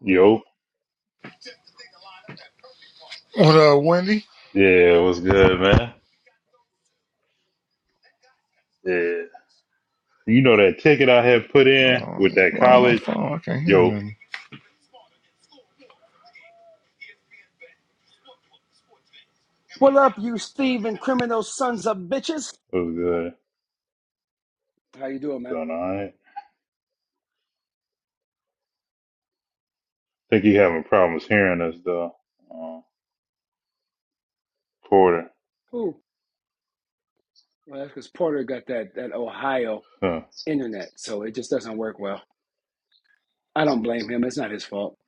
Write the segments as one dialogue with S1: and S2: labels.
S1: Yo,
S2: What up, Wendy?
S1: yeah, what's good, man? Yeah, you know that ticket I had put
S2: Hold
S1: in with
S2: on.
S1: that
S2: Why on my
S1: college.
S2: phone? I can't hear
S1: Yo,
S2: nothing.
S3: What up, you thieving criminal sons of bitches?
S1: what's good?
S3: How you doing, man?
S1: Doing all right. Think you having problems hearing us though, uh, Porter?
S3: Ooh, well, that's because Porter got that that Ohio
S1: Huh.
S3: internet, so it just doesn't work well. I don't blame him. It's not his fault.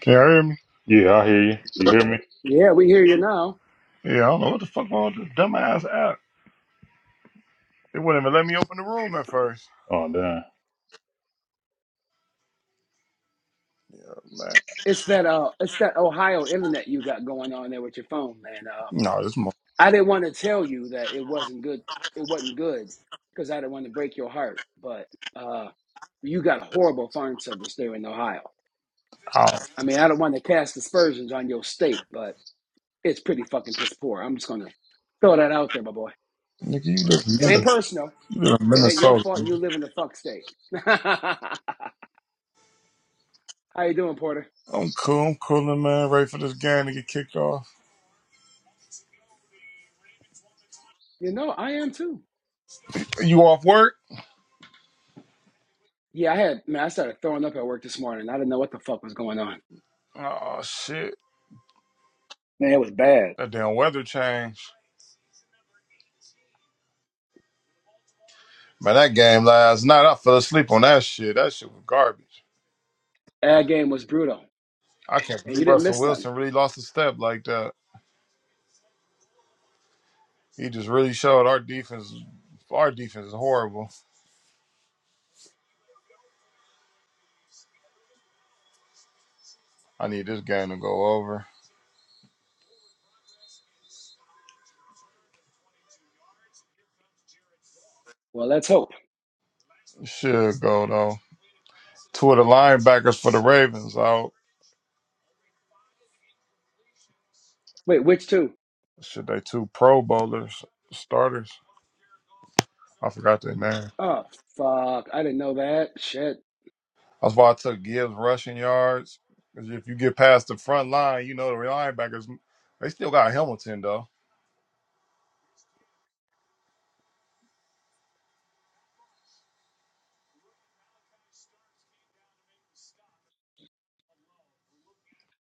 S2: Can y'all hear me?
S1: Yeah, I hear you. You hear me?
S3: Yeah, we hear you now.
S2: Yeah, I don't know what the fuck wrong with this dumbass app. It wouldn't even let me open the room at first.
S1: Oh damn.
S2: Man.
S3: It's that uh, it's that Ohio internet you got going on there with your phone, man. Uh,
S2: No, this mo
S3: I didn't want to tell you that it wasn't good. It wasn't good because I didn't want to break your heart, but uh, you got horrible phone service there in Ohio.
S2: out.
S3: I mean, I don't want to cast aspersions on your state, but It's pretty fucking piss poor. I'm just gonna throw that out there, my boy.
S2: Nigga, you live in
S3: It ain't
S2: Minnesota.
S3: personal.
S2: You live in
S3: It ain't your
S2: Minnesota.
S3: fault.
S2: Nigga.
S3: You live in the fuck state. How you doing, Porter?
S2: I'm cool. I'm cooling, man. Ready for this game to get kicked off.
S3: You know, I am too.
S2: You off work?
S3: Yeah, I had man. I started throwing up at work this morning. I didn't know what the fuck was going on.
S2: Oh, shit.
S3: Man, it was bad.
S2: That damn weather changed. Man, that game last night, I fell asleep on that shit. That shit was garbage.
S3: That game was brutal,
S2: I can't
S3: and you
S2: believe
S3: didn't
S2: Russell
S3: miss nothing.
S2: Wilson really lost a step like that. He just really showed our defense. Our defense is horrible. I need this game to go over.
S3: Well, let's hope.
S2: It Should go though. Two of the linebackers for the Ravens out.
S3: Wait, which two?
S2: Should they two Pro Bowlers starters? I forgot their name.
S3: Oh fuck! I didn't know that. Shit.
S2: That's why I took Gibbs rushing yards. 'Cause if you get past the front line, you know the linebackers. They still got Hamilton though.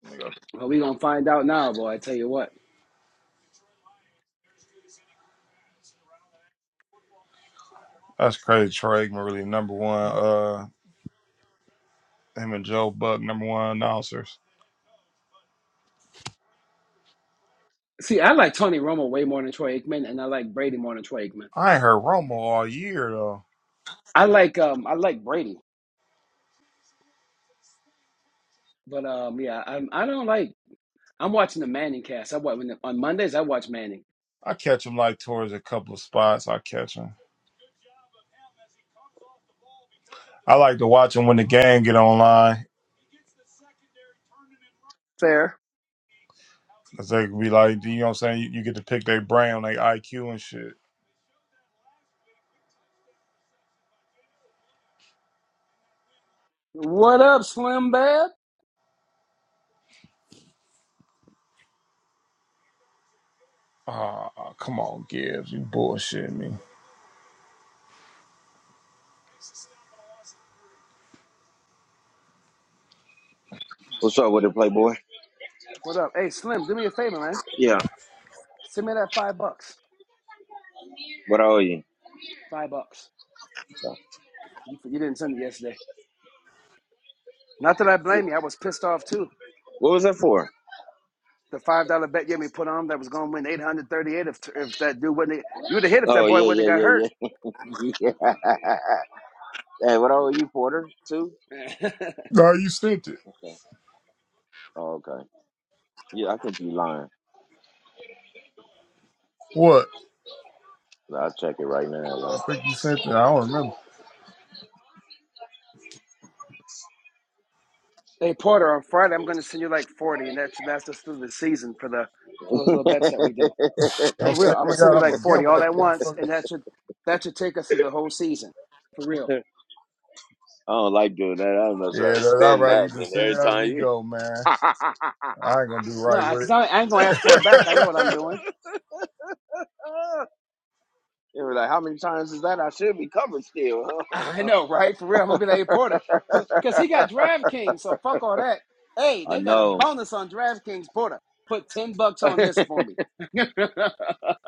S2: Nigga,
S3: Well, we gonna find out now, boy. I tell you what.
S2: That's crazy. Troy Aikman really number one. Uh, him and Joe Buck number one announcers.
S3: See, I like Tony Romo way more than Troy Aikman, and I like Brady more than Troy Aikman.
S2: I ain't heard Romo all year though.
S3: I like um I like Brady, but um yeah, I'm I don't like. I'm watching the Manning cast. I watch when the, on Mondays. I watch Manning.
S2: I catch them like towards a couple of spots. I catch them. I like to watch them when the gang get online.
S3: Fair.
S2: 'cause they can be like, you know what I'm saying? You, you get to pick their brain on their IQ and shit.
S3: What up, Slim Bad?
S2: Ah, come on, Gibbs. You bullshit me.
S4: What's up with it, Playboy?
S3: What up? Hey, Slim, do me a favor, man.
S4: Yeah.
S3: Send me that five bucks.
S4: What I owe you?
S3: Five bucks.
S4: So,
S3: You you didn't send it yesterday. Not that I
S4: yeah.
S3: blame you. I was pissed off too.
S4: What was that for?
S3: the five dollar bet Yemi put on that was going to win eight hundred thirty eight. If if that dude wouldn't, have, you would have hit if that
S4: Oh
S3: boy wouldn't
S4: yeah, yeah,
S3: have got hurt.
S4: yeah, yeah. yeah. Hey, what I owe you, Porter? Two?
S2: No, you sent it.
S4: Okay. Oh, okay. Yeah, I think you lying.
S2: What?
S4: I'll check it right
S2: I
S4: now.
S2: think you sent it. I don't remember.
S3: hey Porter, on Friday I'm going to send you like forty, and that should last us through the season for the for those
S4: though.
S3: little bets that we do.
S4: I
S2: Don't
S3: For real,
S2: send
S3: I'm
S2: me
S3: gonna send you
S2: out. I'm
S3: like
S2: going to
S3: forty
S2: gamble
S3: all
S2: that
S3: at once,
S2: motherfucker.
S3: and that should that should take us through the whole season. For real.
S4: don't like doing that. I'm not
S2: Yeah,
S4: trying to
S2: that, I'd
S4: spend
S2: rather you
S4: that.
S2: just
S4: Then
S2: send it
S4: every
S2: as
S4: time
S2: we
S4: you,
S2: go, man. I ain't going to do
S3: No,
S2: right
S3: because
S2: with
S3: I I ain't gonna ask for it back. I know what I'm
S2: it.
S3: doing.
S4: they were like, "How many times is that? I should be covered still."
S3: I know, right? For real, I'm gonna be like hey, Porter, but because he got DraftKings, so fuck all that. Hey,
S4: I
S3: they got a
S4: know.
S3: bonus on DraftKings, Porter. Put ten bucks on this for me,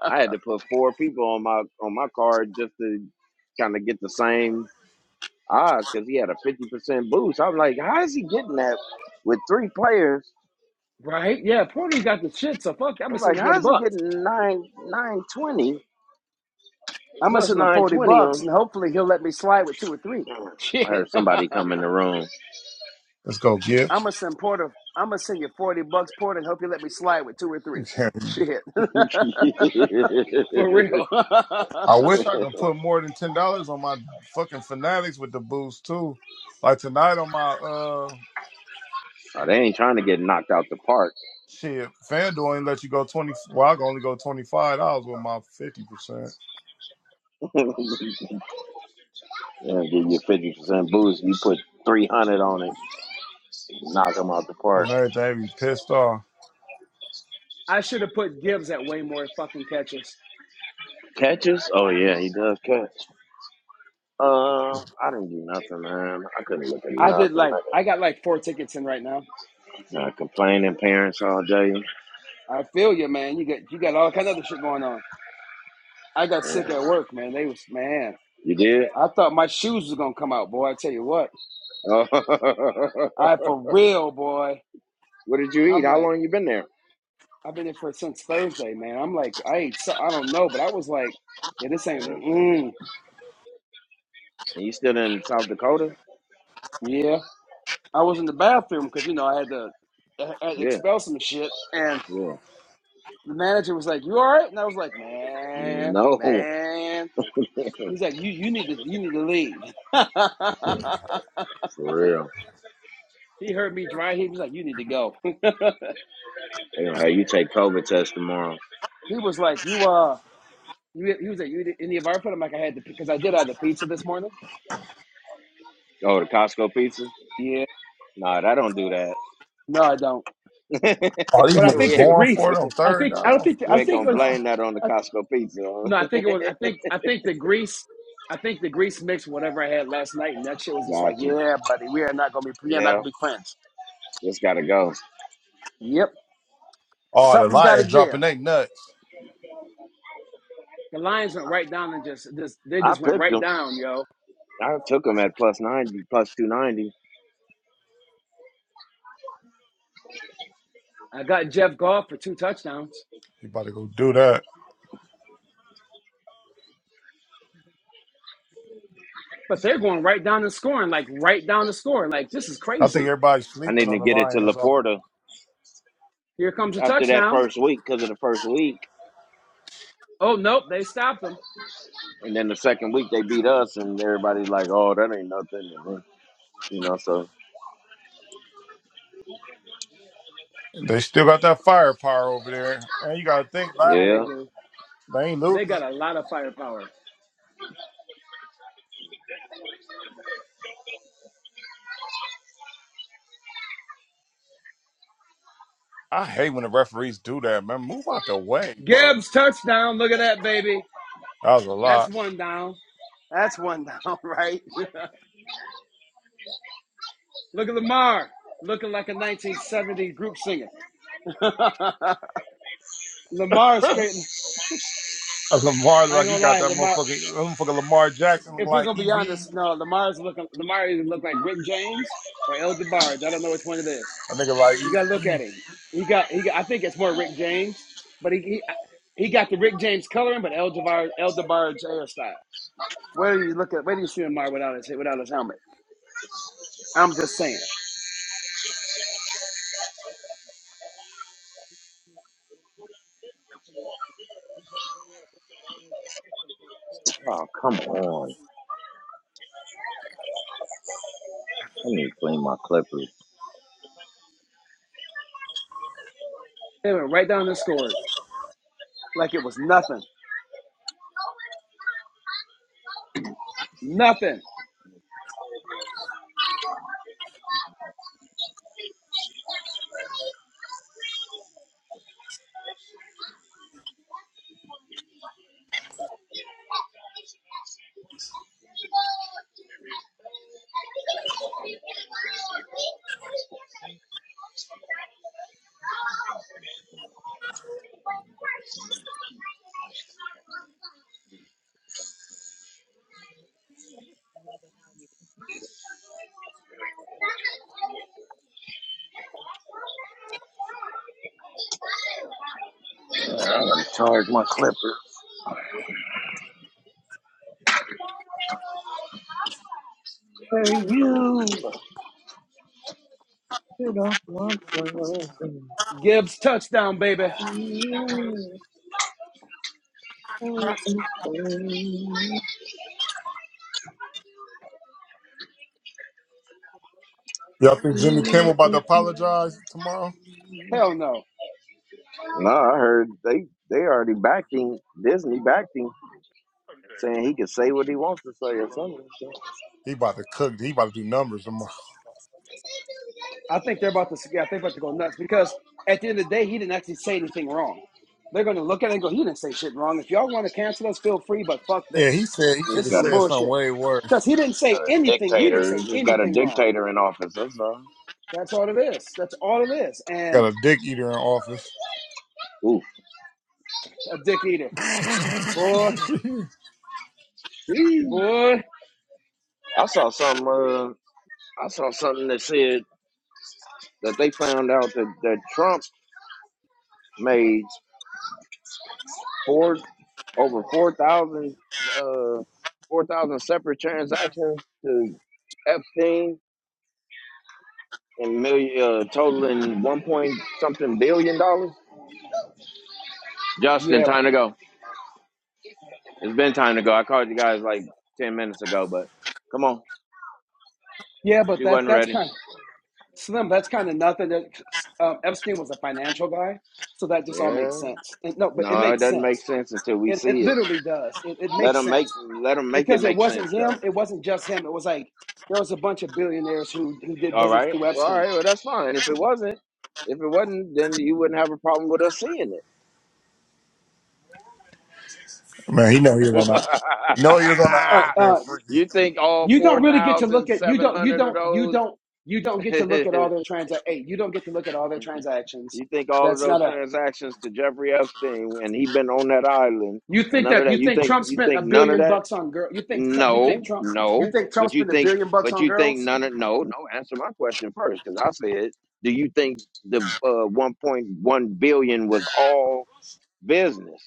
S4: I had to put four people on my on my card just to kind of get the same odds because he had a fifty percent boost. I'm like, how is he getting that with three players?
S3: right? Yeah, Porter's got the shit, so fuck. I'm gonna
S4: I'm
S3: send
S4: like,
S3: him
S4: how
S3: forty
S4: is he
S3: bucks.
S4: getting nine nine twenty
S3: I'm gonna
S4: plus
S3: send him
S4: nine
S3: forty
S4: twenty
S3: bucks,
S4: on?
S3: and hopefully he'll let me slide with two or three.
S4: I
S3: Shit,
S4: heard
S3: I'm
S4: somebody come in the room.
S2: Let's go, Gibbs.
S3: gonna send Porter. I'm gonna send you forty bucks, Porter, and hope you let me slide with two or three. Shit,
S4: oh,
S3: for real.
S2: I wish I could put more than ten dollars on my fucking fanatics with the boost too. Like tonight on my uh
S4: they ain't trying to get knocked out the park.
S2: shit, FanDuel ain't let you go twenty. Well, I can only go twenty five dollars with my fifty percent
S4: yeah, give you a fifty percent boost. You put three hundred on it, knock him out the park.
S2: on everything. They Be pissed off.
S3: I should have put Gibbs at way more fucking catches.
S4: Catches? Oh yeah, he does catch. Uh, I didn't do nothing, man. I couldn't look at
S3: I did
S4: nothing.
S3: like I got like four tickets in right now.
S4: I, I complaining parents all day.
S3: I feel you, man. You got you got all kind of other shit going on. I got sick at
S4: Yeah.
S3: work, man. They was man.
S4: You did?
S3: I thought my shoes was gonna come out, boy. I tell you what,
S4: Oh,
S3: I for real, boy.
S4: what did you eat?
S3: I'm
S4: How
S3: like
S4: long you been there?
S3: I've been here for since Thursday, man. I'm like I ain't so I don't know, but I was like, yeah, this ain't
S4: Thursday.
S3: mm,
S4: And you still in South Dakota?
S3: yeah. I was in the bathroom because you know I had to I had to
S4: Yeah.
S3: expel some shit, and
S4: Yeah.
S3: the manager was like, "You all right?" And I was like, "Man,
S4: No,
S3: man." He's like, you you need to you need to leave.
S4: for real.
S3: he heard me dry. He was like, you need to go. he
S4: They gonna have you take COVID test tomorrow.
S3: was like, you uh, you he was like, you did any of our food? I'm like, I had the because I did have the pizza this morning.
S4: Oh, the Costco pizza?
S3: Yeah,
S4: Nah, that don't do that.
S3: no, I don't.
S2: All these
S3: But I
S4: we
S2: niggas
S3: think the
S4: ain't
S2: going
S3: grease.
S2: for
S4: we,
S2: it on
S3: I
S2: third
S3: think I
S4: we
S3: don't
S2: down,
S3: think the,
S4: we
S3: I
S4: ain't
S3: think it
S4: gonna
S2: fourth
S3: was.
S2: down.
S4: blame that on the
S3: I,
S4: Costco pizza.
S3: no, I think it was. I think I think the grease. I think the grease mixed whatever I had last night, and that shit was just like,
S4: Got you.
S3: yeah, buddy, we are not gonna be we are not
S4: Yeah,
S3: gonna be friends.
S4: just gotta go.
S3: Yep,
S2: Oh, the
S3: something's got to
S2: Lions
S3: give.
S2: dropping they nuts.
S3: The lines went right down and just just they
S4: I
S3: just went
S4: picked
S3: right
S4: him.
S3: down, yo
S4: I took him at plus 90, plus 290.
S3: I got Jeff Goff for two touchdowns,
S2: You about to go do that?
S3: but they're going right down the scoring, like right down the score. Like this is
S2: I think
S3: crazy.
S2: everybody's
S4: I
S2: sleeping
S4: needed
S2: on
S4: to
S2: the
S4: get it to
S2: Lions.
S4: Laporta
S3: Here comes a
S4: after that
S3: touchdown.
S4: first week because of the first week.
S3: Oh nope, they stopped them.
S4: And then the second week, they beat us, and everybody's like, oh, that ain't nothing. and, You know, so,
S2: They still got that firepower over there, and you got to think that
S3: Yeah, they
S4: yeah.
S3: do.
S2: they ain't
S3: They got
S2: losing.
S3: a lot of firepower.
S2: I hate when the referees do that, man. Move out the way, bro.
S3: Gibbs touchdown. Look at that baby.
S2: That was a
S3: That's
S2: lot.
S3: one down. That's one down, right? Look at Lamar looking like a 1970 group singer. Lamar straight.
S2: And Lamar,
S3: I ain't
S2: like,
S3: gonna
S2: he got
S3: lie,
S2: that
S3: Lamar.
S2: motherfucker, motherfucker Lamar Jackson look
S3: if we're
S2: like
S3: gonna be
S2: Easy.
S3: honest, no, Lamar's looking. Lamar either look like Rick James or El DeBarge. I don't know which one it is.
S2: A nigga like
S3: You gotta look at
S2: Easy.
S3: him. He got he. Got, I think it's more Rick James, but he he, he got the Rick James coloring, but El DeBarge El DeBarge hairstyle. Where do you look at? Where do you see Lamar without his without his helmet? I'm just saying.
S4: Oh, come on. I need to clean my clippers.
S3: They went right down and scored like it was nothing. Nothing.
S4: I'm going to charge my clippers. Hey, you. Get off my phone.
S3: Gibbs touchdown, baby.
S4: Mm, mm, mm, mm,
S2: Y'all think Jimmy Kimmel
S4: mm,
S2: about to
S4: mm, mm.
S2: apologize tomorrow?
S3: Hell no.
S4: No, I heard they they already backing Disney backing, saying he can say what he wants to say or something.
S2: He about to cook. He about to do numbers tomorrow.
S3: I think they're about to. I think about to go nuts because at the end of the day, he didn't actually say anything wrong. They're going to look at it and go, "He didn't say shit wrong. If y'all want to cancel us, feel free, but fuck
S2: Yeah, he
S3: this.
S2: said he could
S4: He's
S3: This
S2: have
S3: is
S4: got
S3: some
S4: a,
S2: said something
S3: bullshit."
S2: way worse.
S3: Because he didn't say
S4: a
S3: anything. He didn't
S4: dictator.
S3: say
S4: He's just got a
S3: anything wrong.
S4: dictator in office. That's all.
S3: That's all it is. That's all it is.
S2: Got
S3: And
S2: a dick eater in office.
S4: Ooh,
S3: a dick eater,
S2: man,
S3: boy,
S4: Jeez.
S3: boy,
S4: I saw something. Uh, I saw something that said that they found out that that Trump made four over four thousand uh four thousand separate transactions to Epstein and million uh, totaling one point something billion dollars. Justin,
S3: yeah,
S4: time to go. It's been time to go. I called you guys like 10 minutes ago, but come on.
S3: yeah. But
S4: She
S3: that
S4: wasn't
S3: that's
S4: ready.
S3: kind of slim. That's kind of nothing. um, Epstein was a financial guy, so that just all makes
S4: Yeah.
S3: sense. And, no, but it
S4: No, it
S3: makes
S4: doesn't make
S3: sense.
S4: sense until we
S3: It, it
S4: see it.
S3: literally does. It, it
S4: Let
S3: makes
S4: them make
S3: sense
S4: let them make it
S3: because it
S4: make
S3: wasn't
S4: sense
S3: him.
S4: though.
S3: It wasn't just him. It was like there was a bunch of billionaires who who did
S4: All
S3: business
S4: right.
S3: through
S4: Well, all
S3: Epstein.
S4: right. Well, that's fine. If it wasn't, if it wasn't, then you wouldn't have a problem with us seeing
S2: he know he
S4: it.
S2: was on that. No, he was on the
S3: All right,
S2: island
S3: uh,
S4: you think all
S3: you don't really get to look at you don't you
S4: 4,700
S3: don't you don't
S4: of
S3: you don't get to look at all
S4: those
S3: their transac Hey, you don't get to look at all their transactions.
S4: You think all of
S3: That's
S4: those
S3: not a.
S4: transactions to Jeffrey Epstein when he been on that island
S3: You
S4: and
S3: think
S4: none of
S3: that you
S4: that? You
S3: think
S4: think
S3: Trump
S4: you
S3: spent a
S4: think none of
S3: billion
S4: that?
S3: bucks on girl? You think Trump? You think
S4: No,
S3: Trump? You
S4: no.
S3: think Trump
S4: But you
S3: spent a
S4: think
S3: billion bucks
S4: but
S3: on
S4: you think
S3: girls?
S4: none of no no. Answer my question first because I said, do you think the uh, 1.1 billion was all business?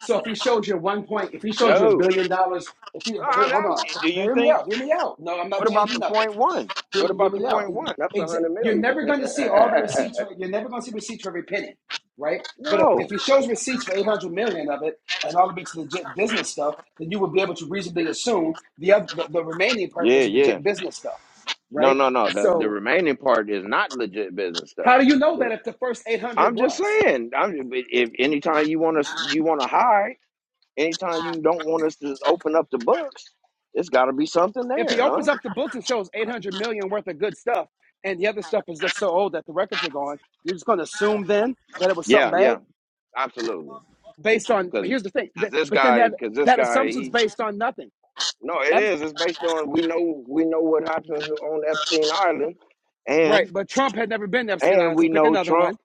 S3: So if he showed you one point, if he showed you a
S4: No.
S3: billion dollars, if he
S4: No, I'm
S3: here, hold
S4: asking,
S3: on,
S4: you, do you
S3: hear me
S4: think?
S3: out, hear me out. No, I'm not
S4: What about
S3: changing
S4: the
S3: nothing.
S4: point one?
S3: Hear
S4: What
S3: me, hear
S4: about the
S3: me out.
S4: point one? That's a
S3: Exa-
S4: hundred
S3: You're
S4: million.
S3: never going to see all the receipts. For, you're never going to see receipts for every penny, right? But if, if
S4: no.
S3: he shows receipts for 800 million of it and all of it's legit business stuff, then you would be able to reasonably assume the, other, the, the remaining part
S4: Yeah,
S3: was
S4: yeah.
S3: legit business stuff,
S4: No,
S3: right?
S4: no, no. The the
S3: So
S4: remaining part is not legit business stuff.
S3: how do you know
S4: The-
S3: that if the first 800
S4: I'm just
S3: was?
S4: saying. I'm if anytime you want us, you want to hide. Anytime you don't want us to open up the books, it's got to be something
S3: If he
S4: there, huh?
S3: opens up the books and shows 800 million worth of good stuff and the other stuff is just so old that the records are gone, you're just going to assume then that it was something
S4: Yeah,
S3: bad?
S4: yeah, absolutely.
S3: based on but
S4: Because
S3: here's the thing
S4: this
S3: but then
S4: guy,
S3: that
S4: because this
S3: that
S4: guy,
S3: assumption's
S4: he
S3: based on nothing
S4: no, it is.
S3: Epstein,
S4: It's based on we know we know what happens on Epstein Island,
S3: right
S4: and
S3: but trump had never been to epstein
S4: and
S3: island so
S4: we
S3: pick
S4: know
S3: another
S4: Trump,
S3: one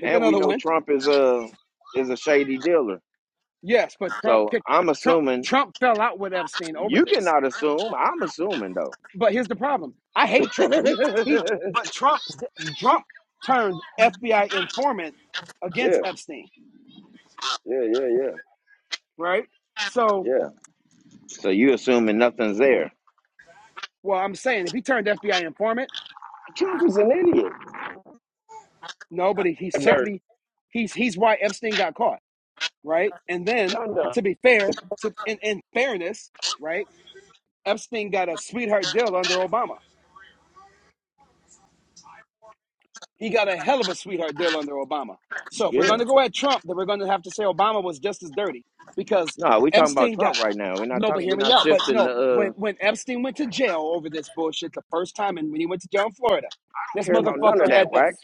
S3: pick
S4: and we
S3: another
S4: know
S3: one
S4: Trump is a is a shady dealer.
S3: yes but trump
S4: So
S3: kicked
S4: I'm
S3: trump
S4: assuming
S3: trump fell out with epstein over
S4: You
S3: this
S4: cannot assume. I'm assuming though.
S3: but here's the problem i hate
S4: yeah,
S3: trump but he he but trump trump turned fbi informant
S4: yeah,
S3: against epstein
S4: yeah, yeah,
S3: right so
S4: yeah. So you assuming nothing's there.
S3: well i'm saying if he turned fbi informant
S4: Trump is an idiot.
S3: no but he, he
S4: Dirt.
S3: certainly he's he's why epstein got caught right? And then,
S4: Dun, dun.
S3: to be fair, to in, in fairness, right? Epstein got a sweetheart deal under Obama. He got a hell of a sweetheart deal under Obama. So if we're
S4: Yeah.
S3: going to go at Trump, then we're going to have to say Obama was just as dirty because
S4: No, we talking about
S3: Epstein got
S4: Trump right now. We're not
S3: no. But
S4: talking.
S3: hear
S4: We're
S3: me
S4: not
S3: out. But
S4: shifting. The,
S3: no,
S4: uh, I
S3: when when Epstein went to jail over this bullshit the first time, and when he went to jail in Florida,
S4: don't
S3: this
S4: care about none of
S3: motherfucker had
S4: that,
S3: the
S4: Wax.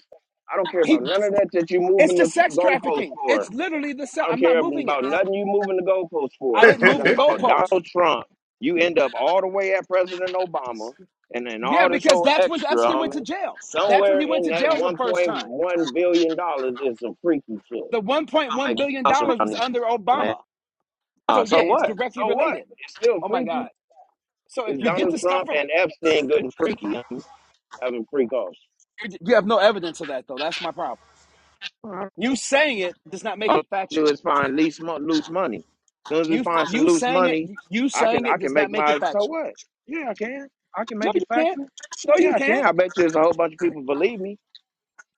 S4: I don't care
S3: he.
S4: about none of that that you
S3: It's
S4: moving
S3: the
S4: the
S3: sex
S4: goalpost
S3: trafficking.
S4: for.
S3: It's literally the. se-
S4: I don't
S3: I'm not
S4: care
S3: moving it.
S4: about nothing you moving the goalposts for.
S3: I
S4: I'm
S3: didn't move
S4: talking
S3: the
S2: being
S4: about
S2: freaky.
S3: goalpost.
S4: Donald Trump. You end up all the way at President Obama and then
S3: Yeah,
S4: all this
S3: because
S4: whole
S3: that's when
S4: extra,
S3: Epstein went to
S4: homie.
S3: jail. That's when
S4: Somewhere
S3: he went
S4: in
S3: to
S4: that
S3: jail the first time.
S4: $1.1 billion dollars is some freaky shit.
S3: The
S4: I'm
S3: $1.1
S4: making
S3: billion
S4: us
S3: dollars
S4: around
S3: was
S4: these,
S3: under
S4: man.
S3: Obama. So,
S4: Uh, so
S3: yeah, it's
S4: what?
S3: directly
S4: So what?
S3: related.
S4: It's still
S3: Oh my
S4: freaky.
S3: God. So,
S4: Is
S3: if you get
S4: Donald
S3: the stuff
S4: Trump
S3: from,
S4: and Epstein good and freaky? i having freak offs.
S3: you have no evidence of that, though. That's my problem. You saying it does not make
S4: All
S3: it
S4: we do
S3: factual.
S4: is find least mo- loose money. As soon as we
S3: You,
S4: find some
S3: you
S4: loose
S3: saying it,
S4: money,
S3: you
S4: I can
S3: saying
S4: I
S3: it
S4: can
S3: does not
S4: make
S3: make it
S4: my so
S3: factual.
S4: what? Yeah, I can. I can
S3: No,
S4: make
S3: you
S4: it
S3: can't.
S4: factual.
S3: No, you
S4: Yeah, I can.
S3: can't.
S4: I bet you there's a whole bunch of people believe me.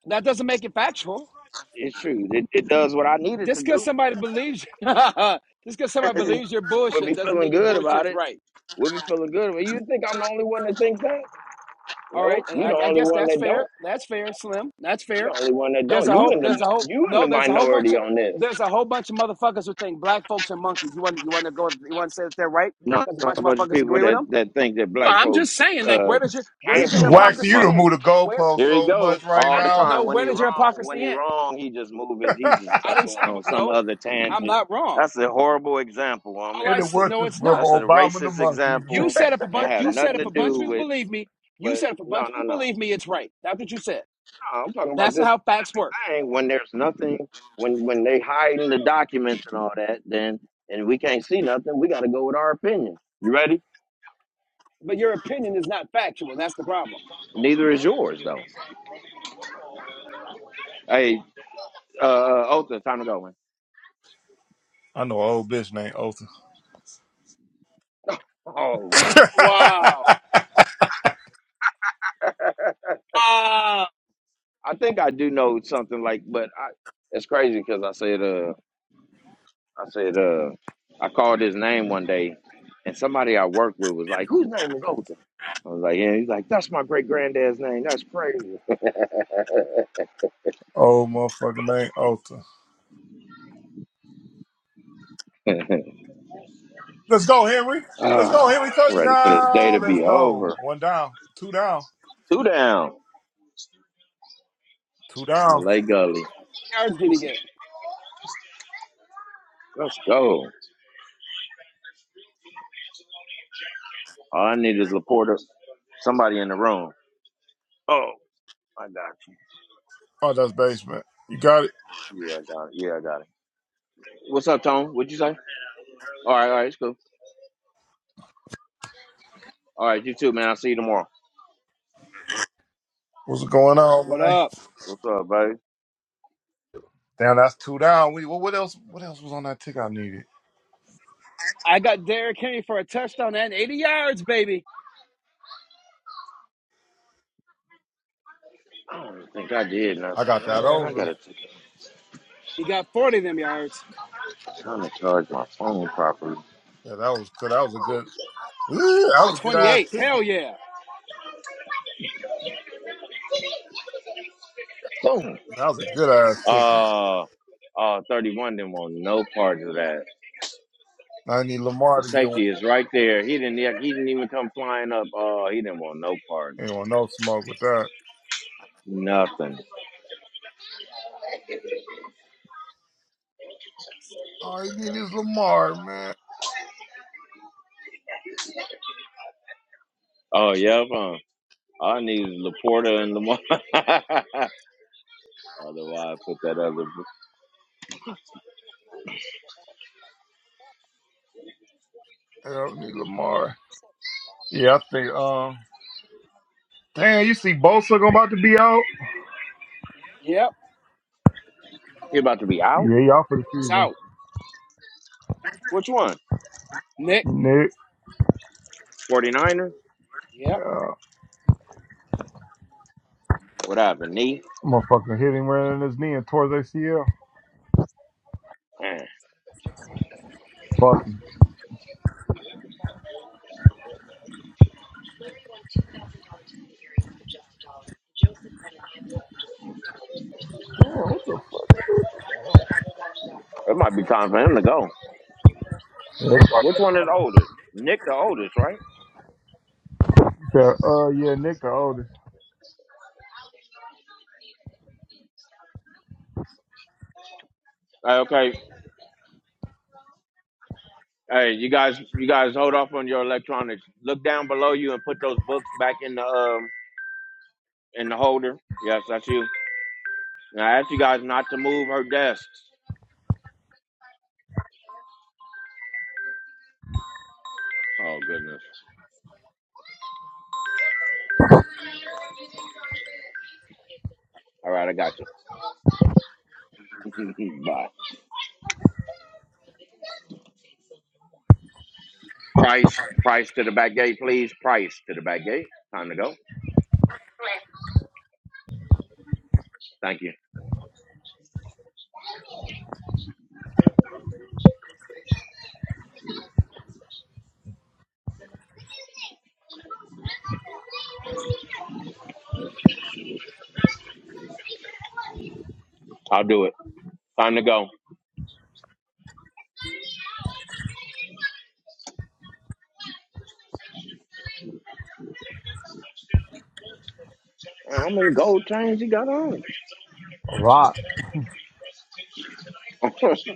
S3: That doesn't make it factual.
S4: It's true. It, it does what I needed to
S3: Just because
S4: do.
S3: somebody believes, just because somebody believes your
S4: we'll
S3: bullshit
S4: be
S3: doesn't
S4: feeling
S3: mean your
S4: good about
S3: bullshit's
S4: it.
S3: right.
S4: We'll be feeling good. But you think I'm the only one that thinks that?
S3: All
S4: No,
S3: right, and
S4: you the
S3: I, I
S4: only
S3: guess
S4: one
S3: that's
S4: that
S3: fair.
S4: don't.
S3: That's fair, Slim. That's
S4: You
S3: fair.
S4: the only one that
S3: There's
S4: don't.
S3: a
S4: You
S3: whole,
S4: in the
S3: there's a whole,
S4: you in the
S3: no, there's a whole bunch
S4: minority
S3: of,
S4: on this.
S3: there's a whole bunch of motherfuckers who think black folks are monkeys. You want, you want to go, you want to say that they're right
S4: No,
S3: because a
S4: it's
S3: bunch
S4: a
S3: of
S4: bunch of
S3: motherfuckers
S4: people
S3: agree with
S4: that,
S3: them.
S4: that think that
S3: No,
S4: black
S3: I'm
S4: folk
S3: just saying, like,
S4: uh,
S3: where does your, where
S4: came
S3: does your
S4: from money,
S2: Waxy, you
S3: hypocrisy
S4: monkeys.
S2: done
S3: end?
S2: moved the
S3: Where
S2: goalpost
S4: Here he
S2: so much
S4: go
S2: right
S3: I
S4: all the
S3: didn't
S2: now.
S3: know
S4: time. When
S3: where
S4: he
S3: does your
S4: wrong, when
S3: hypocrisy
S4: he
S3: end.
S4: wrong, he just move it. He just
S3: I
S4: start
S3: didn't say
S4: going
S3: I
S4: on
S3: would
S4: some
S3: know.
S4: other
S3: I'm
S4: tangent.
S3: not wrong.
S4: That's a horrible example, I
S3: All
S4: mean.
S2: And
S3: I
S2: it
S3: said,
S2: was
S3: no,
S2: from
S3: it's not.
S4: That's a
S2: Obama and the
S4: racist
S2: monkeys, man.
S3: You
S4: example
S3: said if a
S4: and
S3: bunch,
S4: have
S3: you said
S4: nothing
S3: if
S4: to
S3: a bunch of
S4: do
S3: people
S4: with.
S3: believe me, you
S4: But
S3: said if a
S4: no,
S3: bunch of
S4: no, no,
S3: people
S4: no.
S3: believe me, it's right. That's what you said.
S4: I'm talking about
S3: That's not
S4: this
S3: how facts
S4: specific
S3: work.
S4: thing. When there's nothing, when when they hiding the documents and all that, then and we can't see nothing. We got to go with our opinion. You ready?
S3: But your opinion is not factual. That's the problem.
S4: Neither is yours though. Hey, uh, uh, Otha, time to go, man.
S2: I know an old bitch named Otha.
S4: Oh
S3: Wow. Ah,
S4: I think I do know something like, but I, it's crazy because I said, uh, I said, uh, I called his name one day, and somebody I worked with was like, "Whose name is Otha?" I was like, "Yeah." He's like, "That's my great granddad's name. That's crazy."
S2: old motherfucker named Otha. Let's go, Henry. Let's go,
S4: Ah,
S2: Henry.
S4: I'm ready for this day to
S2: Touchdown. Let's
S4: be
S2: go.
S4: over.
S2: One down. Two down.
S4: Two down,
S2: Two down.
S4: Malay Gully.
S3: Yards did he get?
S4: Let's go. All I need is Laporta. Somebody in the room. Oh, I got
S2: Oh, that's basement. You got it.
S4: you. Yeah, I got it. Yeah, I got it. What's up, Tone? What'd you say? All right, all right, it's cool. All right, you too, man. I'll see you tomorrow.
S2: What's going on,
S3: what
S2: man?
S3: up?
S4: What's up, baby?
S2: Damn, that's two down. We what, what else? What else was on that ticket I needed?
S3: I got Derrick Henry for a touchdown and 80 yards, baby.
S4: I don't think I did
S2: I
S4: nothing.
S2: got that
S4: Man, I
S2: over.
S4: gotta take
S3: He got 40 of them yards.
S4: a time to charge my phone properly.
S2: Yeah, that was good. That was a good. Yeah, that
S3: Oh,
S2: was a good ass
S3: 28. Hell
S2: ticket.
S3: yeah.
S4: Boom.
S2: That was a good ass ticket.
S4: Uh, uh, 31 didn't want no part of that.
S2: I need Lamar
S4: The
S2: to get one.
S4: safety is right there. He didn't. He didn't even come flying up. Oh, he didn't want no part.
S2: Ain't want no smoke with that.
S4: Nothing.
S2: All you need is Lamar, man.
S4: Oh, yeah. Huh? I need Laporta and Lamar. Otherwise, put that other.
S2: I don't need Lamar. Yeah, I think. Um, damn, you see Bosa gonna about to be out.
S3: Yep.
S4: He about to be out.
S2: Yeah, he out for the
S3: It's
S2: season.
S3: out.
S4: Which one?
S3: Nick,
S2: Nick,
S4: 40 ers
S3: Yep.
S2: uh,
S4: What happened, knee?
S2: motherfucker hit him right in his knee and tore his ACL.
S4: Man,
S2: Fuck him. Damn, what the fuck?
S4: it might be time for him to go.
S2: Yeah, that's
S4: Which one is older? Nick the oldest, right?
S2: uh, yeah, Nick the oldest.
S4: Hey, okay. Hey, you guys, you guys hold off on your electronics. Look down below you and put those books back in the um in the holder. Yes, that's you. And I asked you guys not to move her desks. Oh goodness. All right, I got you. Bye. Price, price to the back gate, please. Price to the back gate. Time to go. Thank you. I'll do it. Time to go. Man, How many gold chains you got on?
S2: A lot.
S4: Woo.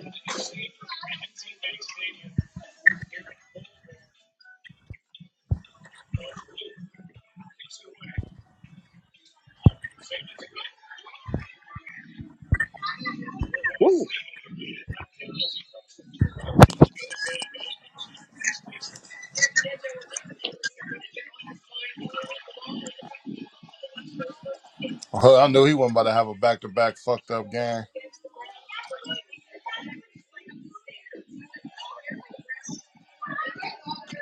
S2: Huh, I knew he wasn't about to have a back to back fucked up game.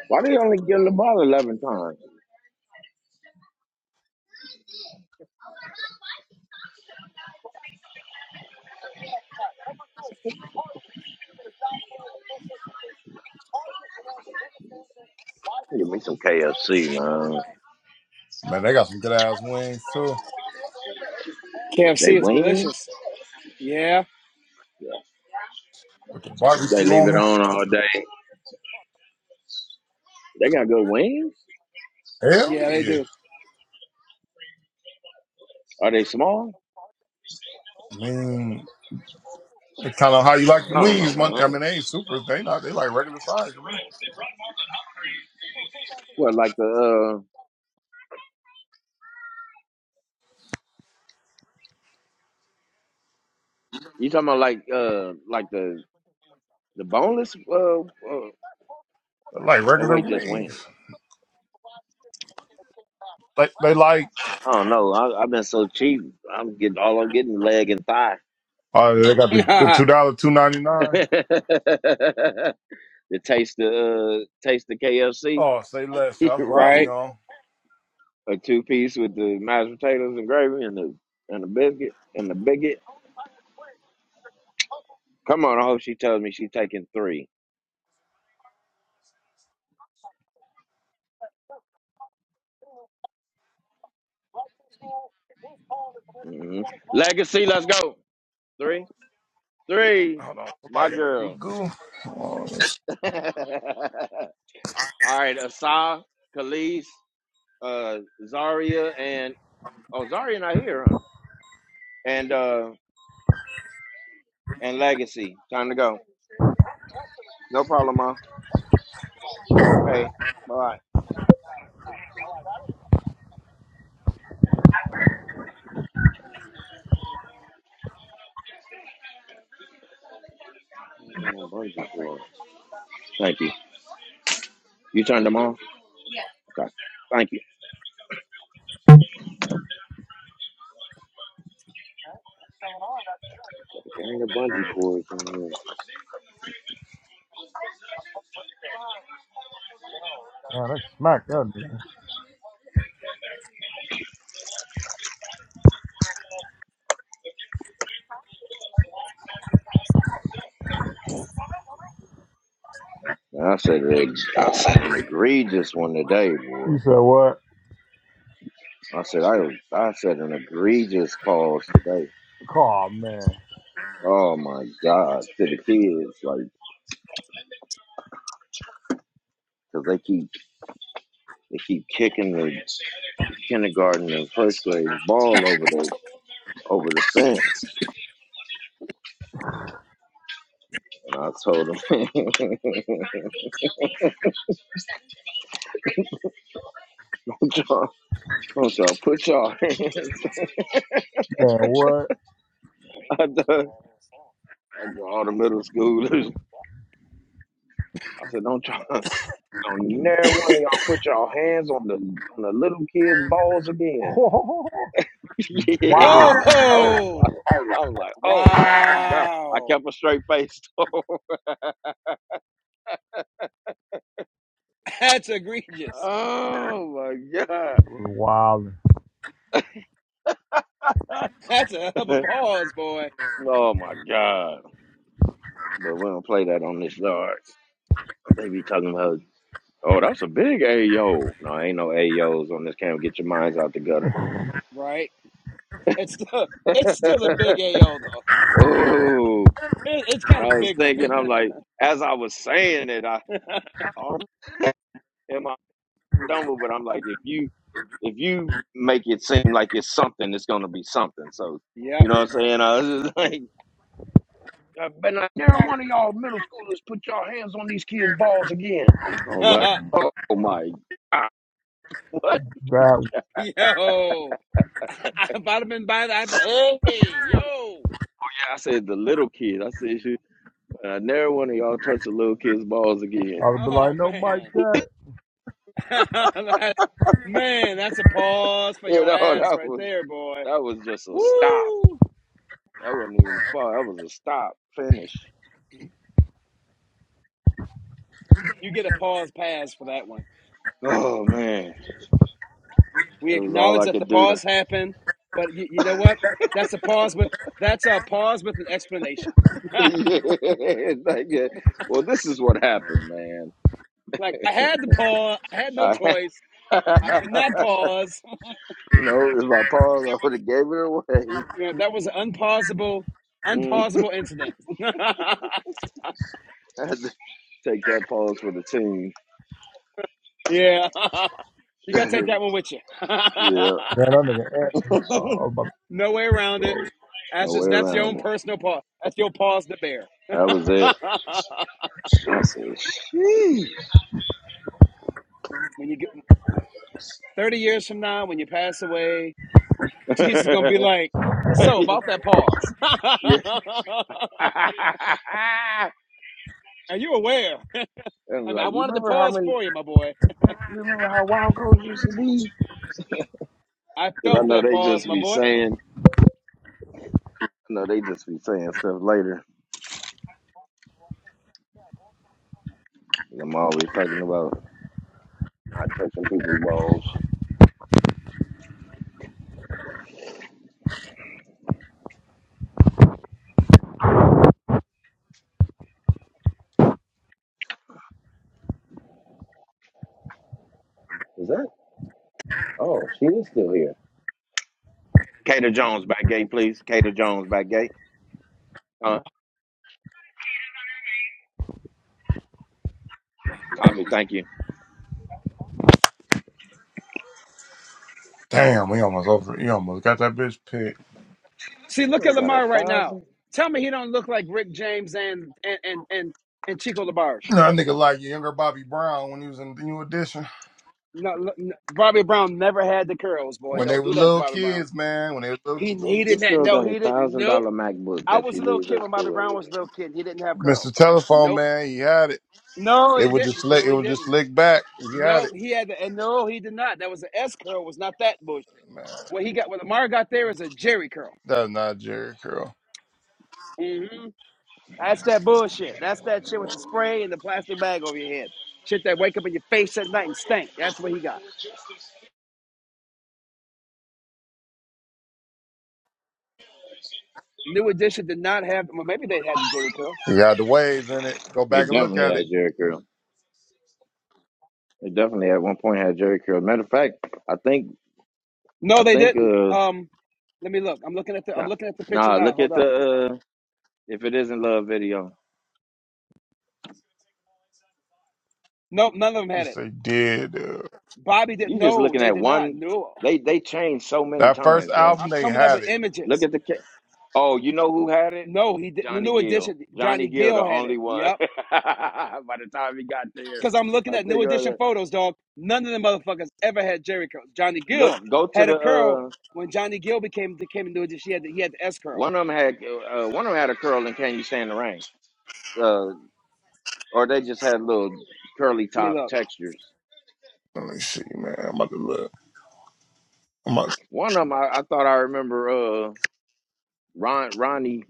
S4: Why they only give the ball eleven times? Nah,
S2: Man, they got some good ass wings too.
S4: they
S3: KFC is
S4: win.
S3: delicious. Yeah.
S2: With the
S4: They
S2: barbecue
S4: leave
S2: on
S4: it
S2: them.
S4: on all day. They got good wings.
S3: Yeah,
S2: Hell
S3: they
S2: yeah.
S3: do.
S4: Are they small?
S2: I mean It's kind of how you like the
S4: I don't know,
S2: wings.
S4: man. I
S2: Mon- I mean,
S4: don't-
S2: they ain't supers. They not. They like regular size to me.
S4: What like the uh? You talking about like uh like the the boneless uh, uh
S2: They like
S4: or
S2: regular
S4: wait just wings?
S2: wings. Like they like.
S4: I don't know. I, I've been so cheap. I'm getting all I'm getting leg and thigh.
S2: Oh, they got the, the two dollar two ninety nine.
S4: the taste the uh, taste the KFC
S2: Oh, say less. That's
S4: or
S2: what I be
S3: right?
S4: the
S2: on.
S4: a two piece with the mashed potatoes and gravy and the and the biscuit and the bigot. Come on, I hope she tells me she's taking three. hmm Legacy, let's go. Three, three.
S2: Hold on,
S4: My
S2: somebody in the
S4: girl.
S2: lagoon. Oh,
S4: All right, Asa, Khalees, uh, Zaria, and oh, Zaria not here, huh? And uh, and Legacy. Time to go. No problem, ma. Okay, bye. My bungee cord. Thank you. You turned them off. Okay. Thank you. There ain't a bungee cord in here.
S2: Yeah, that smacked that nigga.
S4: I said, ex- I said an egregious one today, boy.
S2: You said what?
S4: I said I I said an egregious pause today.
S2: Oh man,
S4: Oh my God, to the kids, like, cause they keep they keep kicking the kindergarten and first grade ball over the over the fence, and I told them, don't y'all, don't y'all put y'all hands.
S2: man, what?
S4: I told I told all the middle schoolers. I said, don't y'all, don't never look. at
S2: wow,
S4: yeah, it was like, oh my.
S3: Oh,
S4: I was like, oh my God. I
S3: wow.
S4: kept a straight face. oh
S3: That's egregious.
S4: my
S2: wild.
S4: God.
S3: That's a hell of a pause, boy.
S4: oh my God. But we don't play that on this yard. They be talking about, oh, that's a big AO. No, ain't no Ayos on this camp. Get your minds out the gutter.
S3: Right? It's still, it's still a big AO though.
S4: Oh,
S3: It, it's kind of
S4: I
S3: a
S4: was
S3: big one.
S4: thinking, I'm like, as I was saying it, I, I almost- in my stumble, but I'm like, if you if you make it seem like it's something, it's gonna be something. So
S3: yep.
S4: you know what I'm saying? I was just like, I bet not never one of y'all middle schoolers put y'all hands on these kids' balls again. I was like, oh my, what?
S2: That
S3: yo, if I'd have been by that, hey, yo.
S4: Yeah, I said the little kids. I said, And I never one of y'all touch a little kid's balls
S2: I
S4: again.
S2: would be
S3: Oh
S2: like, no, Mike,
S3: man,
S2: that.
S3: that's man, that's a pause for
S4: You
S3: your
S4: know,
S3: ass
S4: that
S3: right
S4: was
S3: there, boy.
S4: that was just a stop.
S3: Woo!
S4: That wasn't even a ball. That was a stop finish.
S3: You get a pause pass for that one.
S4: Oh man,
S3: We
S4: it was all
S3: acknowledge
S4: I
S3: that the
S4: could do to.
S3: pause happened, but you, you know what? That's a pause with that's a pause with an explanation.
S4: yeah, it's like, yeah. Well, this is what happened, man.
S3: like I had the pause, I had no
S4: I,
S3: choice. I could not pause.
S4: no, it was my pause.
S3: There
S4: I would
S3: was
S4: have gave it away.
S3: yeah, that was an unpausable,
S4: Mm.
S3: unpausable incident.
S4: I had to take that pause for the team.
S3: yeah, you gotta take that one with you.
S4: yeah,
S2: Man, that nigga. Ant- uh, I was about
S3: no way around it. That's
S4: no
S3: just
S4: way
S3: that's your
S4: around
S3: own
S4: it.
S3: personal pause. That's your pause to bear.
S4: That was it. I said,
S3: when you get thirty years from now, when you pass away, Jesus is gonna be
S4: "Sheesh."
S3: like, "So about that pause, are
S4: yeah, and
S3: you aware? I mean, I
S4: like, you
S3: wanted to
S4: remember how
S3: pause
S4: many,
S3: for you, my boy.
S4: you remember how wild coach used to be?
S3: I
S4: Because I
S3: felt
S4: know
S3: that
S4: they just
S3: pause, my
S4: be
S3: boy."
S4: saying, I know they just be saying stuff later. And I'm always talking about not touching people's balls. Is that? Oh, she is still here. Kater Jones back gay, please. Kater Jones back gay. Uh, copy. Thank you.
S2: Damn, we almost over. You almost got that bitch picked.
S3: See,
S4: This
S3: look at
S4: girl got a
S3: Lamar right now.
S4: thousand.
S3: Tell me he don't look like Rick James and and and and, and Chico LaBarge.
S2: You know, that nigga like your younger Bobby Brown when he was in the New Edition.
S3: No, no, no, Bobby Brown never had the curls, boy.
S2: When they
S3: Don't
S2: were
S3: do that to
S2: little
S3: Bobby Brown.
S2: kids, man. When they were little
S3: He
S2: kids,
S3: needed
S4: This
S3: that.
S4: girl
S3: No,
S4: got a
S3: he didn't.
S4: thousand
S3: Nope.
S4: dollar MacBook
S3: I
S4: that
S3: was
S4: she
S3: a little
S4: leaves
S3: kid
S4: at
S3: when Bobby
S4: school
S3: Brown
S4: every
S3: was
S4: day.
S3: a little kid. He didn't have
S2: Mr.
S3: curls.
S2: Telephone
S3: Nope.
S2: Man, he had it.
S3: No,
S2: It
S3: he
S2: would just
S3: didn't.
S2: slick.
S3: No,
S2: It
S3: he
S2: would just
S3: didn't.
S2: slick back. He had
S3: Nope.
S2: it.
S3: He had the, and no, he did not. That was an S curl. Was not that bullshit.
S2: Man,
S3: What he got, what Lamar got there is a Jerry curl.
S2: that's not Jerry Curl.
S3: Mm-hmm. That's that bullshit. That's that shit with the spray and the plastic bag over your head. Shit that wake up in your face at night and stink. That's what he got. New Edition did not have. Well, maybe they had the Jerry
S2: He
S3: curls.
S2: had the waves in it. Go
S4: They
S2: back and look
S4: definitely
S2: at it.
S4: had Jerry Curl. They definitely at one point had Jerry Curl. Matter of fact, I think I
S3: No, they
S4: think.
S3: didn't.
S4: uh.
S3: Um, let me look. I'm looking at the. I'm
S4: Nah,
S3: looking at the picture
S4: nah.
S3: now.
S4: Look
S3: Hold
S4: at the
S3: up.
S4: uh, if it isn't love video.
S3: Nope, none of them had
S2: Yes,
S3: it.
S2: they did. Uh,
S3: Bobby did. not
S4: You just
S3: No,
S4: looking
S3: they
S4: at
S3: did not.
S4: one.
S3: No,
S4: They they changed so many
S2: that first
S4: times, bro.
S2: album,
S3: I'm
S2: they
S3: coming up
S2: had
S3: with
S2: it.
S4: Look
S3: images.
S4: at the. ca- Oh, you know who had it?
S3: No, he didn't.
S4: Johnny
S3: New
S4: Gill.
S3: Edition.
S4: Johnny
S3: Johnny
S4: Gill, the
S3: Gill had it.
S4: only one.
S3: Yep.
S4: By the time he got there,
S3: Because I'm looking
S4: I
S3: at new
S4: think.
S3: edition
S4: Uh,
S3: photos, dog. None of them motherfuckers ever had Jerry curls. Johnny
S4: look,
S3: Gill
S4: go to
S3: had
S4: the.
S3: a curl
S4: Uh,
S3: when Johnny Gill became became new edition. He had the, he had the S curl.
S4: one of them had uh, one of them had a curl and can you stand the rain? Uh, or they just had little curly
S3: I mean,
S4: top
S3: look,
S4: textures.
S2: Let me see, man. I'm about to look. I'm about. to,
S4: One of them, I, I thought I remember. Uh, Ron Ronnie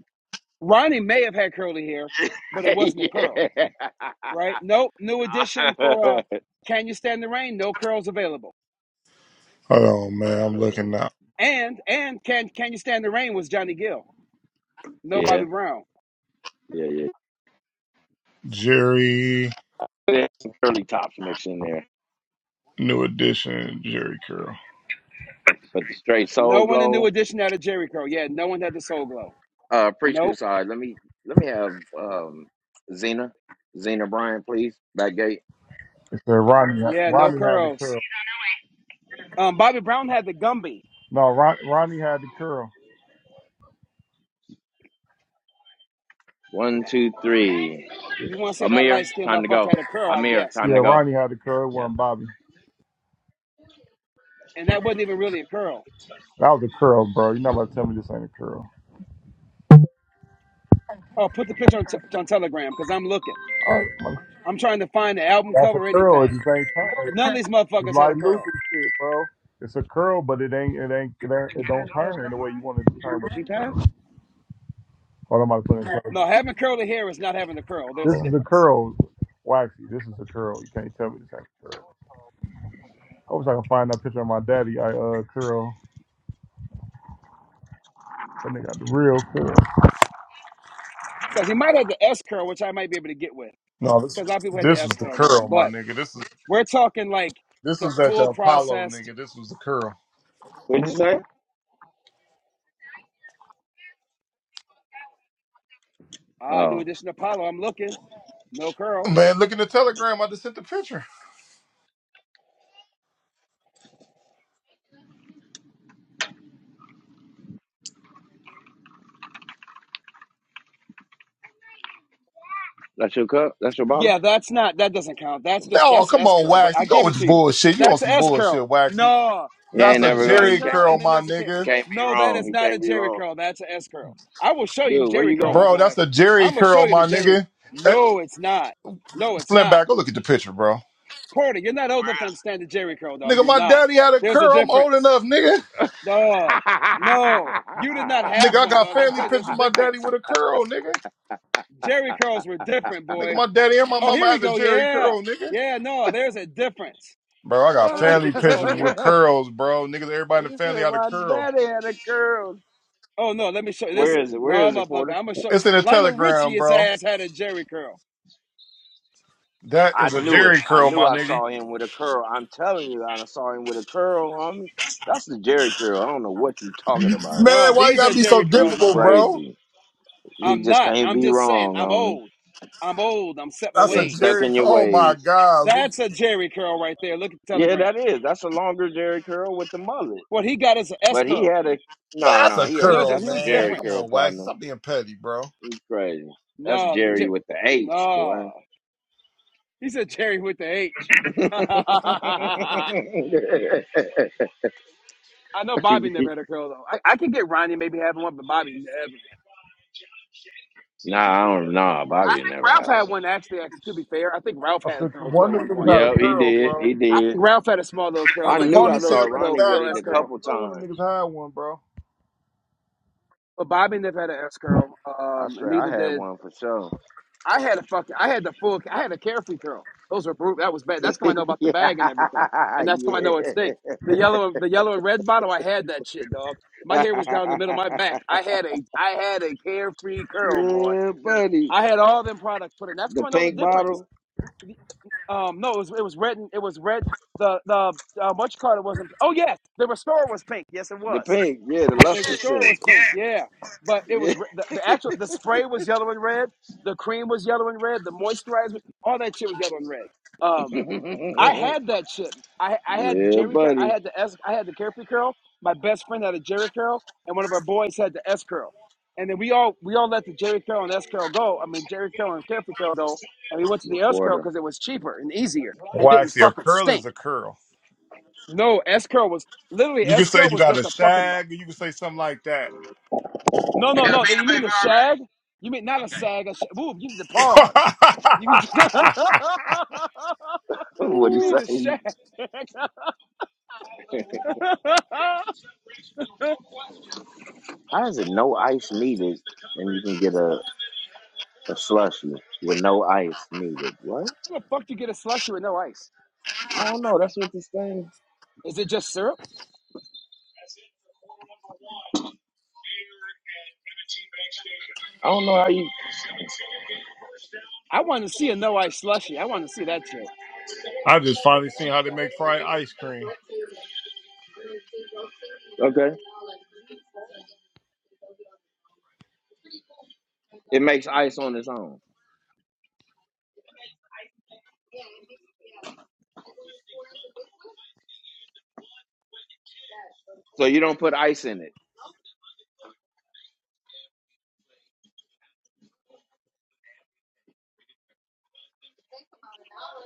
S3: Ronnie may have had curly hair, but it wasn't a
S4: yeah.
S3: curl, right? Nope. New edition for uh, Can You Stand the Rain? No curls available.
S2: Hold on, man. I'm
S4: Hmm.
S2: looking now.
S3: And and Can Can You Stand the Rain was Johnny Gill. No Bobby
S4: yeah,
S3: Brown.
S4: yeah, yeah.
S2: Jerry
S4: There's some curly tops mixed in there,
S2: New Edition, Jerry Curl.
S4: but the straight
S3: No
S4: soul
S3: one in new
S4: glow.
S3: edition had a Jerry curl. Yeah, no one had the Soul Glow.
S4: Uh, preschool
S3: Nope.
S4: side. Let me let me have um Zena, Zena Bryan, please. Back gate.
S2: They said Ronnie,
S3: Yeah, no
S2: Ronnie had the
S3: curls.
S2: curl.
S3: Um, Bobby Brown had the Gumby.
S2: No, Ron, Ronnie had the curl.
S4: One, two, three.
S3: You want to say that
S4: Amir,
S3: light skinned
S4: time to
S3: motherfucker
S4: go.
S3: had a curl, I
S4: Amir,
S3: guess,
S4: time
S2: Yeah,
S4: to
S3: but
S4: go.
S2: Ronnie had the curl. It
S4: Yes.
S2: wasn't Bobby.
S3: and that wasn't even really a curl.
S2: That was a curl, bro. You're not about to tell me this ain't a curl.
S3: Oh, put the picture on, t- on Telegram because I'm looking.
S2: All right, my-
S3: I'm trying to find the album
S2: that's a
S3: cover or
S2: curl. It
S3: anything.
S2: just ain't turn.
S3: None of these
S2: It's
S3: motherfuckers had a
S2: like
S3: curl.
S2: Luther shit, bro. It's a curl, but it ain't, it ain't, it, ain't, it don't turn in the way you want it to turn. with
S4: Did she pass?
S2: Hold on, I'm about to put it in close.
S3: No, having curly hair is not having a curl. There's a
S2: This
S4: Oh,
S2: is a
S3: difference
S2: curl, waxy. This is a curl. You can't tell me this ain't a curl. I wish I could find that picture of my daddy. I uh curl. That nigga got the real curl.
S3: because he might have the S curl, which I might be able to get with
S2: No, this
S3: because a lot of people had the
S2: this is
S3: S
S2: the
S3: curl going.
S2: curl, my
S3: But
S2: nigga. This is
S3: we're talking like
S2: This
S3: the
S2: was at
S3: full
S2: the Apollo,
S3: processed.
S2: nigga. This was the curl.
S4: What'd you say?
S3: Ah, new
S4: oh.
S3: edition Apollo. I'm looking. No curl.
S2: Man, look in the telegram. I just sent the picture.
S4: That's your cup. That's your bottle.
S3: Yeah, that's not that doesn't count. That's just
S2: No,
S3: that's
S2: come
S3: S
S2: on,
S3: curl, but I
S2: Waxy. Go
S3: give
S2: with
S3: it
S2: your
S3: to you.
S2: bullshit. You on
S3: That's a
S2: some
S3: S curl.
S2: bullshit, Waxy.
S3: No,
S4: You
S3: no,
S2: That's
S4: ain't
S2: a
S3: there's
S4: never
S3: a
S4: going. to
S3: S
S2: Jerry
S4: You
S3: curl
S2: curl,
S3: and
S4: can't.
S3: then
S2: my
S3: there's a K.
S4: You
S2: nigga.
S4: can't be
S3: No, that
S4: wrong.
S3: is
S4: He
S3: not a
S4: can't be
S3: Jerry
S4: wrong.
S3: curl. That's a S curl. I will show you
S4: Dude, where
S3: Jerry
S4: you
S3: curl, my
S4: going?
S2: Bro,
S3: boy.
S2: that's a Jerry
S3: I'm gonna show
S2: curl,
S3: you the
S2: my
S3: Jerry.
S2: nigga. Eh,
S3: No, it's not. No, it's
S2: Slim
S3: not.
S2: back, go look at the picture, bro.
S3: Porter, you're not old enough to understand the Jerry curl, dog.
S2: Nigga,
S3: You're
S2: my
S3: not.
S2: daddy had a
S3: There's a
S2: curl. I'm old
S3: difference,
S2: enough, nigga.
S3: dog. No, you did not have
S2: Nigga, I
S3: one,
S2: got
S3: dog. I'm
S2: family
S3: telling you,
S2: pictures
S3: there's a
S2: of my daddy
S3: difference.
S2: with a curl, nigga.
S3: Jerry curls were different,
S2: Nigga,
S3: boy.
S2: my daddy and my
S3: Oh,
S2: mama
S3: here we
S2: had a
S3: go.
S2: Jerry
S3: Yeah,
S2: curl, nigga.
S3: yeah. No, there's a difference.
S2: Bro, I got
S3: Hold let me
S2: family
S3: get this
S2: pictures
S3: photo
S2: with
S3: here.
S2: curls, bro. Niggas, everybody in
S4: he
S2: the family
S4: said,
S2: had a
S4: My
S2: curl.
S4: daddy had a curl.
S3: Oh no, let me show you this.
S4: Where is it?
S3: No,
S4: Where is it,
S3: motherfucker,
S4: Porter?
S3: I'm gonna show you.
S2: It's in the
S3: Lionel Richie.
S2: telegram,
S3: His
S2: bro.
S3: ass had a Jerry curl.
S2: That
S4: I
S2: is a
S4: knew it.
S2: Jerry
S4: I
S2: curl,
S4: knew
S2: my
S4: I
S2: nigga.
S4: saw him with a curl. I'm telling you, I done saw him with a curl, homie. That's the Jerry curl. I don't know what you talking about.
S3: No,
S2: Man, why you
S3: these
S2: gotta
S3: are
S2: be so
S3: Jerry
S4: You
S3: curls, my
S2: difficult,
S3: boy.
S2: bro?
S4: crazy. He
S3: I'm
S4: just
S3: not.
S4: can't
S3: I'm
S4: be
S3: just saying.
S4: wrong,
S3: I'm
S4: homie.
S3: old. I'm old. I'm set my
S2: That's a
S4: Yeah, stuck
S3: ways.
S2: Jerry.
S4: in your
S2: Oh my
S4: ways.
S2: God,
S3: That's a Jerry curl right there. Look at the
S4: Yeah,
S3: telegram.
S4: that is. That's a longer Jerry curl with the mullet.
S3: What he got is an S
S4: But he
S3: curl,
S4: had a no,
S2: that's
S4: no.
S2: a
S4: He
S3: and
S4: had
S3: there's a
S2: curl,
S4: that's a
S3: huge
S2: man.
S4: Jerry
S2: Come
S3: difference.
S4: curl
S2: on, Wax,
S4: partner.
S2: stop being petty, bro.
S4: It's crazy. That's
S3: No, the
S4: Jerry
S3: J.
S4: with the H, boy.
S3: no. He said Jerry with the H.
S4: nah,
S3: I know Bobby never had a curl though. I, I could get Ronnie maybe having one, but Bobby never. had.
S4: I don't know. Bobby never
S3: Ralph
S4: had
S3: had
S4: one.
S3: one actually. Actually, to be fair, I think Ralph
S2: I
S3: had a
S2: think
S3: curl too
S2: One
S3: at
S2: of
S3: one
S2: them niggas
S3: point.
S2: had a
S4: Yep, he
S2: curl,
S4: did.
S2: bro,
S4: He
S3: I
S4: did.
S3: think Ralph had a small little
S2: with
S3: curl,
S4: I
S2: the
S3: like a
S4: knew I
S3: little
S4: saw
S2: ponytail in the
S4: Ronnie
S3: little
S4: with
S2: back.
S3: little
S4: it
S2: My
S3: S
S4: a
S2: nigga,
S3: curl.
S4: couple
S2: I know when them
S4: times.
S2: niggas had one, bro.
S3: But Bobby never had an S curl,
S4: I
S3: um, and
S4: swear I
S3: neither
S4: had
S3: did
S4: one for sure.
S3: I. Had a fucking I had the full I had a carefree curl. Those were brute. That was bad. That's come I know about the bag and everything,
S4: yeah,
S3: and that's come I
S4: yeah.
S3: know it stinks. The yellow the yellow and red bottle, I had that shit, dog. My hair was down the middle of my back. I had a I had a carefree curl, boy.
S4: yeah, buddy.
S3: I had all them products put in. That's come
S4: The
S3: I know the
S4: pink
S3: difference.
S4: bottle.
S3: Um, no, it was it was red. And, it was red. The the uh, much Carter wasn't. Oh yes, the Restorer was pink. Yes, it
S4: The
S3: was.
S4: pink, yeah, the
S3: The
S4: luster
S3: Restorer
S4: silk.
S3: was pink. Yeah, but it
S4: Yeah.
S3: was re- the, the actual the spray was yellow and red. The cream was yellow and red. The moisturizer, all that shit was yellow and red. Um. I had that shit. I I had
S4: yeah,
S3: Jerry. Cur- I
S4: buddy.
S3: had the S. I had the carefree curl. My best friend had a Jerry curl, and one of our boys had the S curl. And then we all we all let the Jerry curl and S curl go. I mean Jerry curl and carefree curl go. And we went to the S curl
S4: Reporter.
S3: because it was cheaper and easier and didn't
S2: Waxy, a
S3: fucking
S2: curl is
S3: stink.
S2: a curl.
S3: No, S curl was literally
S2: You can
S3: S
S2: say
S3: curl
S2: you
S3: was
S2: got a
S3: just a fucking.
S2: shag, or you can say something like that.
S3: No, no, no. You mean the shag? You mean not a sag? A sh- Ooh, you mean the pause? You mean
S4: What'd
S3: you
S4: he
S2: Ooh.
S3: mean the
S4: say?
S3: shag?
S4: How is it no ice needed and you can get a, a slushy with no ice needed? What?
S3: How the fuck do you get a slushy with no ice?
S4: I don't know. That,
S3: Is it just syrup?
S4: I don't know how you.
S3: I want to see a no ice slushy. I want to see that shit.
S2: I just finally seen how they make fried ice cream.
S4: Okay. It makes ice on its own. So you don't put ice in it.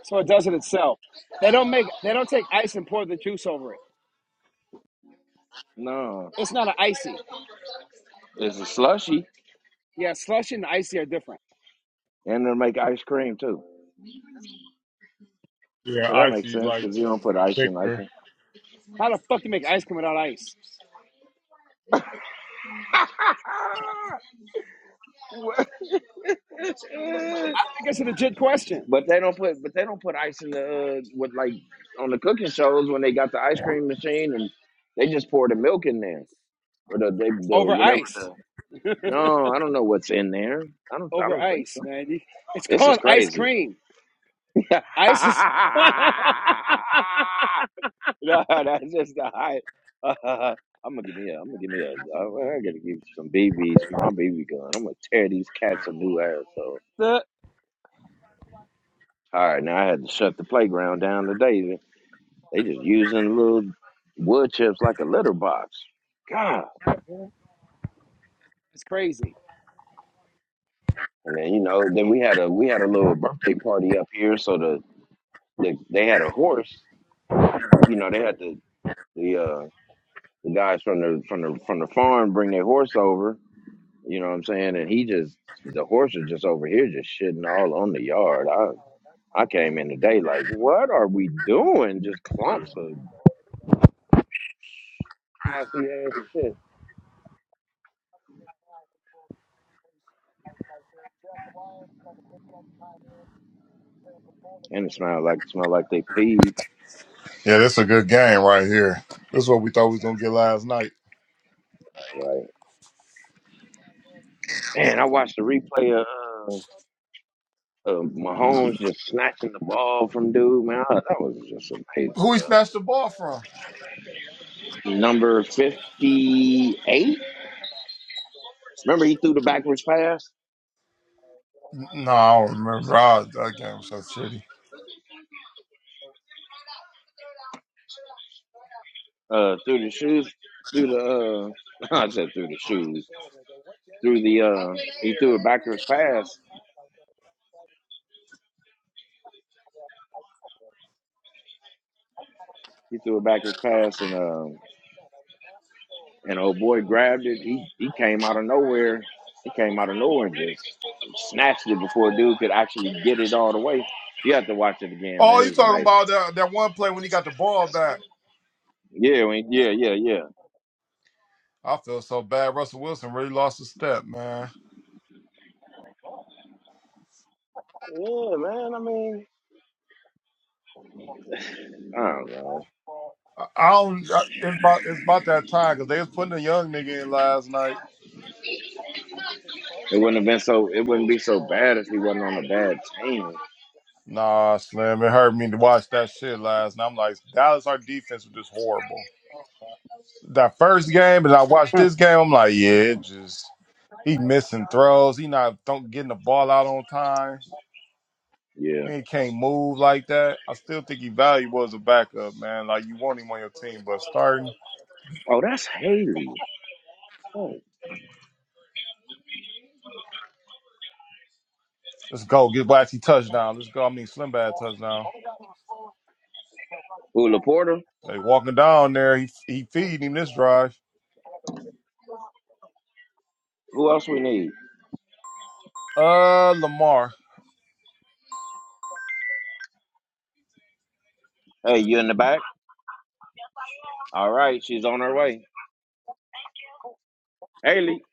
S3: So it does it itself. They don't make they don't take ice and pour the juice over it.
S4: No.
S3: It's not an icy.
S4: It's a slushy
S3: Yeah, slushy and icy are different.
S4: and it'll make ice cream too.
S2: Yeah,
S4: But that makes
S2: icy
S4: sense
S2: like
S4: because you don't put ice in ice
S2: thicker.
S4: cream.
S3: How the fuck do you make ice cream without ice?
S4: Ah!
S3: I think it's a legit question.
S4: But they don't put but they don't put ice in the uh, with like on the cooking shows when they got the ice cream machine and they just pour the milk in there or the they the
S3: Over
S4: whatever
S3: ice.
S4: the no I don't know what's in there I don't I
S3: Over
S4: don't think
S3: ice,
S4: so
S3: man. You- It's
S4: this is
S3: called ice
S4: crazy
S3: cream.
S4: no
S3: Ice is
S4: that's just the hype I'm gonna give me a I'm gonna give me a I, I gotta give you some BBs for my BB gun I'm gonna tear these cats a new asshole
S3: the
S4: all right now I had to shut the playground down today They just using little wood chips like a litter box. God.
S3: it's crazy.
S4: And then you know, then we had a we had a little birthday party up here, so the, the they had a horse. You know, they had the the uh the guys from the from the from the farm bring their horse over. You know what I'm saying? And he just the horse was just over here just shitting all on the yard. I I came in today like, what are we doing? Just clumps of grassy ass shit. And it smelled like smelled like they peed.
S2: Yeah, that's a good game right here. That's what we thought we was gonna get last night.
S4: Right. Man, I watched the replay of uh, Uh, Mahomes just snatching the ball from dude, man. I- that was just amazing,
S2: Who he
S4: bro.
S2: snatched the ball from?
S4: Number 58. Remember he threw the backwards pass?
S2: N- No, I don't remember. Oh, that game was so shitty.
S4: Uh, through the shoes? Through the, uh, I said through the shoes. Through the, uh, he threw a backwards pass. He threw a backwards pass and, um, and old boy grabbed it. He, he came out of nowhere. He came out of nowhere and just snatched it before dude could actually get it all the way. You have to watch it again,
S2: Oh,
S4: man. It
S2: you
S4: was
S2: talking
S4: amazing.
S2: about that that one play when he got the ball back?
S4: Yeah, when, yeah, yeah, yeah.
S2: I feel so bad. Russell Wilson really lost a step, man.
S4: Yeah, man. I mean, I don't know.
S2: I I don't. I- It's about it's about that time because they was putting a young nigga in last night.
S4: It wouldn't have been so. It wouldn't be so bad if he wasn't on a bad team.
S2: Nah, Slim, it hurt me to watch that shit last night. I'm like, Dallas, our defense was just horrible. That first game, and I watched this game, I'm like, yeah, it just he missing throws. He not don't getting the ball out on time.
S4: Yeah.
S2: He can't move like that. I still think he valuable as a backup, man. Like you want him on your team, but starting,
S4: Oh, that's Haley. Oh.
S2: let's go get Waxy touchdown. Let's go. I mean, Slim Bad touchdown.
S4: Who Laporta?
S2: They walking down there. He he feeding him this drive.
S4: Who else we need?
S2: Uh, Lamar.
S4: Hey, you in the back? All right, she's on her way. Haley,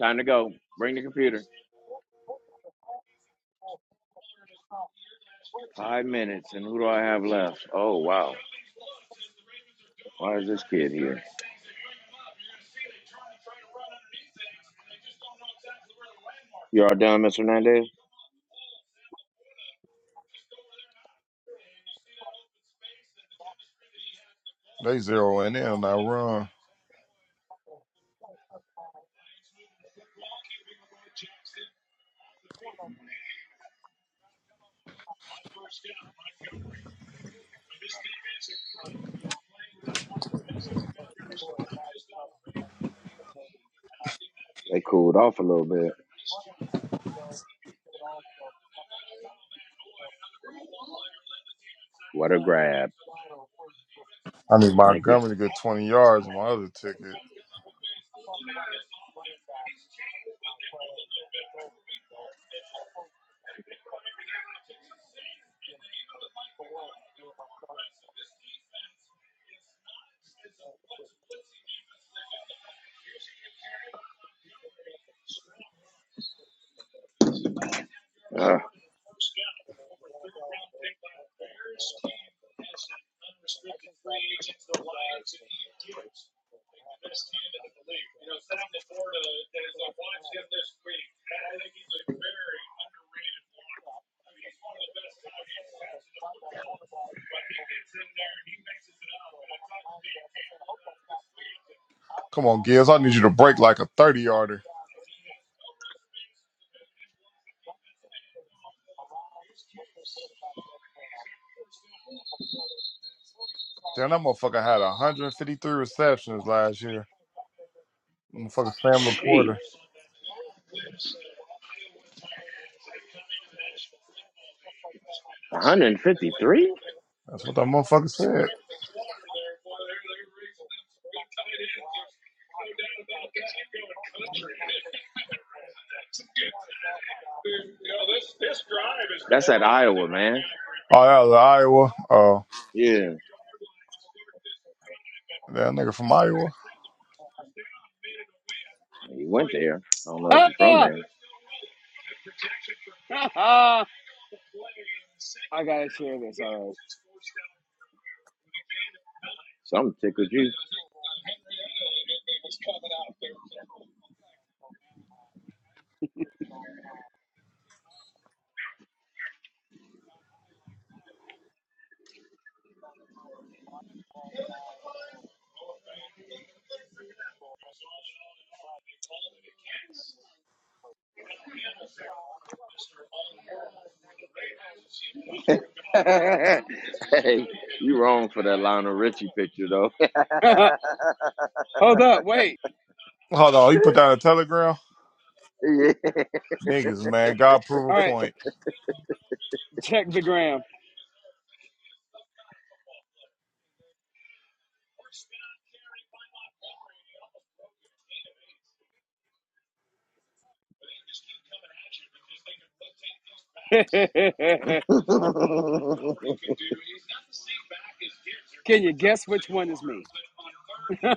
S4: time to go. Bring the computer. Five minutes, and who do I have left? Oh wow. Why is this kid here? You all done, Mr. Hernandez?
S2: They zeroing in on that run.
S4: They cooled off a little bit. What a grab.
S2: I need
S4: Thank you.
S2: Montgomery to get twenty yards on my other ticket.
S4: Ugh.
S2: Come on, Gibbs. I need you to break like a thirty yarder. Damn, that motherfucker had 153 receptions last year. Motherfucker Sam
S4: Jeez.
S2: LaPorta.
S4: One hundred and fifty-three.
S2: That's what that motherfucker said.
S4: That's at Iowa, man.
S2: Oh, that was Iowa. Oh,
S4: Yeah.
S2: that nigga from Iowa.
S4: He went there. I don't know if
S3: Huh.
S4: he's from
S3: Ah!
S4: there.
S3: Ah! Ah! I gotta share this, all
S4: Something tickled you. hey, you wrong for that Lionel Richie picture though.
S3: right. Hold up, wait.
S2: Hold on, he put down a telegram.
S4: yeah.
S2: Niggas, man, God prove a
S3: All right,
S2: point.
S3: check the gram. Can you guess which one is me? uh,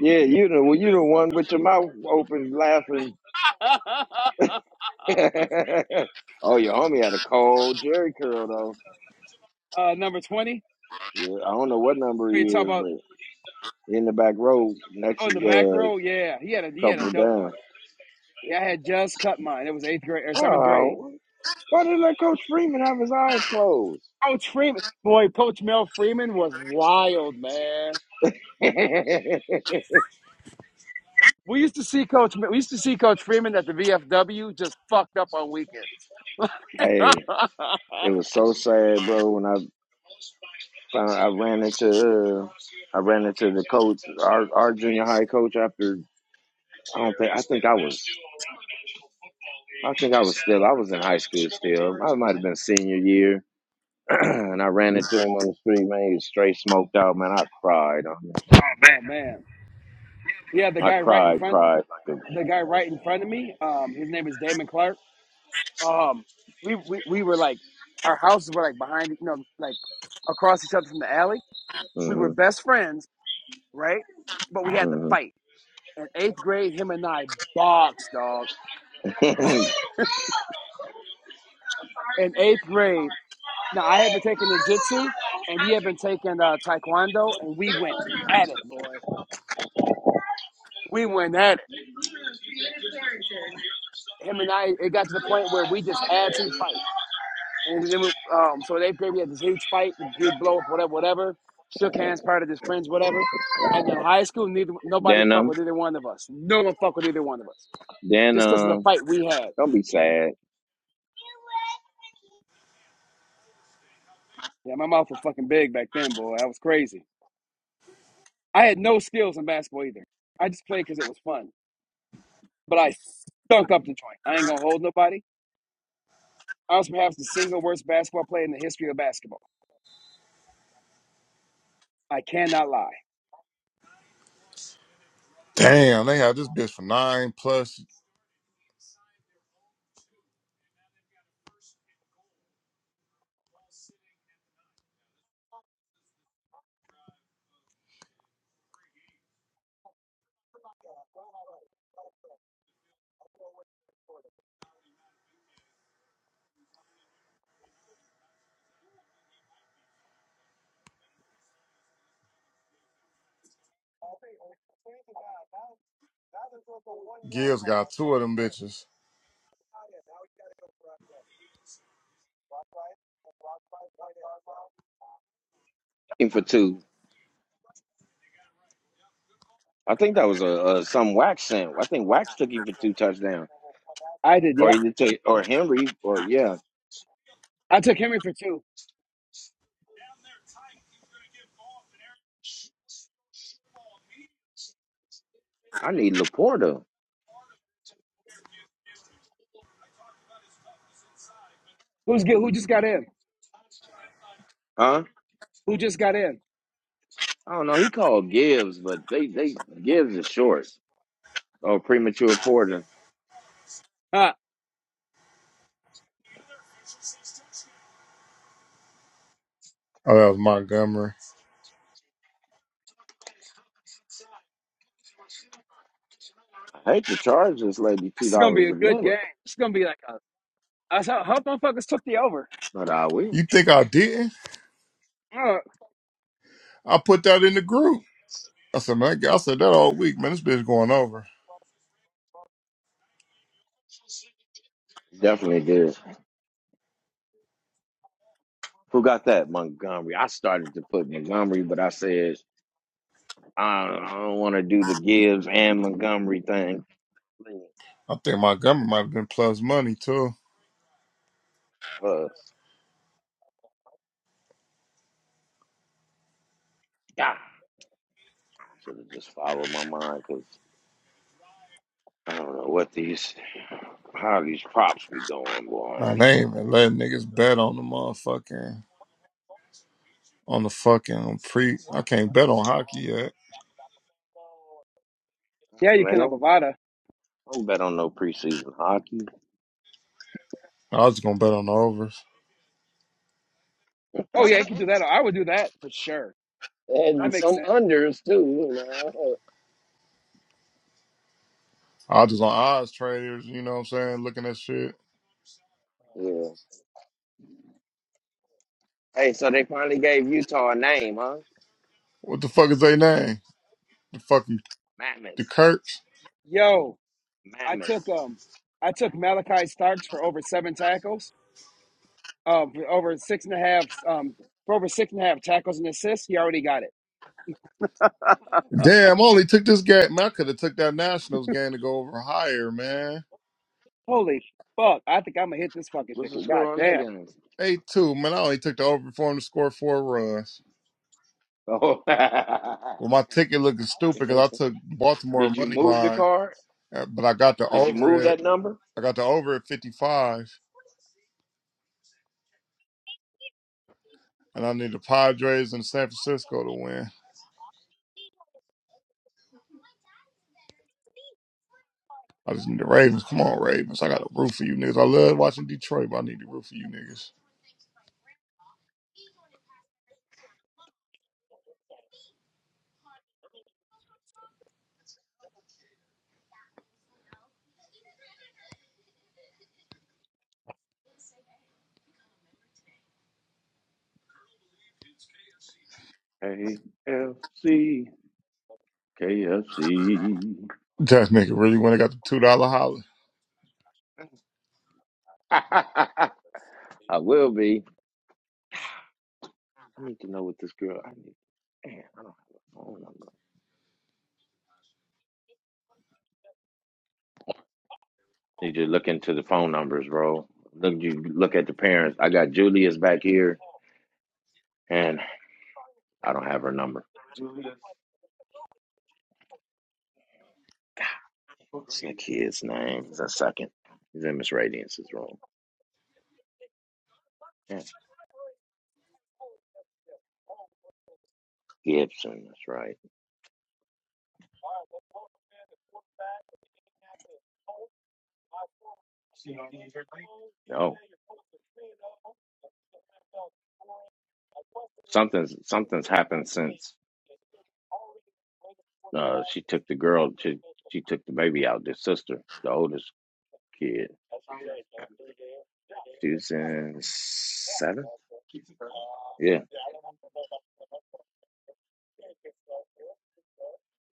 S4: yeah, you know, well, you the one with your mouth open laughing. oh, your homie had a cold Jerry curl though.
S3: number twenty.
S4: Yeah, I don't know what number he
S3: Are you talking
S4: is,
S3: about
S4: but in the back row, next
S3: on the back
S4: uh,
S3: row? Yeah, he had a he had a
S4: couple
S3: dope
S4: down.
S3: one. Yeah, I had just cut mine. It was eighth grade or seventh grade.
S4: Oh, why did that Coach Freeman have his eyes closed?
S3: Coach Freeman, boy, Coach Mel Freeman was wild, man.
S4: hey,
S3: We used to see Coach. We used to see Coach Freeman at the VFW, just fucked up on weekends.
S4: it
S3: oh
S4: was so sad, bro. When I found I ran into uh, I ran into the coach, our our junior high coach. After I don't think I think I was I think I was still I was in high school still. I might have been senior year and I ran into him on the street, man. He was straight smoked out, man. I cried. um,
S3: man, yeah, the
S4: I
S3: guy right in
S4: cried,
S3: front,
S4: cried like a.
S3: the guy right in front of me. Um, his name is Damon Clark um we, we we were like our houses were like behind you know like across each other from the alley we were
S4: hmm
S3: best friends right but we had to
S4: hmm
S3: fight in eighth grade him and i boxed dog in eighth grade now i had been taking ninjutsu and he had been taking uh, taekwondo and we went at it boy we went at it him and i it got to the point where we just had to fight And then, we, um, so they appeared. We had this huge fight, big blow up, whatever, whatever. Shook hands, part of his friends, whatever. And then high school, neither nobody
S4: then
S3: fuck
S4: um,
S3: with either one of us. No one fuck with either one of us,
S4: then
S3: just because of the
S4: um,
S3: fight we had.
S4: don't be sad.
S3: Yeah, my mouth was fucking big back then, boy. I was crazy. I had no skills in basketball either. I just played because it was fun. But I stunk up the joint. I ain't gonna hold nobody. I was perhaps the single worst basketball player in the history of basketball. I cannot lie.
S2: Damn, they had this bitch for nine plus. Gibbs got two of them bitches.
S4: Him for two. I think that was a, a some wax sent. I think Wax took him for two touchdowns,
S3: I did.
S4: or
S3: Yep.
S4: either take, or Henry, or yeah.
S3: I took Henry for two.
S4: I need Laporta,
S3: Who's get? Who just got in?
S4: huh?
S3: Who just got in?
S4: I don't know. He called Gibbs, but they they Gibbs is short or premature Porter.
S3: Ah.
S2: Oh, that was Montgomery.
S4: I hate the Chargers, lady,
S3: This
S4: two
S3: is gonna be
S4: dollars
S3: a
S4: a
S3: good
S4: minute.
S3: game. It's gonna be like a. I saw how motherfuckers took the over.
S4: But I will.
S2: You think I didn't?
S3: Uh,
S2: I put that in the group. I said, man, I said that all week, man. This bitch going over.
S4: Definitely did. Who got that? Montgomery. I started to put Montgomery, but I said I don't, I don't want to do the Gibbs and Montgomery thing.
S2: I think Montgomery might have been plus money too.
S4: Plus, yeah, should have just followed my mind because I don't know what these how these props be going, boy.
S2: Man, they ain't even letting niggas bet on the motherfucking on the fucking pre. I can't bet on hockey yet.
S3: yeah, you
S4: Man,
S3: can have
S4: don't
S3: Bovada.
S4: don't bet on no preseason hockey
S2: I was just gonna bet on the overs.
S3: Oh yeah, you can do that. I would do that for sure. That
S4: and
S3: makes
S4: some
S3: sense.
S4: unders too. You know.
S2: I was just on odds traders. You know what I'm saying? Looking at shit.
S4: Yeah. Hey, so they finally gave Utah a name, huh?
S2: What the fuck is they name? The fucking the
S4: Mammoth.
S2: Kirks.
S3: Yo, I
S4: Mammoth.
S3: took um, I took Malachi Starks for over seven tackles. Um, for over six and a half. Um, for over six and a half tackles and assists. He already got it.
S2: Damn, I only took this game. Man, I could have took that Nationals game to go over higher, man.
S3: Holy fuck! I think I'm gonna hit this fucking
S4: What's the
S3: ticket. God
S4: score on that
S3: damn.
S4: game?
S2: Eight two, man. I only took the over for him to score four runs.
S4: Oh.
S2: Well, my ticket looking stupid because I took Baltimore
S4: Did you
S2: money
S4: move the
S2: line,
S4: card?
S2: uh, but I got the
S4: Did you
S2: over
S4: move that
S2: it.
S4: number?
S2: I got the over at 55. and I need the Padres and San Francisco to win. I just need the Ravens. Come on, Ravens. I got a root for you niggas. I love watching Detroit, but I need to root for you niggas.
S4: AFC.
S2: That nigga really went and got the two dollar holler.
S4: will be. I need to know what this girl. I need. Man, I don't have a phone number. Need to look into the phone numbers, bro. Look, you look at the parents. I got Julius back here, and I don't have her number. What's the kid's name? He's a second. He's in Miss Radiance's room. Yeah. Gibson. That's right. No, something's something's happened since. Uh, she took the girl. She she took the baby out. The sister, the oldest kid. She was in seventh. Yeah,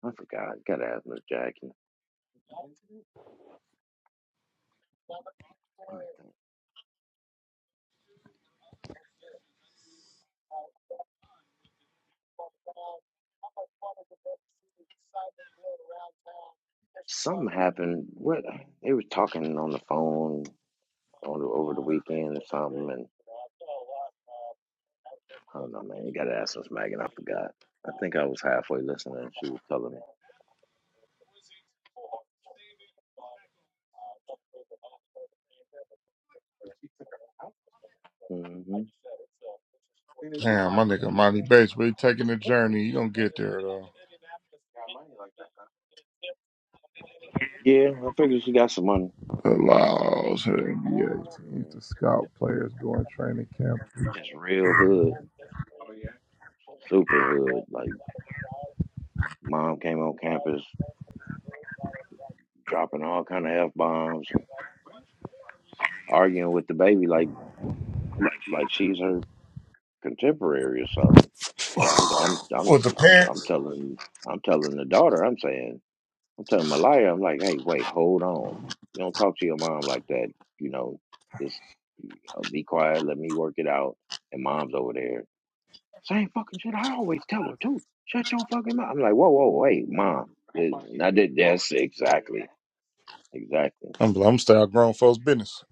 S4: I forgot. Gotta ask Miss Jackie. Let me think. Something happened. What they were talking on the phone on the, over the weekend or something, and I don't know, man. You gotta ask Miss Megan. I forgot. I think I was halfway listening. and She was telling me. hmm
S2: Damn, my nigga Monty Bates really taking the journey. He gonna get there though.
S4: Yeah, I figured she got some money.
S2: Allows her NBA teams
S4: Yeah.
S2: to scout players during training camp.
S4: They Just real hood, super hood. Like mom came on campus. dropping all kind of f bombs and arguing with the baby like like she's her contemporary or something. So I'm I'm
S2: With the
S4: I'm
S2: parents?
S4: telling I'm telling the daughter. I'm saying I'm telling Malaya. I'm like, hey, wait, hold on. You don't talk to your mom like that. You know, just you know, be quiet. Let me work it out. And mom's over there. Same fucking shit. I always tell her too. Shut your fucking mouth. I'm like, whoa, whoa, wait, mom. It- Now that- that's exactly, exactly.
S2: I'm I'm style grown folks business.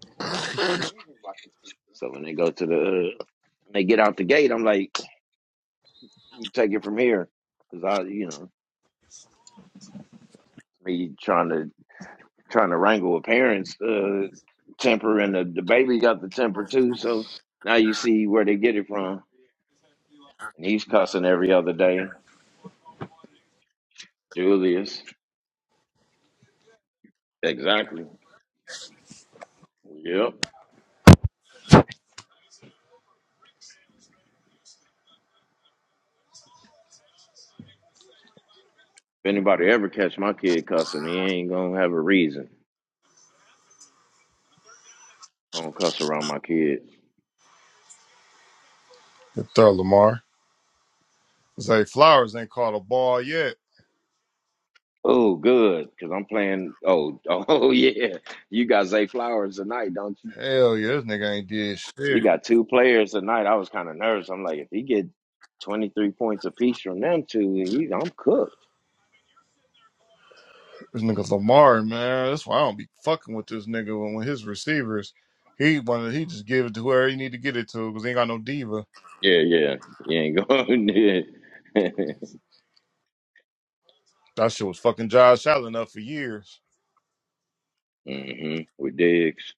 S4: So when they go to the, when they get out the gate, I'm like, you take it from here, because I, you know, me trying to trying to wrangle with parents' uh, temper, and the, the baby got the temper too. So now you see where they get it from, and he's cussing every other day. Julius, exactly. Yep. If anybody ever catch my kid cussing, he ain't gonna have a reason. I don't cuss around my kids.
S2: Good throw, Lamar. Zay Flowers ain't caught a ball yet.
S4: Oh, good, because I'm playing. Oh, oh yeah. You got Zay Flowers tonight, don't you?
S2: Hell yeah, this nigga ain't did
S4: You
S2: shit.
S4: got two players tonight. I was kind of nervous. I'm like, if he get 23 points apiece from them two, he, I'm cooked.
S2: This nigga Lamar, man. That's why I don't be fucking with this nigga when, when his receivers. He wanted he just give it to whoever he need to get it to because he ain't got no diva.
S4: Yeah, yeah. You ain't going there.
S2: That shit was fucking Josh Allen up for years.
S4: mm-hmm. With Diggs.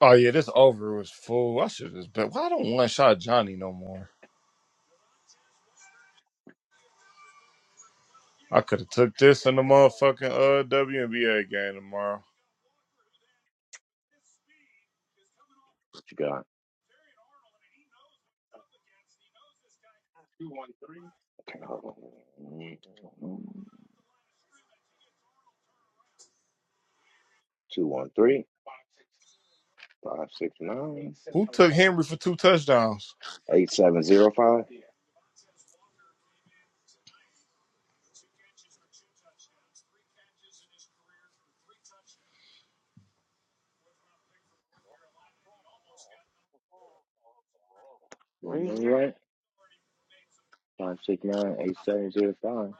S2: Oh yeah, this over was full. I should just bet. Why I don't one shot Johnny no more? I could have took this in the motherfucking uh WNBA game tomorrow.
S4: What you got? Okay, hold on. Two one three five six nine
S2: Who took Henry for two touchdowns?
S4: eight seven zero five. Am I Right, five six nine eight seven zero five.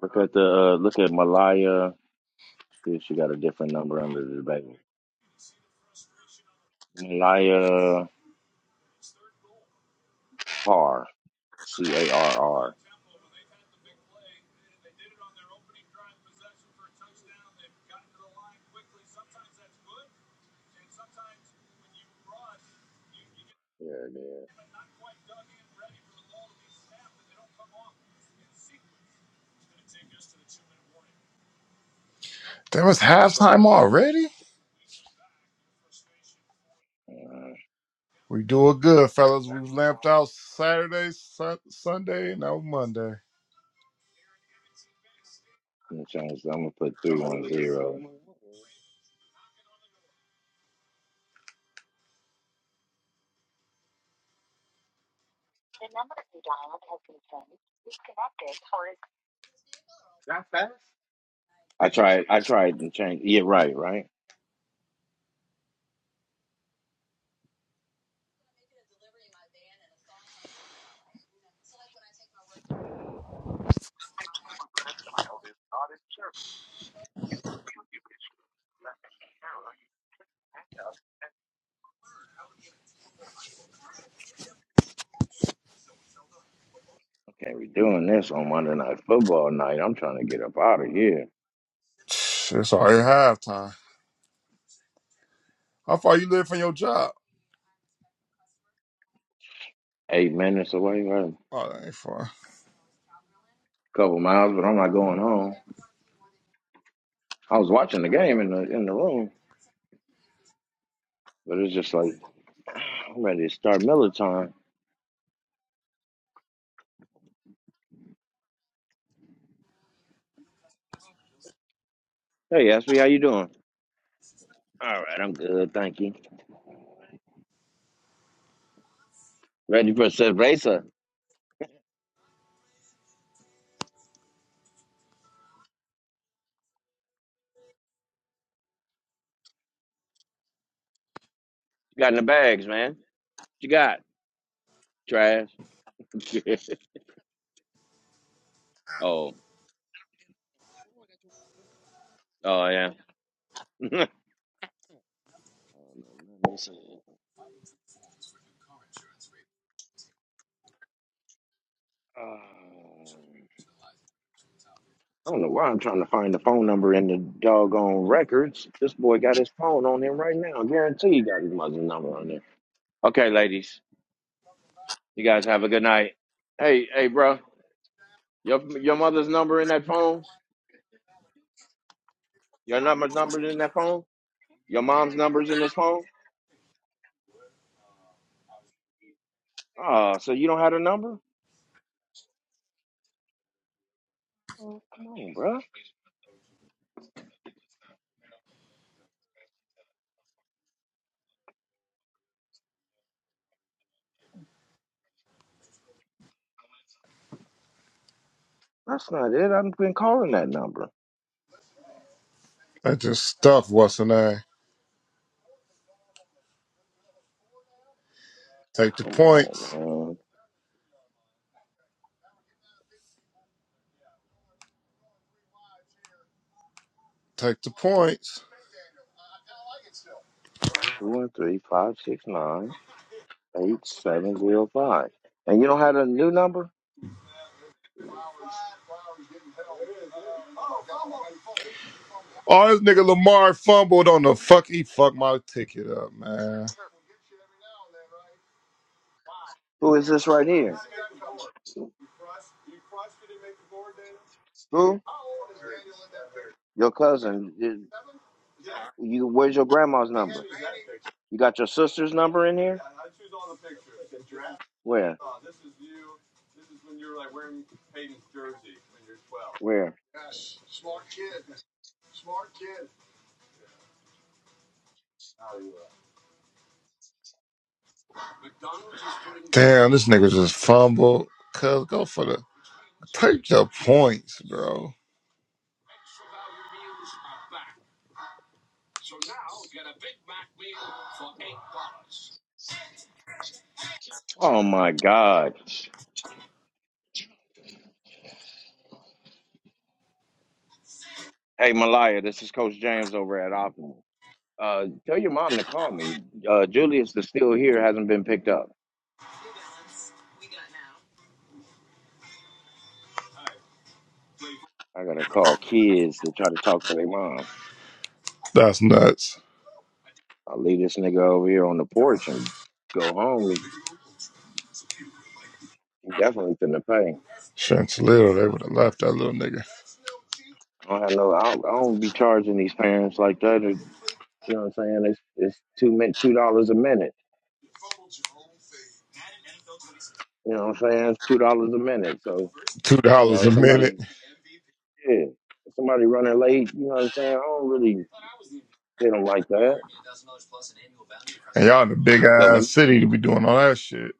S4: Look at the uh, look at Malaya. See if she got a different number under the baby. Malaya. Carr, C A R R. Yeah, yeah.
S2: There was halftime already.
S4: Uh, I'm
S2: We doing good, fellas. We lamped out Saturday, Sun Sunday, and now Monday.
S4: gonna change. I'm gonna put three one zero. I tried. I tried and changed. Yeah, right, right. Okay, we're doing this on Monday Night Football night. I'm trying to get up out of here.
S2: It's already halftime. How far you live from your job?
S4: Eight minutes away, right? A
S2: Oh, that ain't far.
S4: couple miles, but I'm not going home. I was watching the game in the in the room, but it's just like I'm ready to start Miller time. Hey, Ashley, how you doing? All right, I'm good, thank you. Ready for a racer? You got in the bags, man? What you got trash? oh. Oh yeah. I don't know. Let me see. Um, I don't know why I'm trying to find the phone number in the doggone records. This boy got his phone on him right now. I guarantee he got his mother's number on there. Okay, ladies, you guys have a good night. Hey, hey, bro, your your mother's number in that phone? Your number's number's in that phone? Your mom's number's in this phone? Oh, so you don't have a number? Come on, bro. That's not it. I've been calling that number.
S2: That just stuff. What's the name? Take the
S4: Come on,
S2: points.
S4: man.
S2: Take the points.
S4: Two one three five six nine. eight seven zero five. And you don't have a new number?
S2: Oh, this nigga Lamar fumbled on the fuck. He fucked my ticket up, man.
S4: Who is this right here? Who? Your cousin. You, you- where's your grandma's number? You got your sister's number in here? Where? Where?
S2: Damn, this nigga just fumbled. Cuz go for the take the points, bro.
S4: Oh my God. Hey Malaya, this is Coach James over at Optimal. Uh tell your mom to call me. Uh Julius is still here, hasn't been picked up. I gotta call kids to try to talk to their mom.
S2: That's nuts.
S4: I'll leave this nigga over here on the porch and go home. He he definitely finna pay.
S2: Chantilly, they would have left that little nigga.
S4: I don't have no. I don't, I don't be charging these parents like that. It- you know what I'm saying? It's it's two min two dollars a minute. You know what I'm saying? It's two dollars a minute. So
S2: Two
S4: you know,
S2: dollars a
S4: if
S2: minute.
S4: somebody yeah, if somebody running late. You know what I'm saying? I don't really hit them like that.
S2: And y'all in a big
S4: But when
S2: ass city to be doing all that shit.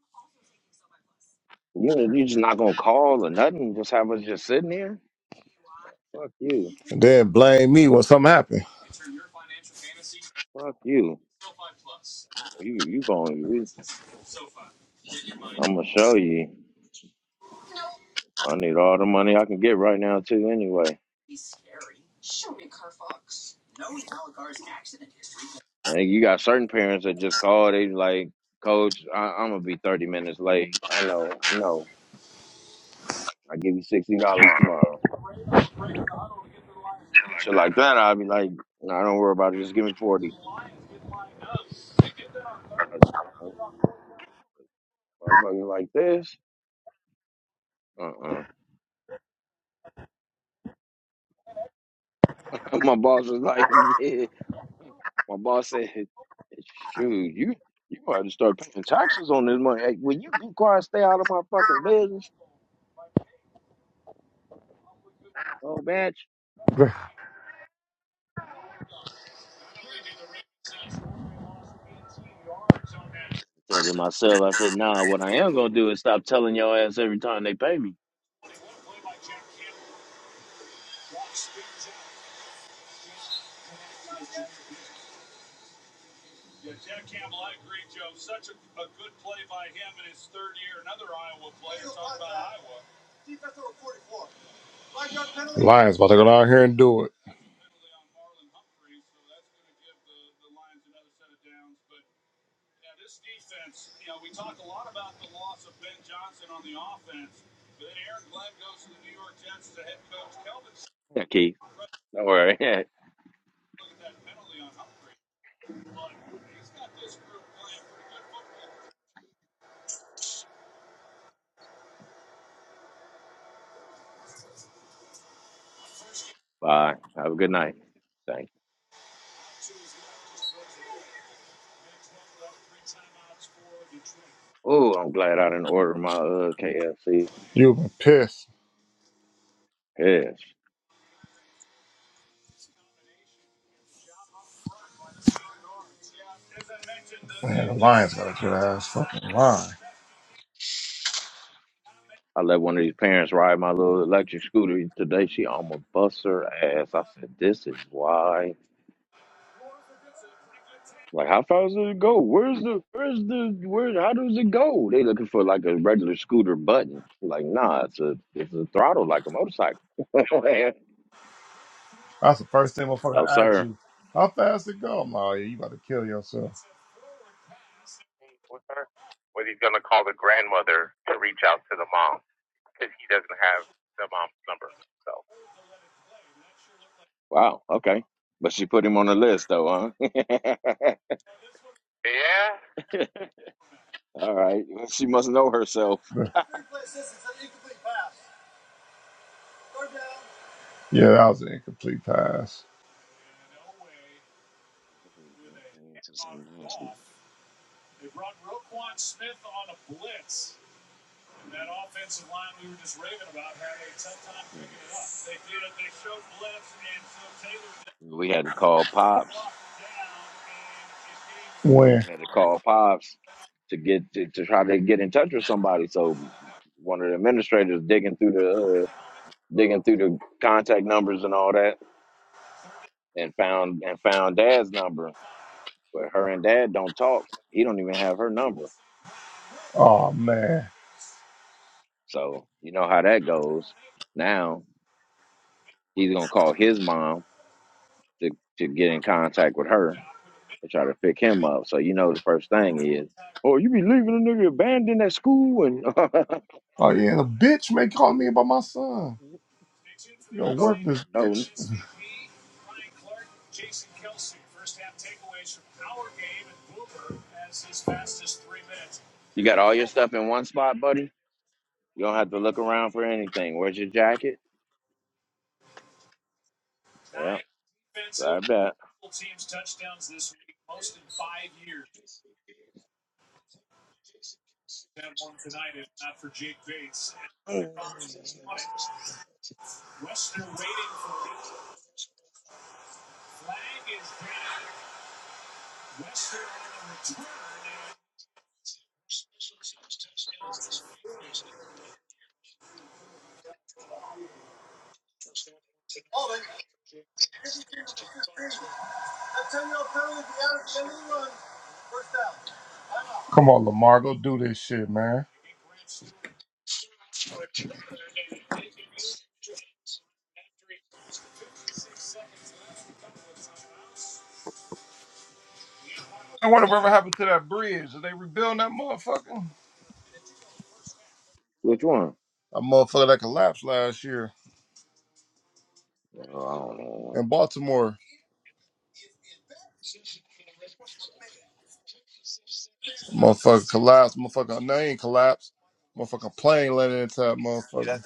S4: you you know you just not gonna call or nothing. Just have us just sitting there. Fuck you.
S2: And then blame me when something happened.
S4: Fuck you. You you going? to I'm gonna show you. I need all the money I can get right now too. Anyway. I think you got certain parents that just call. They like, Coach, I, I'm gonna be 30 minutes late. I know, I know. I give you sixty dollars tomorrow. Shit like that. I'd be like, No, I don't worry about it. Just give me forty. I, I, I'm fucking like this. Uh-uh. my boss was like, Yeah. My boss said, Shoot, you you might have to start paying taxes on this money. Hey, will you be quiet? Stay out of my fucking business, oh bitch. I said to myself, I said, Nah. What I am gonna do is stop telling your ass every time they pay me.
S2: Lions about to go out here and do it.
S4: Okay, Don't worry. Bye. Have a good night. Thanks. Oh, I'm glad I didn't order my uh, KFC.
S2: you been pissed.
S4: Yes.
S2: Man, the Lions got a good ass fucking line.
S4: I let one of these parents ride my little electric scooter today. She almost bust her ass. I said, "This is why." Like, how far does it go? Where's the? Where's the? Where? How does it go? They looking for like a regular scooter button. Like, nah, it's a it's a throttle like a motorcycle.
S2: That's the first thing motherfucker
S4: no,
S2: I asked
S4: sir.
S2: you. How fast it go? I'm like, oh, yeah, you about to kill yourself.
S4: Wow. Okay. But she put him on the list though, huh? All right. She must know herself.
S2: But yeah, that was an incomplete pass.
S4: to something nasty. We had to call pops.
S2: When?
S4: We had to call pops to get to, to try to get in touch with somebody. So one of the administrators digging through the uh, digging through the contact numbers and all that, and found and found dad's number. But her and dad don't talk. He don't even have her number.
S2: Oh, man.
S4: So you know how that goes. Now he's gonna call his mom to to get in contact with her They try to pick him up. So you know the first thing is, oh, you be leaving a nigga abandoned at school and
S2: Oh, yeah, and a bitch may call me about my son.
S4: you
S2: You're a
S4: don't even
S2: worthless
S4: know.
S2: bitch.
S4: You got all your stuff in one spot, buddy. You don't have to look around for anything. Where's your jacket? Yeah, grab that.
S2: Come on, Lamar, go do this shit, man. I wonder whatever happened to that bridge. Are they rebuilding that motherfucker?
S4: Which one?
S2: That motherfucker that collapsed last year
S4: Oh, I don't know.
S2: in Baltimore. Motherfucker collapsed. Motherfucker, no, he ain't collapsed. Motherfucker plane landed into that motherfucker.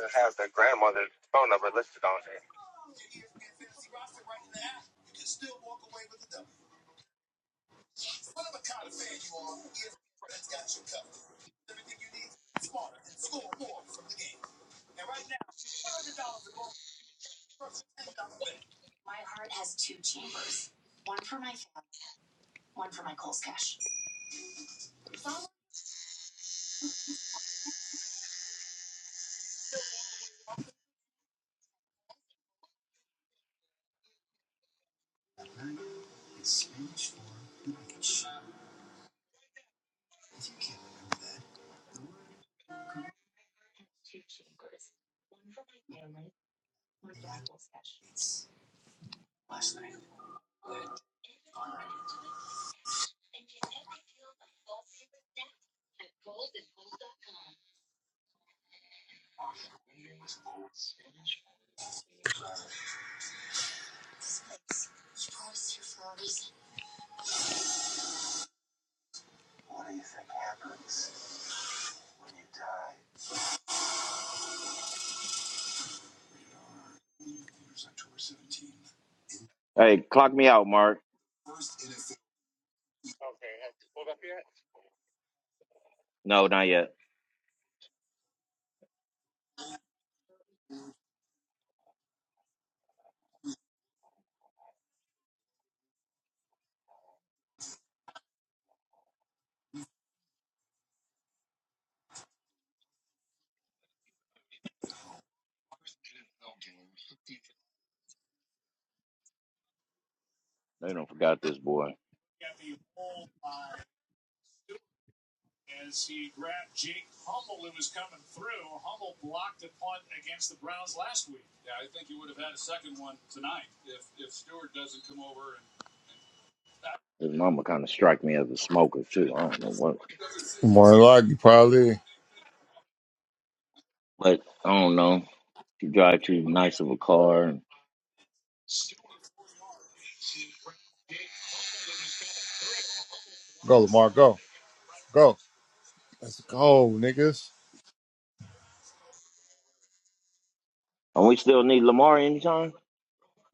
S4: Hey, clock me out, Mark. No, not yet. They don't forgot this boy. His mama kind of strike me as a smoker too. I don't know what,
S2: More than likely, probably.
S4: but I don't know. She drive too nice of a car. And,
S2: Go, Lamar, go. Go. Let's go, niggas.
S4: and we still need Lamar anytime.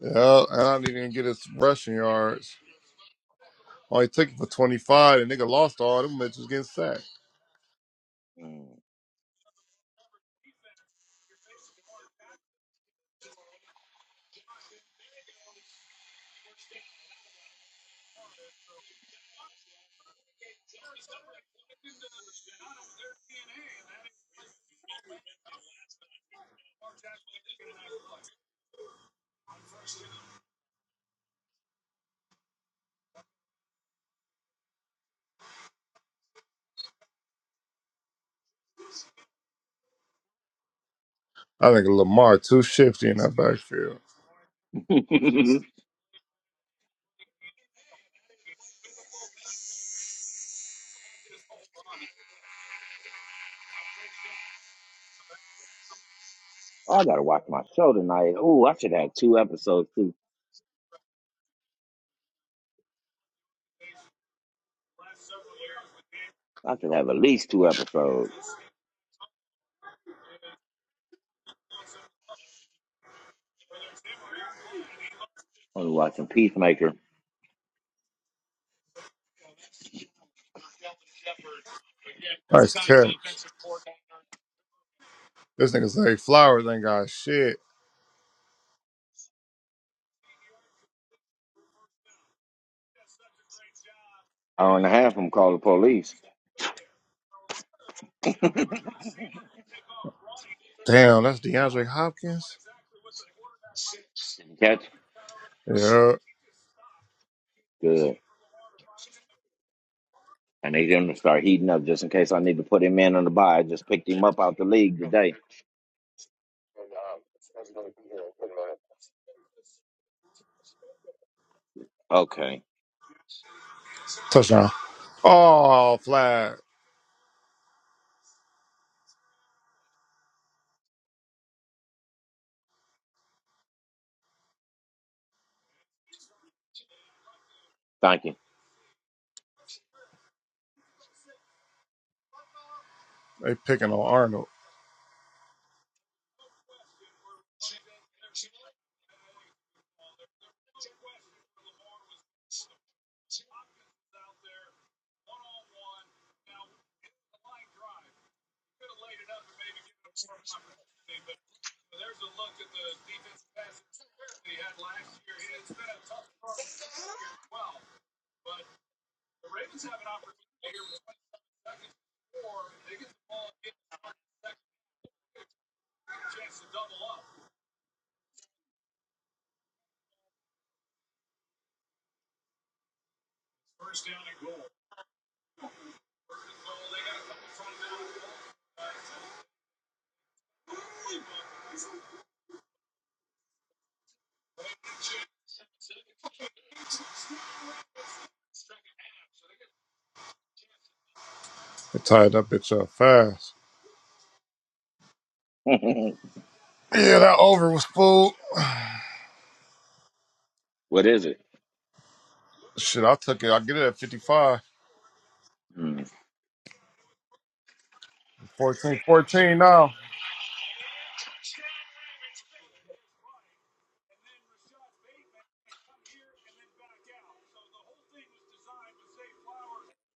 S2: Yeah, and I didn't even get his rushing yards. Only took it for 25, and nigga lost all them bitches getting sacked.
S4: Mm.
S2: I think Lamar too shifty in that backfield.
S4: Oh, I gotta watch my show tonight. Oh, I should have two episodes too. I should have at least two episodes. I'm watching Peacemaker.
S2: Nice catch. This nigga say Flowers ain't got shit.
S4: Hour and a half. I'm call the police.
S2: Damn, that's DeAndre Hopkins.
S4: Didn't catch. him.
S2: Yeah,
S4: Good. I need him to start heating up just in case I need to put him in on the bye. I just picked him up out the league today. Okay.
S2: touchdown. Oh, flag.
S4: Thank you.
S2: They picking on Arnold. They tied that bitch up fast. Yeah, that over was full.
S4: what is it?
S2: Shit, I took it. I get it at 55.
S4: Hmm.
S2: 14, 14 now.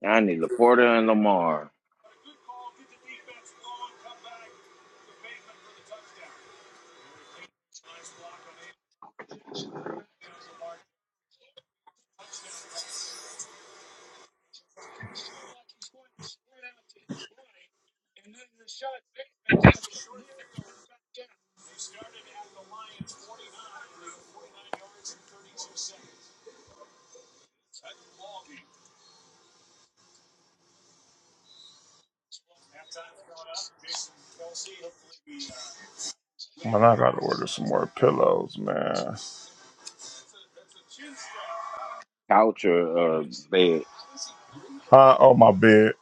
S4: I need Laporta and Lamar.
S2: Man, I gotta order some more pillows, man.
S4: Couch or uh, they
S2: I owe my bed.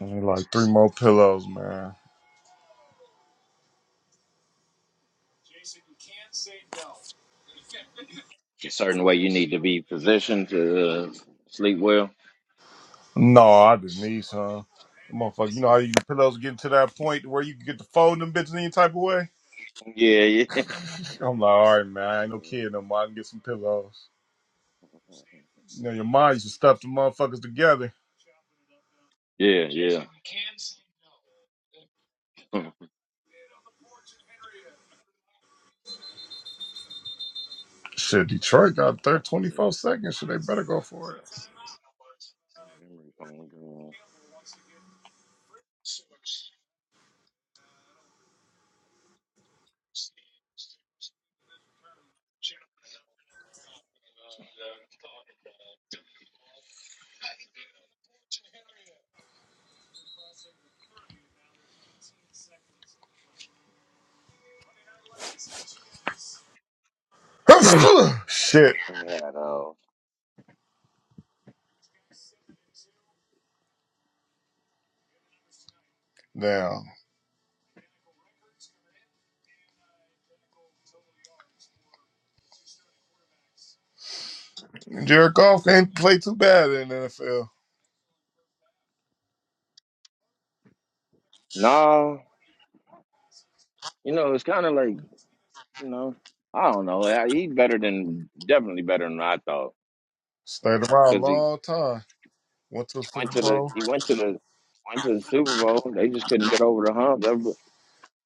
S2: I need like three more pillows, man.
S4: a certain way you need to be positioned to uh, sleep well.
S2: No, I didn't need some. Motherfucker, you know how you pillows get to that point where you can get to fold them bitches any type of way?
S4: Yeah, yeah,
S2: I'm like, all right, man, I ain't no kid no more. I can get some pillows. You know, your mom used to stuff the motherfuckers together.
S4: yeah, yeah.
S2: Shit, Detroit got third 24 seconds. Shit, they better go for
S4: memory phone green.
S2: it. Shit.
S4: And they had uh
S2: Now, Jared Goff ain't played too bad in the NFL.
S4: nah, you know, it's kinda like, you know, I don't know. I- He better than definitely better than I thought.
S2: Stayed around a
S4: Because he,
S2: long time. Went to the
S4: he
S2: Super
S4: went to the
S2: Bowl.
S4: he went to the went to the Super Bowl. They just couldn't get over the hump. That was-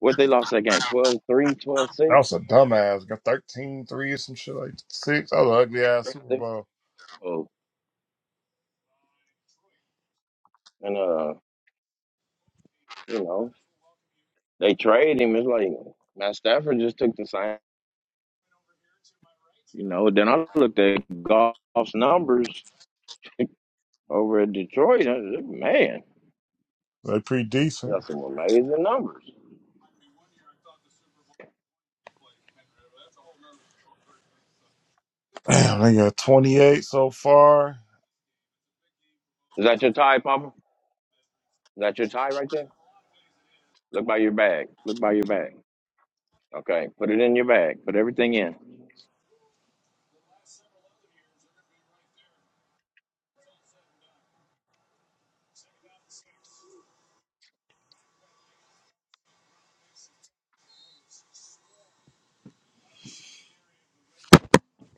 S4: What they lost that game? twelve three twelve
S2: That
S4: six
S2: was a dumbass. Got 13 3 or some shit like six. That was an ugly ass
S4: Yeah,
S2: Super
S4: they
S2: Bowl.
S4: oh, and uh, you know, they trade him. It's like Matt Stafford just took the same you know, then I looked at golf's numbers over at Detroit. I said, man.
S2: They pretty
S4: You
S2: decent.
S4: got some amazing numbers.
S2: Damn, they got 28 so far.
S4: Is that your tie, Papa? Is that your tie right there? Look by your bag. Look by your bag. Okay, put it in your bag. Put everything in.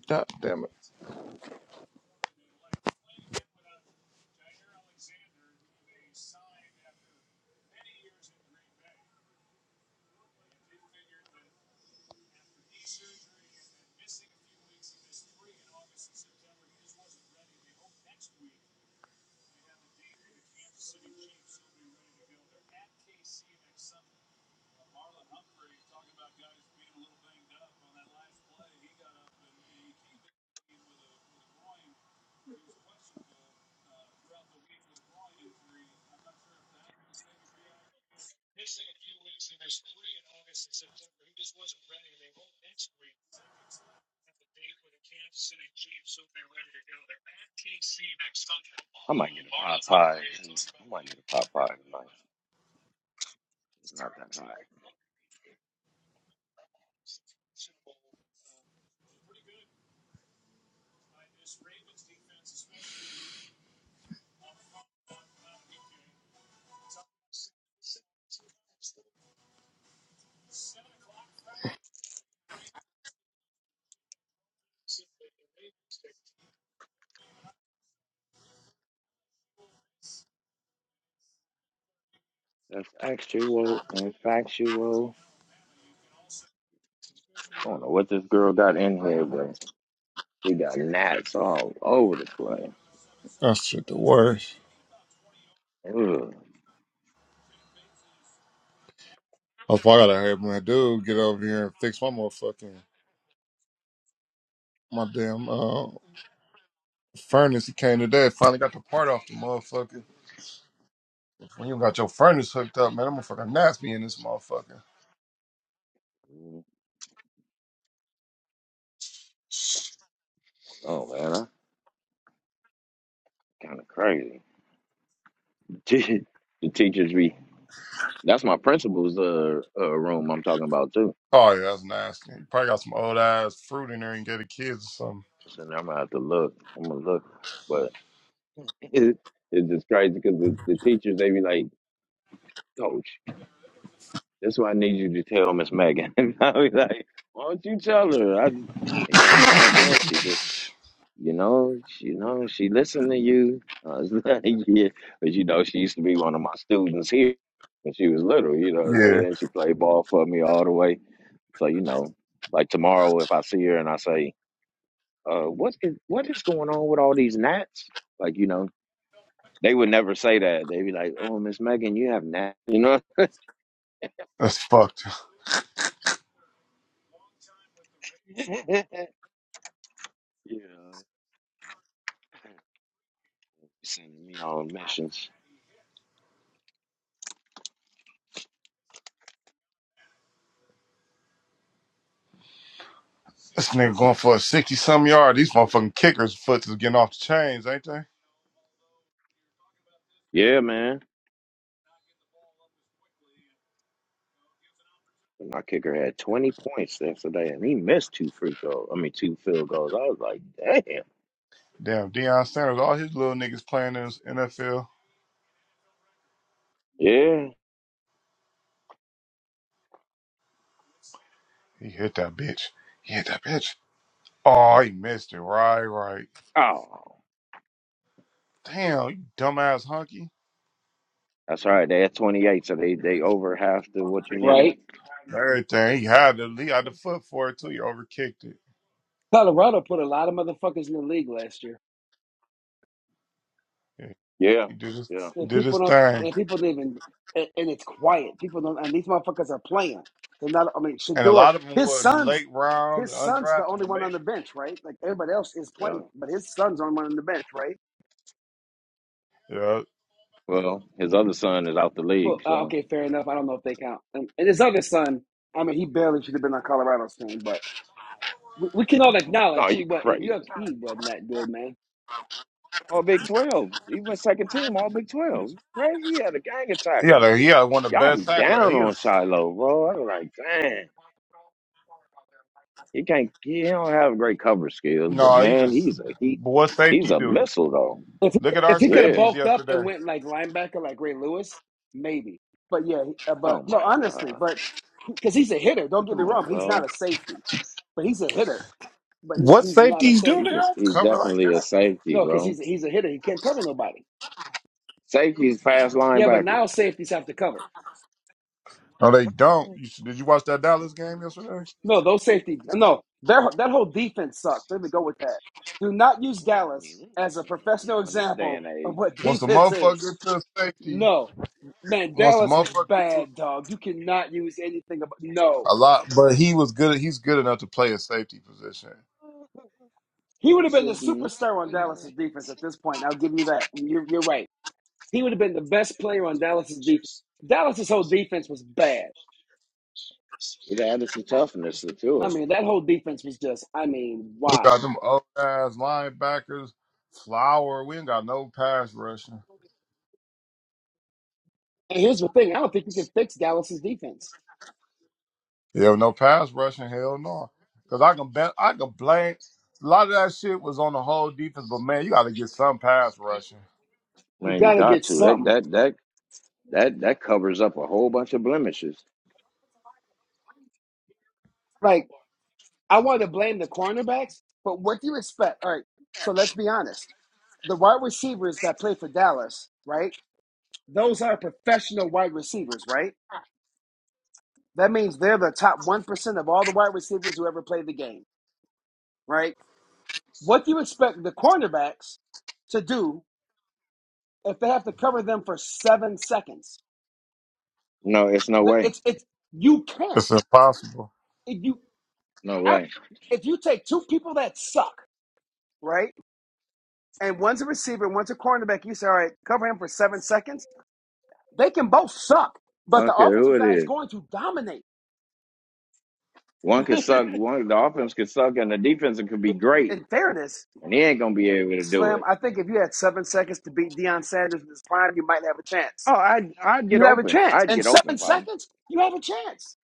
S2: God damn it.
S4: Actual and factual. I don't know what this girl got in here, but she got gnats all over the place.
S2: That shit the worst.
S4: Ugh.
S2: Oh, I gotta have my dude get over here and fix my motherfucking my damn uh furnace. He came today. Finally got the part off the motherfucker. When you got your furnace hooked up, man, that motherfucker nasty in this motherfucker.
S4: Oh man, that's kind of crazy. the teachers be. That's my principal's uh, uh room I'm talking about too.
S2: Oh yeah, that's nasty. You probably got some old ass fruit in there and gave the kids or
S4: So now I'm gonna have to look. I'm gonna look, but it, it's just crazy because the, the teachers they be like coach. That's why I need you to tell Miss Megan. And I was like, why don't you tell her? I it's like I don't know. She just you know she you know she listened to you. I was like, yeah, but you know she used to be one of my students here when she was little. You know what
S2: something.
S4: I'm
S2: Yeah,
S4: saying? And she played ball for me all the way. So you know, like tomorrow if I see her and I say, uh, what is what is going on with all these gnats? Like you know. They would never say that. They'd be like, "Oh, Miss Megan, you have gnats," you know.
S2: that's fucked.
S4: yeah. Sending me all the messages.
S2: This nigga going for a sixty some yard. These motherfucking kickers' foot is getting off the chains, ain't they?
S4: Yeah, man. My kicker had 20 points yesterday, and he missed two free throws. I mean, two field goals. I was like, damn.
S2: Damn, Deion Sanders, all his little niggas playing in this NFL.
S4: Yeah.
S2: He hit that bitch. He hit that bitch. Oh, he missed it. Right, right.
S4: Oh,
S2: Damn, you dumbass hunky.
S4: that's all right. They had 28, so they they over half to what you need.
S3: Right.
S2: Everything. He had the lead out the foot for it too. He overkicked it.
S3: Colorado put a lot of motherfuckers in the league last year.
S2: Yeah,
S4: Yeah.
S2: He did his
S4: Yeah.
S3: And
S2: did his
S3: people don't,
S2: thing.
S3: and people don't even, and, and it's quiet. People don't, and these motherfuckers are playing. They're not, I mean,
S2: And a
S3: Shador,
S2: lot of them
S3: his
S2: were
S3: son's,
S2: late round,
S3: his son's the
S2: undrafted
S3: only
S2: and
S3: one
S2: made
S3: on the
S2: it.
S3: bench, right? Like everybody else is
S4: Yeah.
S3: playing, but his son's the only one on the bench, right?
S2: Yeah.
S4: Well, his other son is out the
S3: Well,
S4: league,
S3: uh,
S4: so.
S3: okay, fair enough. I don't know if they count. And, and his other son, I mean, he barely should have been on Colorado's team, but we, we can all
S4: Oh,
S3: acknowledge he
S4: you
S3: was, he, we-
S4: crazy.
S3: he wasn't that good, man.
S4: All Big 12. He went second team, all Big 12. Crazy. He had a gang of
S2: He had,
S4: tackles.
S2: a, he had one of the
S4: Y'all be
S2: best tacklers.
S4: down
S2: He
S4: on
S2: is
S4: Shiloh, bro. I was like, dang. He can't. He don't have great cover skills, but
S2: no, he
S4: man,
S2: just
S4: he's a he.
S2: what
S4: He's
S2: safety
S4: a
S2: do?
S4: missile though.
S3: If he,
S2: Look at our
S3: if he could have
S4: Yeah.
S2: safeties
S3: bulked up
S2: yesterday.
S3: and went like linebacker like Ray Lewis, maybe. But yeah, uh, but
S4: Oh
S3: no,
S4: my
S3: honestly,
S4: God.
S3: but because he's a hitter. Don't get me
S4: Come on,
S3: wrong, he's not
S4: bro.
S3: a safety, but he's a hitter. But he,
S2: What
S3: he's not a
S2: safeties do? They
S4: He's
S3: safety.
S4: a,
S2: don't
S4: he's
S2: cover like
S4: definitely a
S2: that.
S4: safety,
S3: No, because
S4: bro.
S3: he's a, he's a hitter. He can't cover nobody.
S4: Safety's fast
S3: Yeah, but
S4: linebacker.
S3: now safeties have to cover.
S2: No, they don't. You, should- did you watch that Dallas game yesterday?
S3: No, those safety. No, their that whole defense sucks. Let me go with that. Do not
S4: I
S3: use
S4: do
S3: Dallas
S4: Linebackers really
S3: as
S4: got
S3: a
S4: to cover
S3: professional
S4: now in this day
S3: example
S4: and
S3: of
S4: age.
S3: what
S2: Once a
S3: defense
S2: motherfucker
S3: is.
S2: get to a safety,
S3: No, man,
S2: once a
S3: Dallas was
S2: motherfucker get to
S3: bad, dog. You cannot use anything about. No,
S2: A lot, but he was good. He's good enough to play a safety position.
S3: he
S4: I
S3: would have been the
S4: said, do not
S3: superstar on
S4: put that.
S3: Dallas's defense at this point. I'll give you that. You're, you're right. He would have been the best player on Dallas's defense. Dallas's whole defense was bad.
S4: It added some toughness to
S3: I
S4: it.
S3: mean, that whole defense was just. I mean,
S2: We
S3: wow.
S2: got them old ass linebackers, Flower. We ain't got no pass rushing.
S3: And here's the thing: I don't think you can fix Dallas's defense.
S2: Yeah, no pass rushing. Hell no. Because I can bet, I can blame. A lot of that shit was on the whole defense, but man, you got to get some pass rushing.
S3: You
S4: Man, you
S3: got to
S4: got
S3: get
S4: to that
S3: something.
S4: that that that that covers up a whole bunch of blemishes.
S3: Like I want to blame the cornerbacks, but what do you expect? All right. So let's be honest. The wide receivers that play for Dallas, right? Those are professional wide receivers, right? That means they're the top 1% of all the wide receivers who ever played the game, right? What do you expect the cornerbacks to do if they have to cover them for seven seconds?
S4: No, it's no
S3: The-
S4: way.
S3: It's, it's, you
S2: It's
S3: can't.
S2: impossible.
S3: If you,
S4: No
S3: I,
S4: way.
S3: if you take two people that suck, right? And one's a receiver, one's a cornerback, you say, all right, cover him for seven seconds. They can both suck,
S4: I
S3: but the
S4: don't care who
S3: offensive
S4: it
S3: guy is
S4: is.
S3: going to dominate.
S4: One could suck. One the offense could suck, and the defense could be great,
S3: in fairness,
S4: and he ain't gonna be able to do
S3: Slim,
S4: it.
S3: I think if you had seven seconds to beat Deion Sanders in his prime, you might have a chance.
S4: Oh, I'd I'd get
S3: You have a
S4: open.
S3: chance.
S4: I'd
S3: In
S4: get
S3: seven
S4: open, partner.
S3: seconds, you have a chance.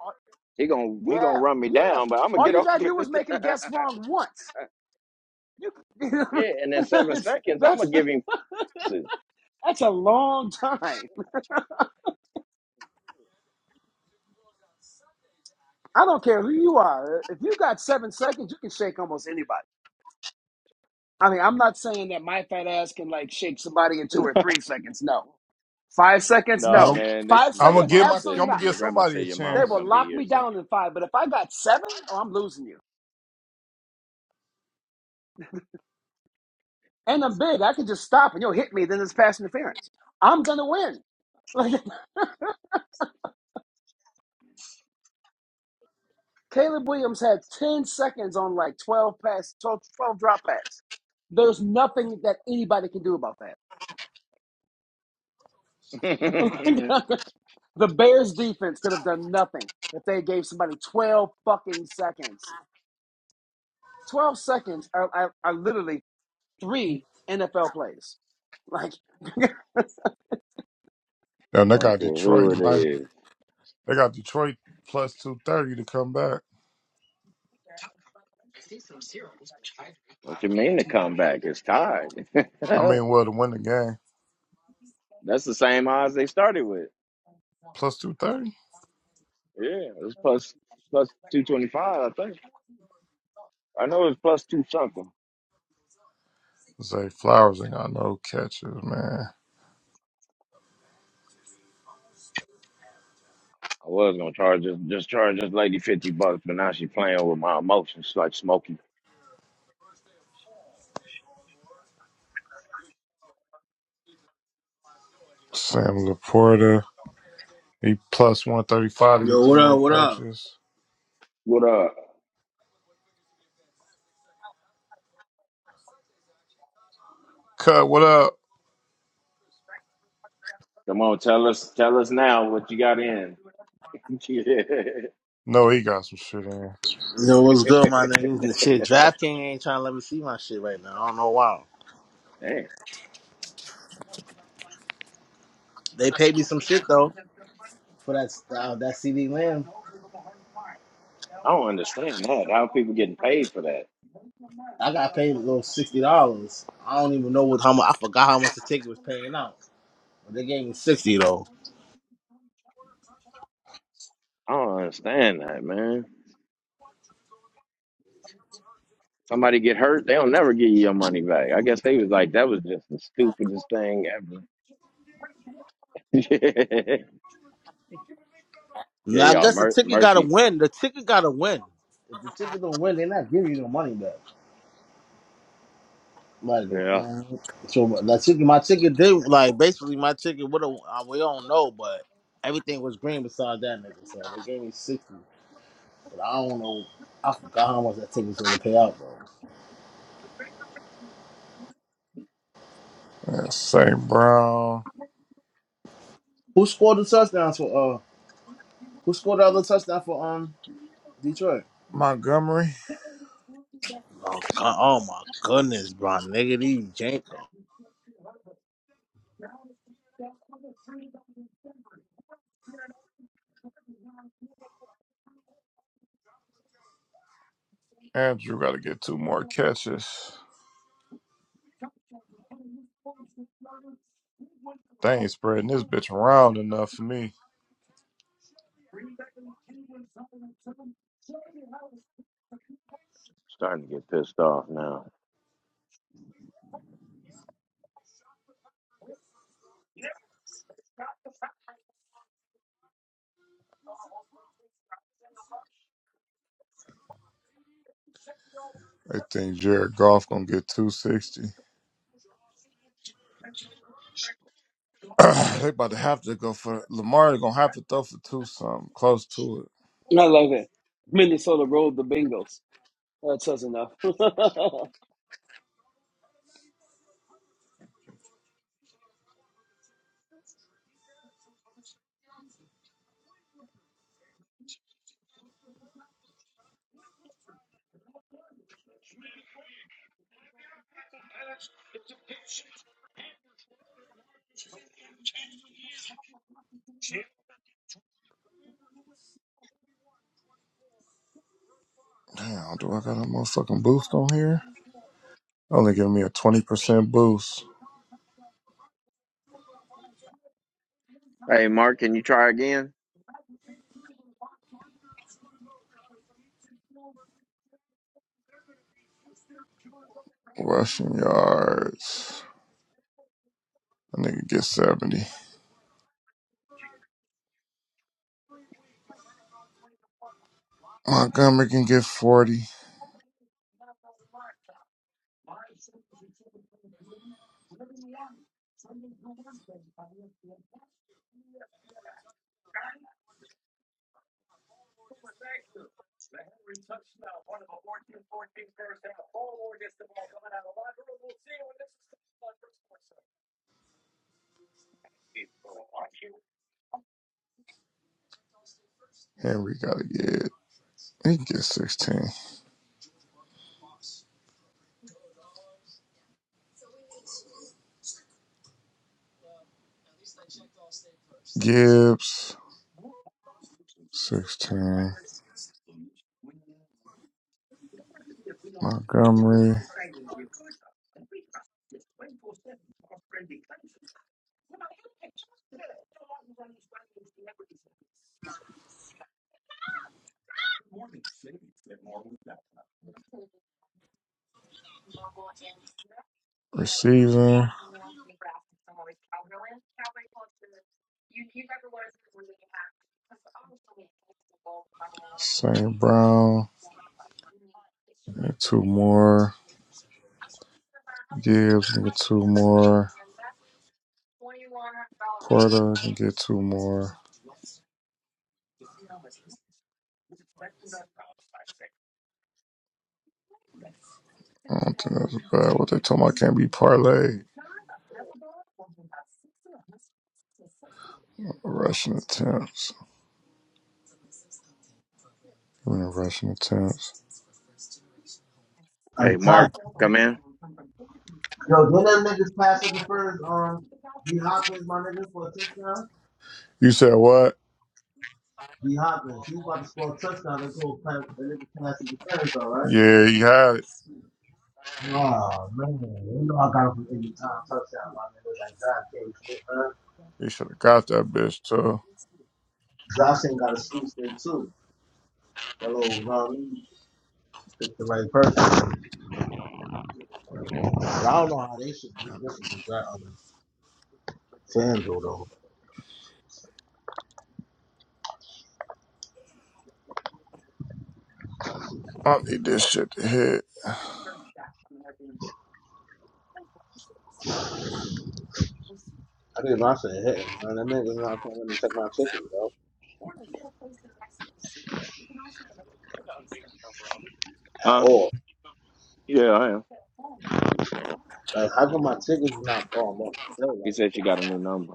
S3: Uh,
S4: He gonna he gonna
S3: Yeah,
S4: run me
S3: yeah.
S4: down, but I'm gonna
S3: All
S4: get
S3: you gotta
S4: open.
S3: do is make him guess wrong once. You,
S4: yeah, and in seven
S3: it's,
S4: seconds, I'm gonna
S3: that's
S4: give him passes.
S3: that's a long time. I don't care who you are. If you got seven seconds, you can shake almost anybody. I mean, I'm not saying that my fat ass can like shake somebody in two or three seconds. No, five seconds.
S2: You
S4: no,
S2: know,
S3: No,
S4: man. They
S3: five
S4: s-
S2: I'm
S4: your
S2: gonna
S3: seconds.
S2: give my,
S4: mom
S3: Absolutely
S4: says
S2: I'm gonna
S3: not.
S4: your
S2: give
S4: grandma said
S2: somebody a
S4: your mom
S3: They
S4: is
S2: chance.
S3: will
S4: gonna be
S3: lock me
S4: here soon.
S3: down in five, but if I got seven, oh, I'm losing you. And I'm big. I can just stop and you'll hit me. Then it's pass interference. I'm gonna win. Like Caleb Williams had 10 seconds on like 12 pass, 12, 12 drop pass. There's nothing that anybody can do about that.
S4: I
S3: the Bears defense could have done nothing if they gave somebody 12 fucking seconds. 12 seconds are, are, are literally three NFL plays. Like
S2: Damn, they got
S4: don't care who
S2: Detroit,
S4: it
S2: man.
S4: is.
S2: They got Detroit plus two thirty to come back.
S4: What you mean to come back? It's tied.
S2: I mean,
S4: That's
S2: well, to win the game,
S4: the same odds they started with.
S2: plus two thirty.
S4: Yeah, it was plus plus two twenty five. I I know it's plus two something.
S2: Zay Flowers ain't got no catches, man.
S4: I was gonna charge this, just charge this lady fifty bucks, but now she playing with my emotions like Smokey.
S2: Sam Laporta, he plus 135 to get
S5: Yo,
S2: two
S5: what up?
S2: more
S5: What up?
S2: coaches.
S4: What up?
S2: Cut, what up?
S4: Come on, tell us, tell us now what you got in.
S2: No, he got some shit in.
S5: Yo, what's good, my niggas? Shit, DraftKings ain't trying to let me see my shit right now. I don't know why.
S4: Damn,
S5: They paid me some shit though for that uh, that CD Lamb.
S4: I don't understand that. How people getting paid for that?
S5: I got paid a little sixty dollars. I don't even know what how much. I forgot how much the ticket was paying out. But they gave me sixty though.
S4: I don't understand that, man. Somebody get hurt, they'll never give you your money back. I guess they was like, that was just the stupidest thing ever. yeah,
S5: Now I
S4: y'all,
S5: guess the
S4: mer-
S5: ticket got to
S4: mercy.
S5: win. The ticket got to win. If the ticket don't win, they're not giving you no money back. Like,
S4: Yeah,
S5: man, so my ticket, my ticket did like basically my ticket. What we don't know, but everything was green besides that nigga. So they gave me sixty, but I don't know. I forgot how much that ticket's gonna pay out, bro.
S2: Yeah, St. Brown,
S5: Who scored the touchdowns for? Uh, who scored the other touchdown for um Detroit?
S2: Montgomery.
S5: Oh, God, oh my goodness, bro, nigga, these Janko.
S2: Andrew got to get two more catches. They ain't spreading this bitch around enough for me.
S4: starting to get pissed off now.
S2: They think Jared Goff going to get 260. they about to have to go for Lamar. Going to have to throw for two something close to it.
S3: I love it. Minnesota rolled the Bengals. That says enough. oh
S2: Damn, do I got a motherfucking boost on here? Only give me a 20% boost.
S4: Hey, Mark, can you try again?
S2: Rushing yards. A nigga get 70. Montgomery can get 40. Henry gotta get, he can get 16. Gibbs, 16. Montgomery, receiving. St. Brown, can get two more. Gibbs can get two more. Porter can get two more. I don't think that's bad. What they told me I can't be parlayed. Rushing attempts. Give rushing attempts.
S5: I'm
S4: Hey,
S5: tight.
S4: Mark, come in.
S5: Yo, did them niggas pass it the first um D Hopkins, my nigga, for a touchdown?
S2: You said what?
S5: D Hopkins scored a goal pass. The niggas pass it the first, all right?
S2: Yeah, he had it.
S5: Oh man, you know I got him from every time touchdown. My nigga was like Josh can't get her.
S2: He should have got that bitch too.
S5: Josh ain't got a sweet stick too. That little, you know what I mean? Pick the right person. But I don't know how they should be different from Josh. FanDuel though.
S2: I need this shit to hit.
S5: I think Josh hit. hitting. Man. That nigga's not gonna let me check my ticket, yo, at
S4: Huh?
S5: all.
S4: Yeah, I am.
S5: Like, how come my ticket is not falling off the sale?
S4: He
S5: Like,
S4: said she got a new number.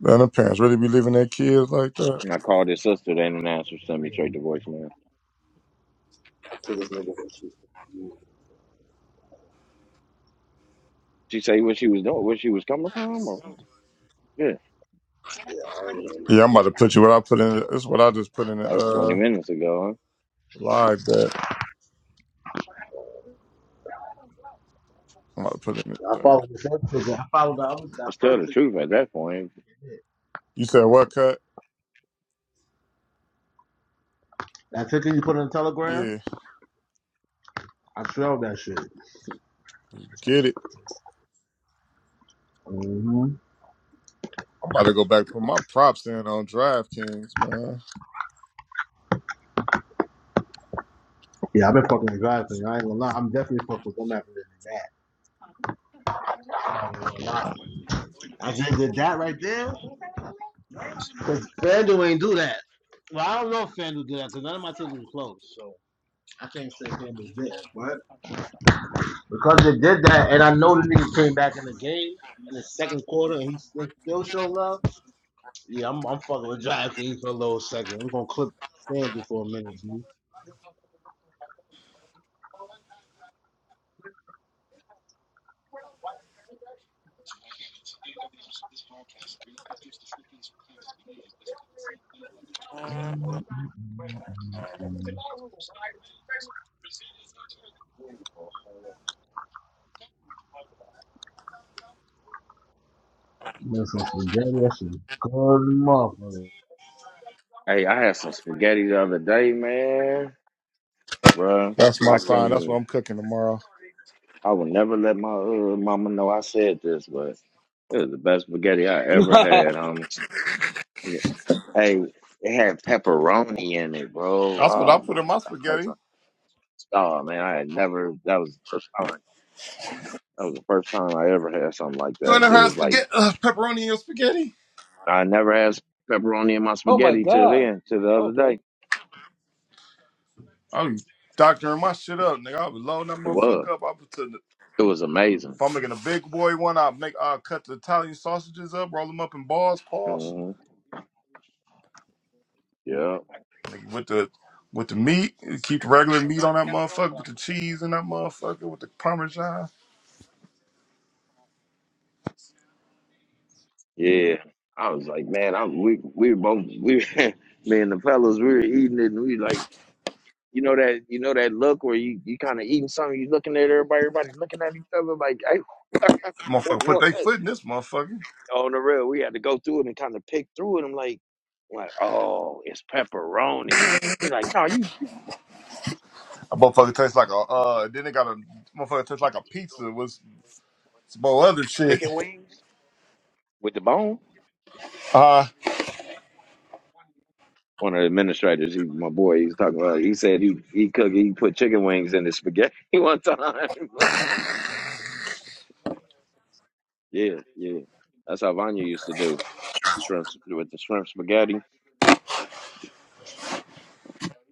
S2: Man, the parents really be leaving their kids like that.
S4: And I called his sister. They didn't answer. Sent me straight to voicemail.
S5: I think this nigga was cheap.
S4: She say what she was doing, where she was coming from. Or, yeah,
S5: I ain't hearing no
S2: Yeah, I'm about to
S5: ticket.
S2: put you what I put in. This is what I just put in the
S4: that was 20
S2: uh,
S4: minutes ago. Huh?
S2: live that I'm about to put in the
S5: I
S2: chat.
S5: followed the first ticket. I followed the other, that
S4: Just tell
S5: first
S4: the
S5: ticket.
S4: truth at that point.
S2: You said what cut?
S5: That ticket you put in the telegram,
S2: Yeah,
S5: I trailed that shit.
S2: get it.
S5: Mm-hmm.
S2: I'm about to go back and put my props in on DraftKings, man.
S5: Yeah, I've been fucking with Jonathan. I ain't gonna lie. I'm definitely fucking with them after that. I'm think that that right there, because FanDuel ain't do that. Well, I don't know if FanDuel did that because none of my tickets were closed, so I can't say FanDuel did. But because they did that, and I know the niggas came back in the game in the second quarter, and he they still show love. Yeah, I'm, I'm fucking with DraftKings for a little second. We're gonna clip FanDuel for a minute, G. That's some spaghetti, that shit good motherfucker.
S4: Hey, I had some spaghetti the other day, man. Bruh,
S2: That's my
S4: I
S2: sign.
S4: can't
S2: That's what
S4: even.
S2: I'm cooking tomorrow.
S4: I will never let my uh, mama know I said this, but it was the best spaghetti I ever had, homie. Hey, it had pepperoni in it, bro.
S2: That's what I
S4: Oh
S2: put
S4: my
S2: in my
S4: god. That's
S2: spaghetti.
S4: a- Oh man, I had never that was the first time. That was the first time I ever had something like
S2: You ain't
S4: that.
S2: never
S4: It
S2: had
S4: was like
S2: spaghetti, uh, pepperoni in your spaghetti?
S4: I never had pepperoni in my
S3: my
S4: spaghetti till
S3: God.
S4: then, till the other day.
S3: Okay.
S2: I be doctoring my shit up, nigga. I was loading that
S4: It was.
S2: motherfucker up. I put
S4: It was amazing.
S2: If I'm making a big boy one, I'll make I'll cut the Italian sausages up, roll them up in balls, paws.
S4: hmm Yeah.
S2: Like with the with the meat, keep the regular meat on that motherfucker, with the cheese in that motherfucker, with the parmesan.
S4: Yeah. I was like, man, I we we were both we me and the fellas, we were eating it and we like you know that you know that look where you, you kinda eating something, you looking at everybody, everybody looking at each other like, hey,
S2: Motherfucker put
S4: what?
S2: their foot in this motherfucker.
S4: on the real, we had to go through it and kind of pick through it. I'm like, I'm like, oh, it's pepperoni. He's like, no, you. you-"
S2: A motherfucker tastes like a uh then they got a motherfucker tastes like a pizza with some more other shit. Uh
S4: One of the administrators, he, my boy, he was talking about. He said he he cooked, he put chicken wings in his spaghetti one time. yeah, yeah, that's how Vanya used to do shrimp with the shrimp spaghetti.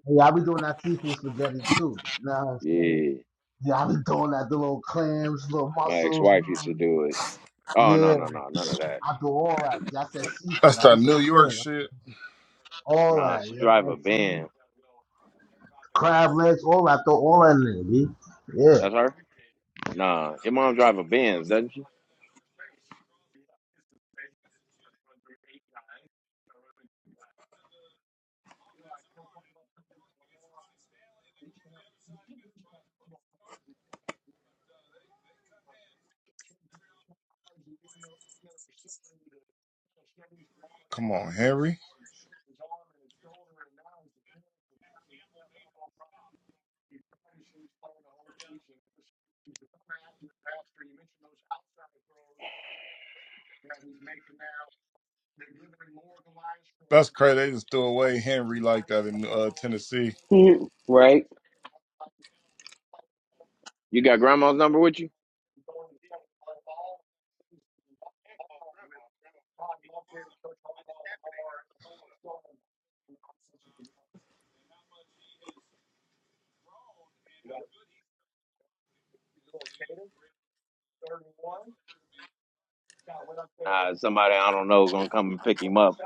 S5: Hey, I be doing that seafood spaghetti too. Nah,
S4: Yeah,
S5: Yeah, I be doing that, the little clams, little
S4: my
S5: mussels.
S4: ex-wife used to do it. Oh no,
S5: Yeah,
S4: no, no, none of that.
S5: I do all that. See, I said
S2: that's
S5: seafood. I
S2: that
S5: didn't say
S2: New York
S5: fish.
S2: shit.
S5: All
S4: Nah,
S5: that,
S4: she
S5: you know
S4: drive
S5: what
S4: a
S5: I'm saying?
S4: Benz.
S5: Crab legs, all that. Throw all that in there, B. Yeah.
S4: That's her. Nah, your mom drive a Benz, doesn't she?
S2: Come on, Henry. That's crazy. They just threw away Henry like that in uh, Tennessee.
S3: Mhm. right?
S4: You got grandma's number with you? Nah, somebody I don't know gonna come and pick him up.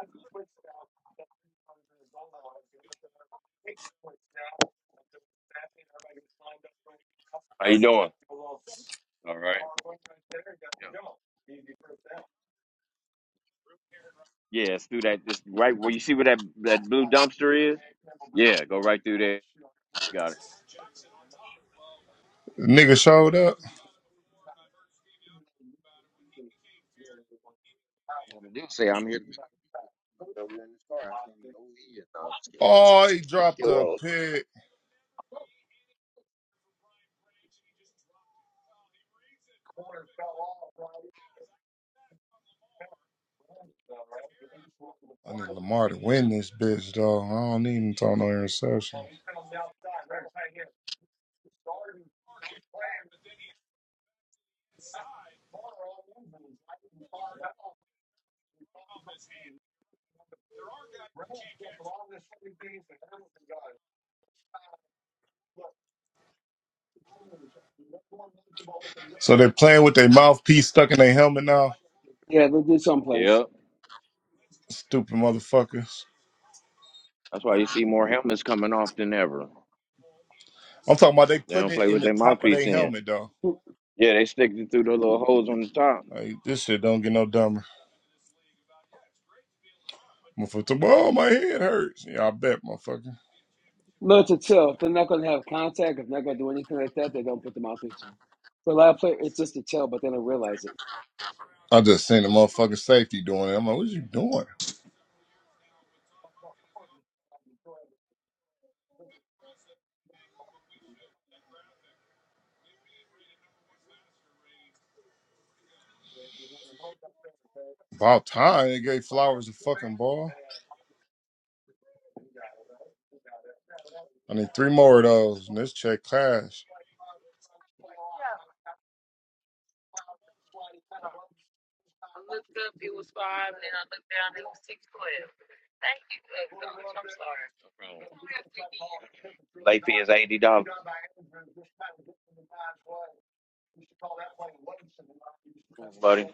S4: How you doing? All right. Yeah. Yeah, it's through that. It's right where you see where that that blue dumpster is. Yeah, go right through there. Got it.
S2: The nigga showed up. Oh, he dropped a pig. I need Lamar to win this bitch, though. I don't need him throwing no interception. So they're playing with their mouthpiece stuck in their helmet now.
S3: Yeah, they'll do someplace.
S4: Yep.
S2: Stupid motherfuckers.
S4: That's why you see more helmets coming off than ever.
S2: I'm talking about they
S4: They don't
S2: putting it
S4: play
S2: in
S4: with
S2: the
S4: their
S2: top of
S4: mouthpiece
S2: their
S4: in.
S2: helmet, though.
S4: Yeah, they stick it through the little holes on the top.
S2: Like, this shit don't get no dumber. Motherfucker, oh, my head hurts. Yeah, I bet, motherfucker.
S3: Lord to tell, if they're not going to have contact, if they're not going to do anything like that, they don't put the mouthpiece in. But a lot of players, it's just a tell, but they don't realize it.
S2: I just seen the motherfucking safety doing it. I'm like, what you doing? About time they gave Flowers a fucking ball. I need three more of those, and this check clash.
S4: No Late fee is eighty dollars, buddy.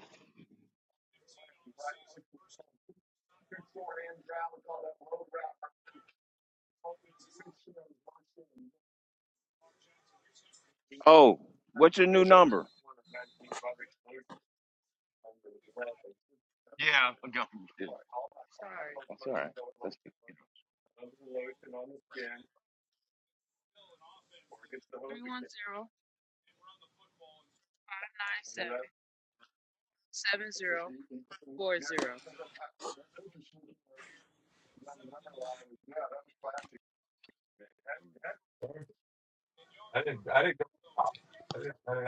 S4: Oh, what's your new number? Yeah, I got That's all right. That's,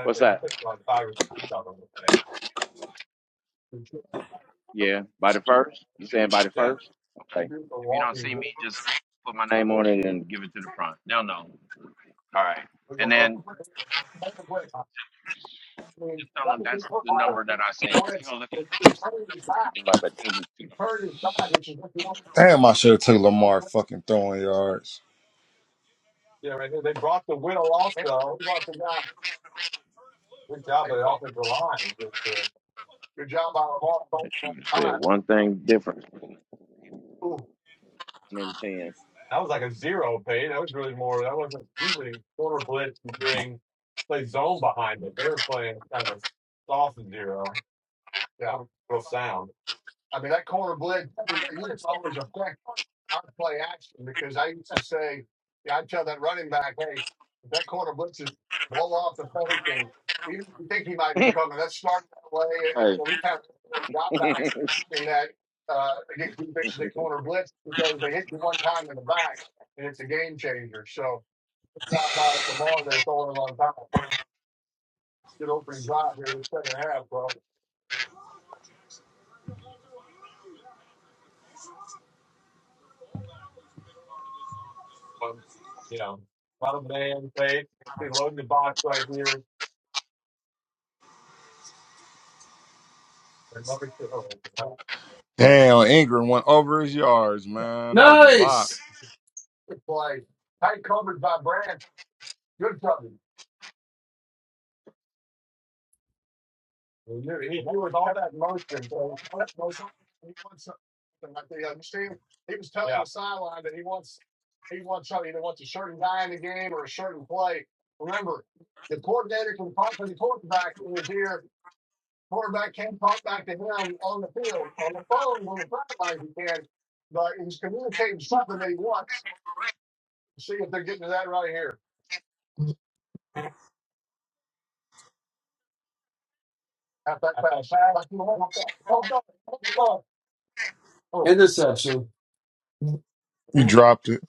S4: what's that? Yeah, by the first. You saying by the first? Okay. If you don't see me, just put my name on it and give it to the front. They'll know. All right. And then
S2: Damn, I should have took Lamar fucking throwing yards.
S4: that you said one thing different. Hundred and ten. Hey,
S2: Damn, Ingram went over his yards, man. That was a lot.
S3: Oh, Interception.
S2: He dropped it.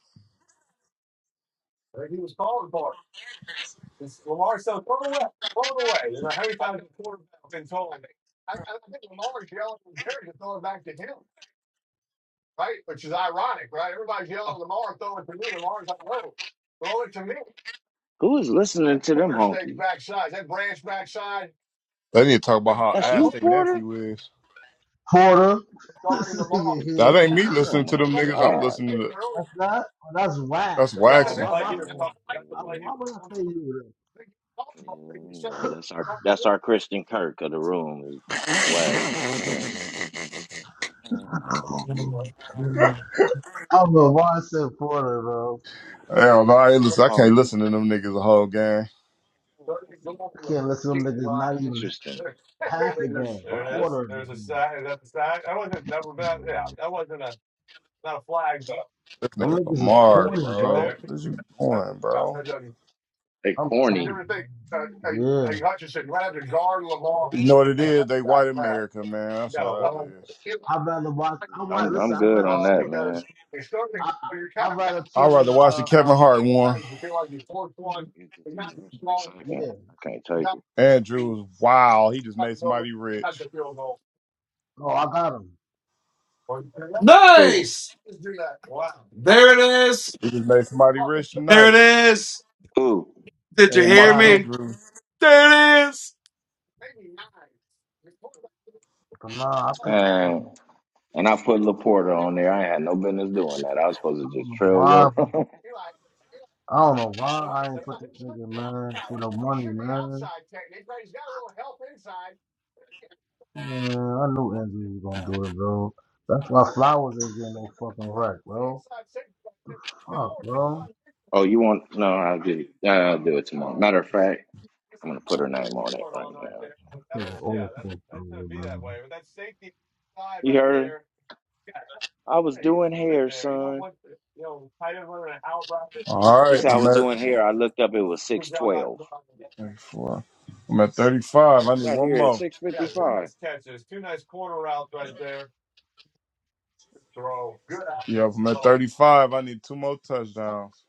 S4: who is listening to them honkies?
S2: They need to talk about how
S4: That's
S2: ass
S4: you,
S2: their
S4: Porter.
S2: nephew is.
S5: Porter. This
S2: That ain't me
S4: Oh
S2: listening to them
S4: my
S2: niggas. I'm
S4: God.
S2: listening to
S5: that's not, oh, that's
S2: that's
S5: wax. Oh,
S2: waxy.
S5: why my fault?
S4: Oh,
S5: I,
S4: yeah,
S5: why would I say you this?
S4: yeah, no, that's our that's our Christian Kirk of the room is wags and funk.
S5: I don't know why I said porter, bro.
S2: Hell no, I ain't listen. I can't
S4: Honky.
S2: listen to them niggas the whole game.
S4: Hmm,
S5: I can't listen
S4: Not
S5: to them niggas
S4: even that
S5: not even
S4: interesting.
S5: half
S4: Not
S5: the
S4: even that
S5: game, a
S4: funny.
S5: quarter of the game.
S2: This
S5: Them
S2: nigga
S5: niggas is
S2: Lamar,
S5: pointy,
S2: bro.
S5: bro.
S2: What you doing, bro?
S4: They
S5: I'm
S4: corny.
S5: tired. Yeah.
S2: You know what it is? They white America, man. That's all that is.
S5: I'd rather watch. I want
S4: I'm I'm
S5: listen. I'd
S4: good
S5: rather
S4: on that,
S5: tune.
S4: man.
S5: I, I I'd rather
S2: I'd
S5: tune in.
S2: rather watch the
S5: Uh, uh,
S2: Kevin Hart one.
S4: I'm gonna get this nigga up in a Second,
S5: yeah.
S4: I can't take it.
S2: Andrews, wow, he just made somebody rich.
S5: Oh, I got him.
S4: Cool,
S2: He just made somebody rich tonight.
S4: cool.
S2: And
S5: I
S2: Mark
S5: got him.
S2: Andrews.
S5: But nah, I picked.
S4: And and I put Laporta on there. I had no business doing that. I was
S5: I
S4: supposed to
S5: don't
S4: just
S5: know
S4: trail
S5: why.
S4: your.
S5: I don't know why I ain't put this nigga man for the money, man. Yeah, I knew Andrew was gonna do it, bro. That's why flowers ain't getting no fucking right, bro. Fuck, bro.
S4: oh, you want? No, I'll do it. I'll do it tomorrow. Matter of fact, I'm gonna put her name on it right now.
S5: This nigga all fucked over, man.
S4: You heard? her? I was doing hair, son.
S2: All
S4: She
S2: right,
S4: said I
S2: I'm
S4: was
S2: at
S4: doing hair. I looked up. It was six twelve.
S2: 34. I'm at 35. I need
S4: Got
S2: one
S4: here at
S2: more.
S4: six fifty five.
S2: Yeah, if I'm at 35. I need two more touchdowns.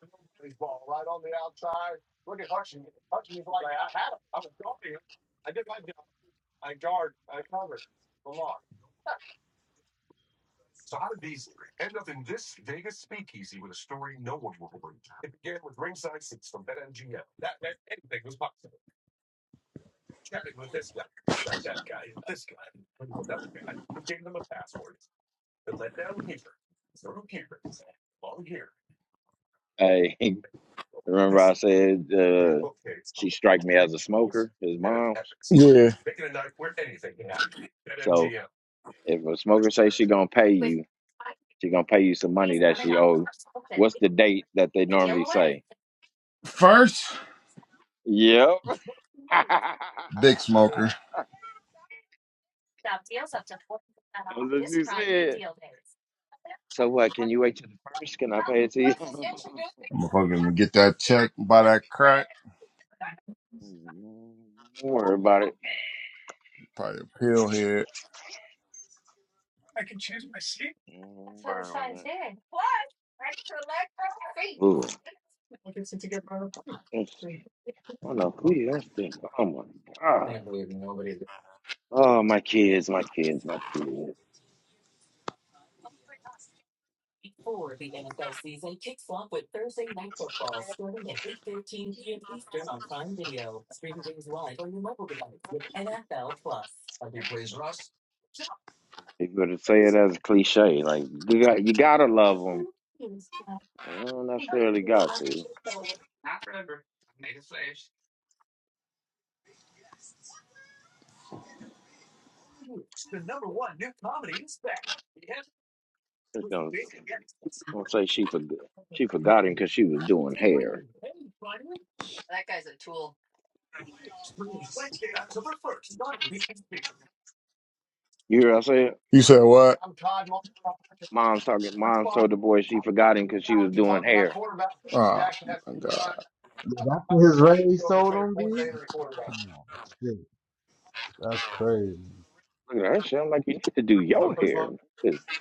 S4: Hey, remember I said uh, she strike me as a smoker, his mom.
S2: Yeah.
S4: So if a smoker say she gonna pay you, she gonna pay you some money that she owe. What's the date that they normally say?
S2: First,
S4: Yep. That's
S2: big smoker.
S4: what she said. So what? Can you wait till the first? Can I pay it to you?
S2: I'm gonna fucking get that check, buy that crack,
S4: Don't worry about it.
S2: probably a pill head.
S4: Don't worry about it. Ooh, it's, I don't know who did Oh my god. Oh, my kids, my kids, my kids. People to say it as a cliche, like you got you gotta love them. You don't necessarily got to. Just gonna, gonna say she forgot she forgot him because she was doing hair. You hear what I said?
S2: You said what?
S4: Mom's talking. Mom told the boy she forgot him because she was doing hair.
S2: Oh my god,
S5: Yeah, that's what his raise told him, B. Shit, that's,
S4: Look at her. She, I'm like, you need to do your hair. I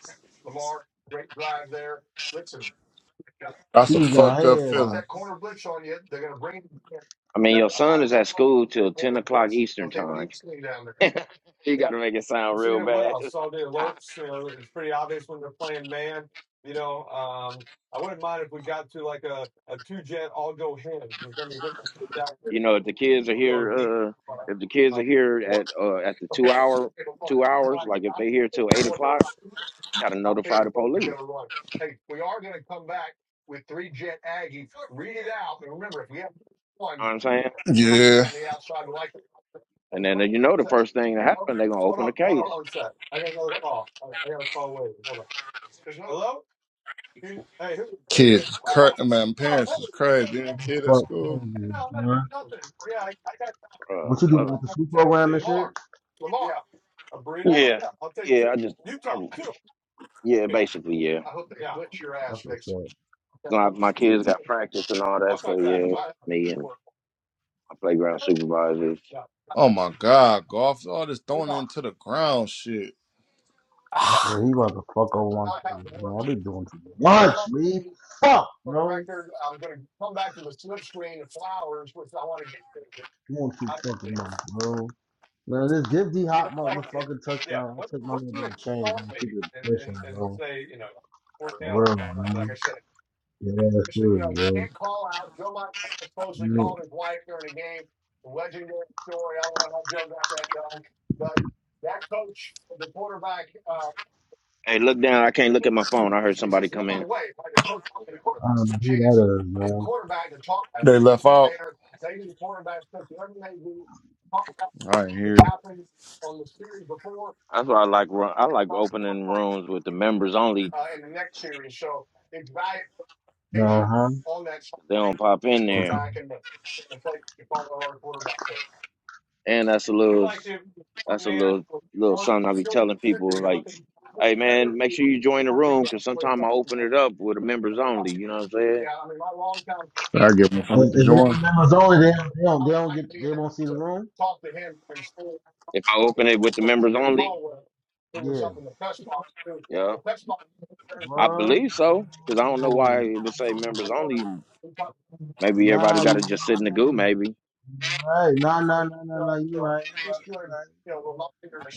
S5: she
S2: that's a
S5: was gonna
S2: fucked up
S5: have done.
S2: feeling.
S4: mean, your son is at school till ten o'clock Eastern time. You gotta make it sound real bad. You know, if the kids are here, uh, if the kids are here at uh, at the two hour two hours, like if they here till eight o'clock, you got to notify the police. You know what I'm saying?
S2: Yeah,
S4: And then you know the first thing that happened, they're gonna open a case.
S2: kids, is cra- man, parents is crazy. Being a kid at
S5: Fuck, man,
S2: school.
S5: yeah, man.
S4: Uh, I'm
S5: What you do
S4: telling.
S5: after school program and shit?
S4: you. Yeah, yeah. I just, I, yeah, basically, yeah.
S5: That's what's up.
S4: My, my kids got practice and all that, so yeah, me and my playground supervisors.
S2: Oh my god, golf, all this thrown into the ground shit.
S5: Yeah, he about to fuck over my shit. Man, I've been doing too much, man. Fuck, bro. Doing too fucking much, bro. Man, this give D hot motherfucking touchdown. I took my little bit of change. I'm keeping it pushing, bro. For real, man. Yeah, that's good, bro. Man,
S4: Hey, look down. I can't look at my phone. I heard somebody come in.
S5: I don't know who that is, bro.
S2: They left out. I ain't hear. it.
S4: That's why I like. ru- I like opening rooms with the members only.
S5: Uh huh.
S4: They don't pop in there And that's a little that's a little little something I be telling people like, hey man, make sure you join the room because sometimes I open it up with the members only. You know what I'm saying?
S2: I get
S5: Oh,
S2: motherfucking join.
S5: huh?
S4: If I open it with the members only,
S5: yeah,
S4: yeah, I
S5: bro.
S4: believe so because I don't know
S5: Oh,
S4: why it would say members only. Maybe everybody
S5: nah,
S4: got to
S5: you right.
S4: just sit in the goo. Maybe
S5: You right. Nah, nah, nah, nah, nah. You right. You right. You right.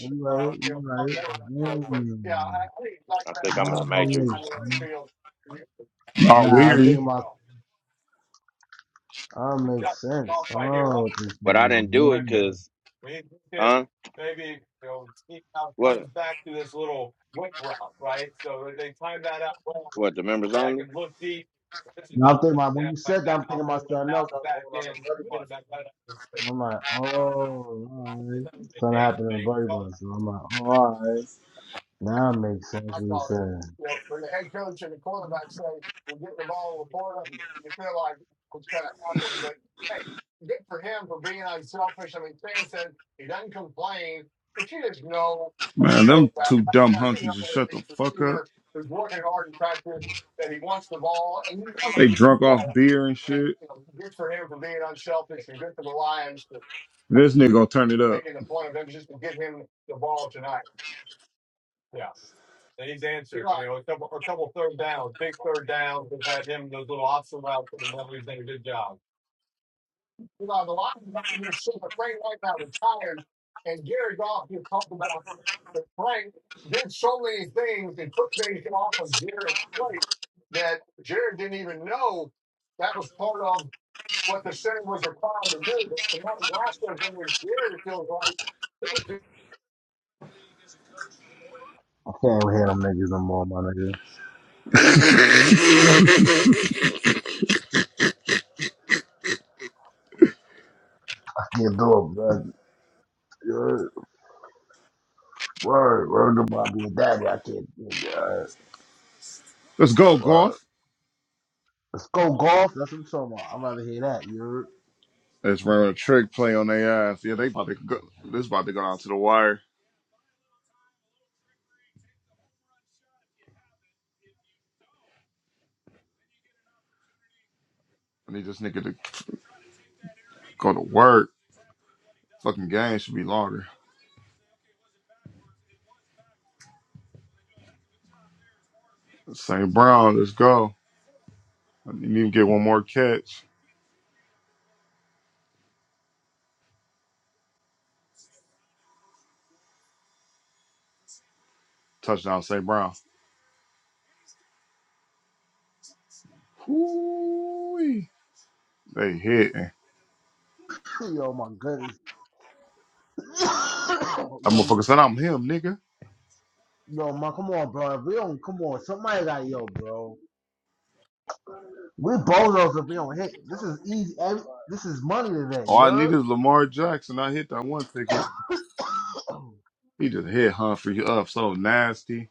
S5: You right. You right. Mm.
S4: I think I'm in the
S5: Oh,
S4: matrix,
S5: wait.
S2: Not
S5: Nah, I'm
S2: you.
S5: thinking about. Oh, makes sense. Oh, what this
S4: but I
S5: name on?
S4: didn't do it
S5: Mm.
S4: because huh? What what the members only
S5: Now I'm thinking about when you said that. I'm thinking about something else that was going on in the bloody ones. I'm like, oh, all right. Something happened in the bloody ones. So I'm like, oh, all right. Now it makes sense what you said.
S2: Man, them two dumb hunkies just shut the fuck up. They drunk off beer and shit. This nigga gonna turn it up.
S5: I can't even hear them niggas no more, my nigga. I can't do it, blood. Word, word, word to Bobby and Daddy. I can't do it. Word,
S2: Let's go,
S5: word.
S2: golf.
S5: Let's go golf. That's what I'm talking about. I'd rather hear that. you heard?
S2: Let's run a trick play on their ass. Yeah, they about to go. This about to go out to the wire. I need this nigga to go to work. Fucking game should be longer. St. Brown, let's go. I need to get one more catch. Touchdown, St. Brown. Whoo-wee. They hitting.
S5: Yo, my goodness. yo,
S2: That motherfucker said, I'm him, nigga.
S5: yo, man, come on, bro. If we don't come on, somebody got yo, bro. We bozos if we don't hit. This is easy. Every, this is money today.
S2: All
S5: You
S2: I need
S5: heard?
S2: is Lamar Jackson. I hit that one ticket.
S5: I
S2: He just hit Humphrey up so nasty.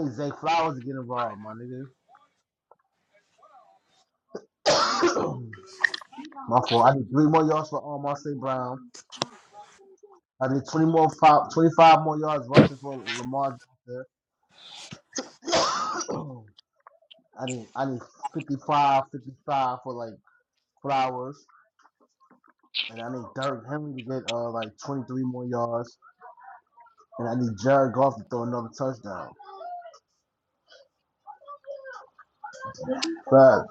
S5: need Zay Flowers to get involved, my nigga. my fault. I need three more yards for um, Marseille Brown. I need 20 more five, 25 more yards rushing for Lamar I need I need 55, 55 for like Flowers, and I need Derrick Henry to get uh like 23 more yards. And I need Jared Goff to throw another touchdown. Five.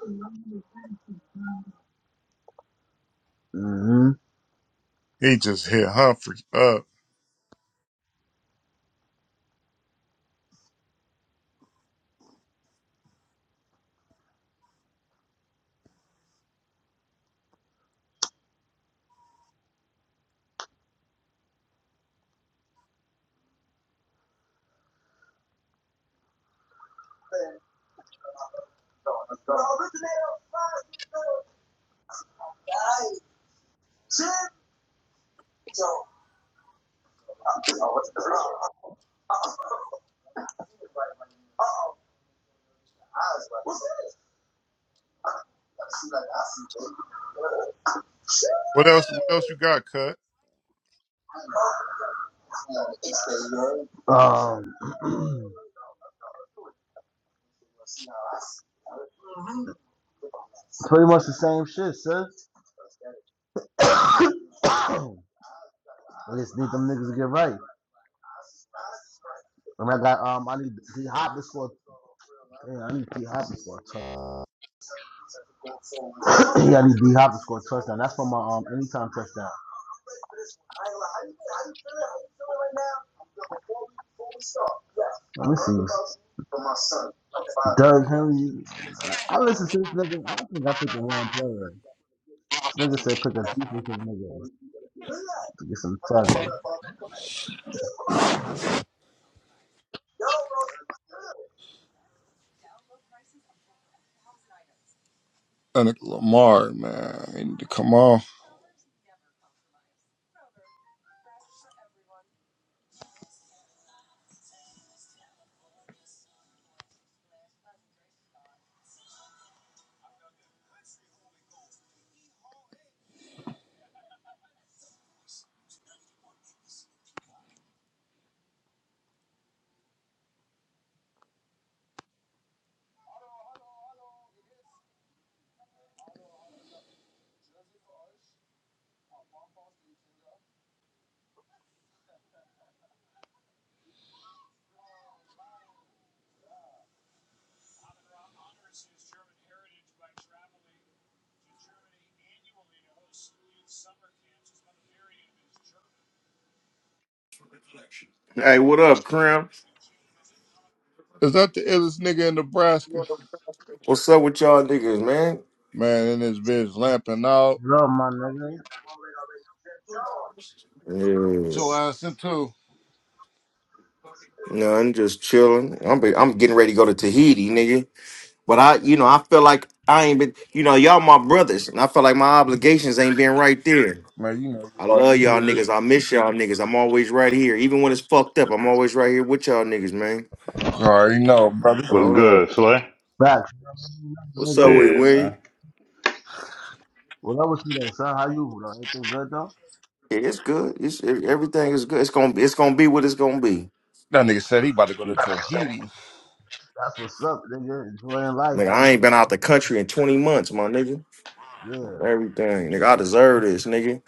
S5: Mm-hmm.
S2: He just hit Humphrey up. What else? What else you got, Cut?
S5: Um, pretty much the same shit, sis. I just need them niggas to get right. I mean, I got um, I need D Hop before. Yeah, I need D Hop before a touchdown. yeah, I need D Hop to score a touchdown. That's for my um anytime touchdown. Let me see. Doug Henry. I listen to this nigga. I think I picked the wrong player. This nigga said pick a defensive nigga to get some targets.
S2: And Lamar, man, he need to come on.
S6: Hey, what up, Crim?
S2: Is that the illest nigga in Nebraska?
S6: What's up with y'all niggas, man?
S2: Man, and this bitch lamping out.
S5: What up, my nigga?
S6: Yeah.
S2: Your ass in too.
S6: No, I'm just chilling. I'm be, I'm getting ready to go to Tahiti, nigga. But I, you know, I feel like I ain't been, you know, y'all my brothers, and I feel like my obligations ain't been right there.
S2: Man, you know you
S6: I
S2: already
S6: love y'all
S2: good.
S6: niggas. I miss y'all niggas. I'm always right here, even when it's fucked up. I'm always right here with y'all niggas, man.
S2: You already know, brother.
S6: I
S1: What's
S6: do
S1: good, Slay?
S5: Facts.
S6: What's up
S5: Nigga,
S6: with it,
S1: Yeah, man.
S6: Wayne?
S5: what up with you though, son? How you, bro? Everything good though?
S6: Yeah, it's good. It's e- everything is good. It's gonna it's gonna be what it's gonna be.
S2: That nigga said he about to go
S5: Shit.
S2: to Tahiti.
S5: That's what's up, nigga. Enjoying life,
S6: Like
S5: my
S6: I ain't
S5: nigga.
S6: been out the country in 20 months, my nigga.
S5: Yeah,
S6: Everything, nigga. I deserve this, nigga.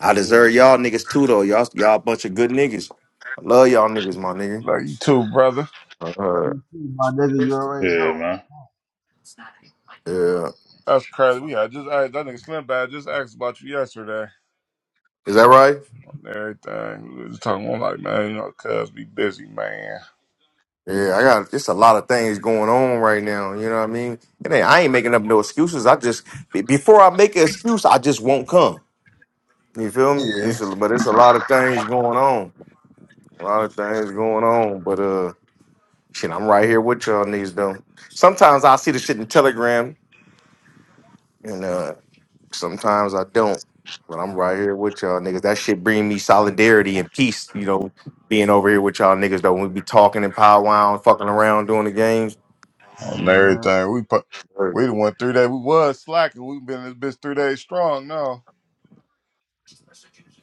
S6: I
S5: yeah.
S6: deserve y'all niggas too, though. Y'all, y'all a bunch of good niggas. I love y'all niggas, my nigga.
S2: Like you too, brother.
S5: Love
S6: Uh,
S5: you too, My nigga, you already
S1: Yeah,
S5: know.
S1: man.
S6: yeah.
S2: That's crazy. We had just I, that nigga Slim Bad just asked about you yesterday
S6: Is that right?
S2: on everything. We was talking. I'm like, man, you know, cuz be busy, man.
S6: Yeah, I got it's a lot of things going on right now. You know what I mean? It ain't, I ain't making up no excuses. I just be- before I make an excuse, I just won't come. You feel me?
S2: Yeah.
S6: It's a- but it's a lot of things going on. A lot of things going on. But uh, shit, I'm right here with y'all niggas though. Sometimes I see the shit in Telegram. and uh. Sometimes I don't, but I'm right here with y'all niggas. That shit bring me solidarity and peace. You know, being over here with y'all niggas though, when we be talking and powwowing, fucking around, doing the games.
S2: and
S5: Mm-hmm.
S2: everything. We put
S6: er,
S2: we done went three days. We was slacking. We've been in this bitch three days strong now.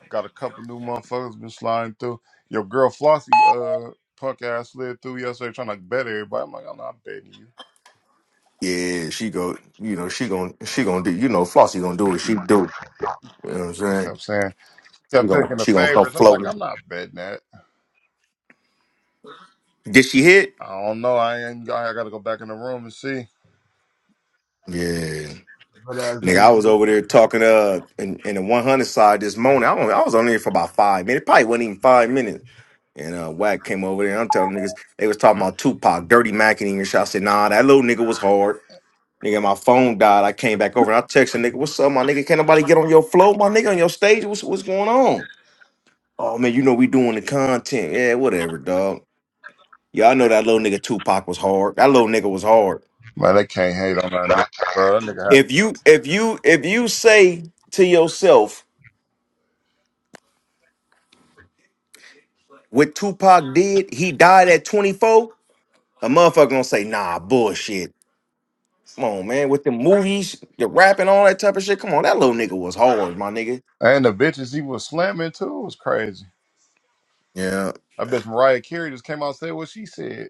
S2: Got a couple new motherfuckers been sliding through. Your girl Flossie, uh, punk ass slid through yesterday trying to bet everybody. I'm like, I'm not betting you.
S6: Yeah, she go. You know, she gon' she gonna do. You know, Flossie gonna do what she do. You know what I'm
S2: She
S6: saying?
S2: kept saying,
S6: She
S2: kept
S6: gonna
S2: picking the
S6: she gonna come
S2: favorites. I'm like,
S6: floating.
S2: I'm not betting that.
S6: Did she hit?
S2: I don't know. I ain't. I gotta go back in the room and see.
S6: Yeah.
S5: Good ass
S6: Nigga,
S5: game
S6: I was
S5: on it.
S6: over there talking uh in, in the 100 side this morning. I, only, I was on there for about five minutes. Probably wasn't even five minutes. And uh Wack came over there. and I'm telling niggas, they was talking about Tupac, Dirty Mac and even shit. I said, nah, that little nigga was hard. Nigga, my phone died. I came back over and I texted nigga, what's up, my nigga? Can't nobody get on your flow, my nigga, on your stage? What's what's going on? Oh man, you know we doing the content. Yeah, whatever, dog. Yeah, I know that little nigga Tupac was hard. That little nigga was hard.
S2: Man, they can't hate on that nigga, bro. That nigga.
S6: If you if you if you say to yourself, What Tupac did, he died at 24. A motherfucker gonna say, nah, bullshit. Come on, man. With the movies, the rap and all that type of shit. Come on, that little nigga was hard, my nigga.
S2: had- And the bitches he was slamming too was crazy.
S6: Yeah.
S2: I bet Mariah Carey just came out and said what she said.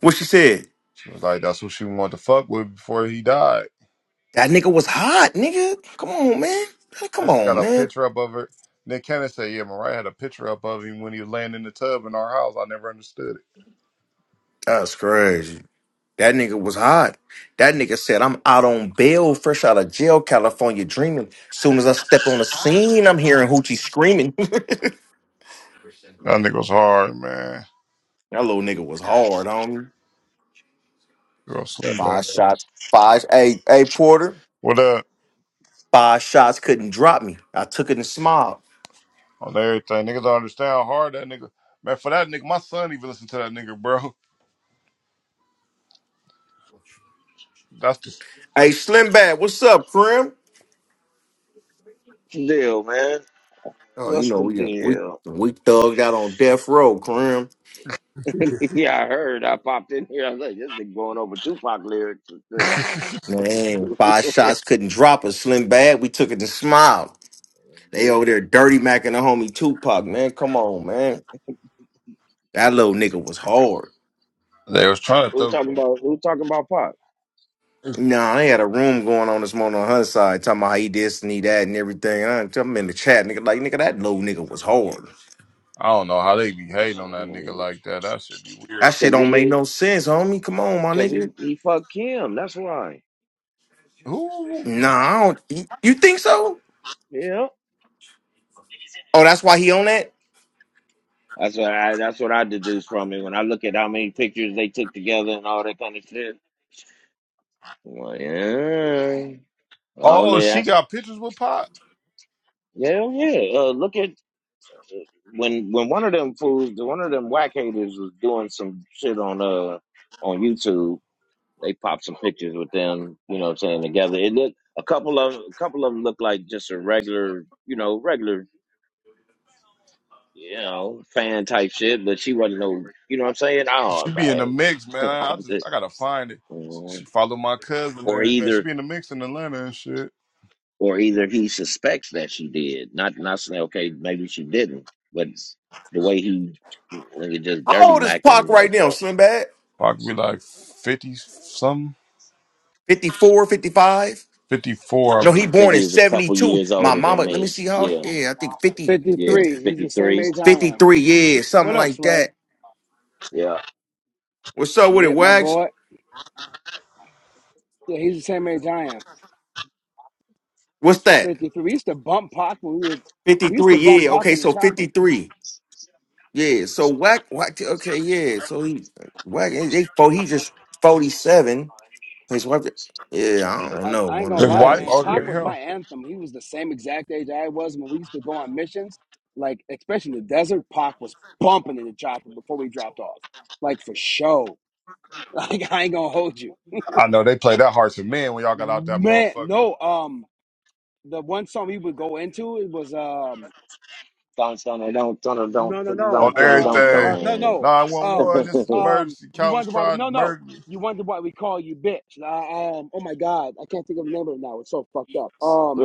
S6: What she said?
S2: It was like that's who she wanted to fuck with before he died.
S6: That nigga was hot, nigga. Come on, man. Hey, Come
S2: Then she
S6: on,
S2: got a
S6: man.
S2: picture up of her. Then Kenneth said, "Yeah, Mariah had a picture up of him when he was laying in the tub in our house. I never understood it.
S6: That's crazy. That nigga was hot. That nigga said, I'm out on bail, fresh out of jail, California dreaming. Soon as I step on the scene, I'm hearing Hoochie screaming. that
S2: That nigga's hard, man.
S6: little nigga was hard, homie.
S2: Girl, slim
S6: Five
S2: back.
S6: shots. Five. Hey, hey, Porter.
S2: What up
S6: Five shots couldn't drop me. I took it and smiled.
S2: on everything? Niggas don't understand how hard that nigga. Man, for that nigga, my son even listened to that nigga, bro. That's just
S6: Hey, Slim Bad, what's up, Krim?
S4: What's the deal, man?
S6: Oh, you
S4: What's
S6: know
S4: the
S6: we we
S4: deal?
S6: we thugged out on death row, Krim.
S4: yeah, I heard. I popped in here. I was like, this nigga going over Tupac lyrics.
S6: Man, five shots couldn't drop us, Slim Bad. We took it and smiled. They over there
S4: Yeah.
S6: dirty macking the homie Tupac, man. Come on, man. That little nigga was hard.
S2: they was trying to
S4: Who
S2: throw.
S4: talking about who talking about Pac?
S6: Nah, they had a room going on this morning on her side, talking about how he this and he that and everything. I'm I'm in the chat, nigga. Like, nigga, that little nigga was hard.
S2: I don't know how they be hating on that nigga like that. That should be weird.
S6: That shit
S4: Cause
S6: don't
S4: he
S6: make
S4: hit,
S6: no sense, homie. Come on, my
S4: cause
S6: nigga.
S4: he he fucked Kim. That's why.
S2: Who?
S6: No, I don't, you you think so?
S4: Yeah.
S6: Oh, that's why he on that?
S4: That's what I. That's what I deduce from it when I look at how many pictures they took together and all that kind of shit. I'm like, yeah. I don't
S2: Oh,
S4: know.
S2: she
S4: That's,
S2: got pictures with Pop.
S4: yeah, yeah. Uh, look at when when one of them fools, one of them whack haters was doing some shit on uh on YouTube. They popped some pictures with them, you know what I'm saying, together. It looked a couple of a couple of them looked like just a regular, you know, regular, you know, fan type shit, but she wasn't no you know what I'm saying? I
S2: She
S4: was like,
S2: be in the
S4: hey.
S2: mix, man.
S4: I
S2: I
S4: was
S2: just
S4: just,
S2: I gotta find it.
S4: mm.
S2: She followed my cousin and
S4: or
S2: everything. She
S4: either
S2: be in the mix in Atlanta and shit.
S4: or either he suspects that she did. Not not saying okay, maybe she didn't, but the way he nigga just
S6: How
S4: dirty
S6: old is Pac
S4: macking
S6: right
S4: like
S6: now,
S4: that.
S6: Slim Bad?
S2: Probably be like fifty something,
S6: 54, 55.
S2: fifty four.
S6: No, he
S4: Yeah, I think
S6: born
S4: he
S6: in
S4: was a couple
S6: 72.
S4: years
S6: My
S4: older than
S6: mama, let me
S4: me.
S6: see how,
S4: Yeah,
S6: yeah, I think 50,
S4: yeah,
S6: fifty,
S3: 53. He's
S4: fifty
S3: the same
S4: three.
S3: age I am.
S6: fifty-three, yeah,
S3: What
S6: something
S3: up,
S6: like
S3: Slay?
S6: that.
S4: Yeah.
S6: What's up with it,
S3: Shit, my
S6: Wax?
S3: boy. Yeah, he's the same age I am.
S6: What's that?
S3: 53. We used to bump Pac when we were, we used
S6: 53,
S3: to bump
S6: yeah,
S3: Pac
S6: okay,
S3: in the
S6: so
S3: chopper.
S6: 53. Yeah, so Wack, Wack, okay, yeah, so he, Wack, they, they- fo- he just 47. His wife, yeah, I don't
S3: Like,
S6: know,
S3: I
S6: my
S3: ain't gonna
S2: His
S3: lie,
S2: wife
S3: man.
S2: older
S3: Pac
S2: than
S3: was
S2: him.
S3: my anthem. He was the same exact age I was when we used to go on missions. Like, especially in the desert, Pac was bumping in the chopper before we dropped off. Like, for show. Like, I ain't gonna hold you.
S2: I know they play that hard to men when y'all got out that
S3: Man,
S2: motherfucking
S3: no, um, the one song we would go into, it was, um.
S4: Don't don't don't don't don't
S3: No, no, no.
S2: on
S4: don't don't don't
S3: Um,
S2: everything.
S3: uh, no,
S4: don't.
S3: no.
S2: Nine one
S3: Um,
S2: one. This is the
S3: um,
S2: emergency.
S3: you
S2: Calvin's
S3: wonder why we?
S2: tried to
S3: No, no.
S2: murder me.
S3: You wonder why we call you bitch? Uh, um, oh my God, I can't think of the name of it now. It's so fucked up. Um,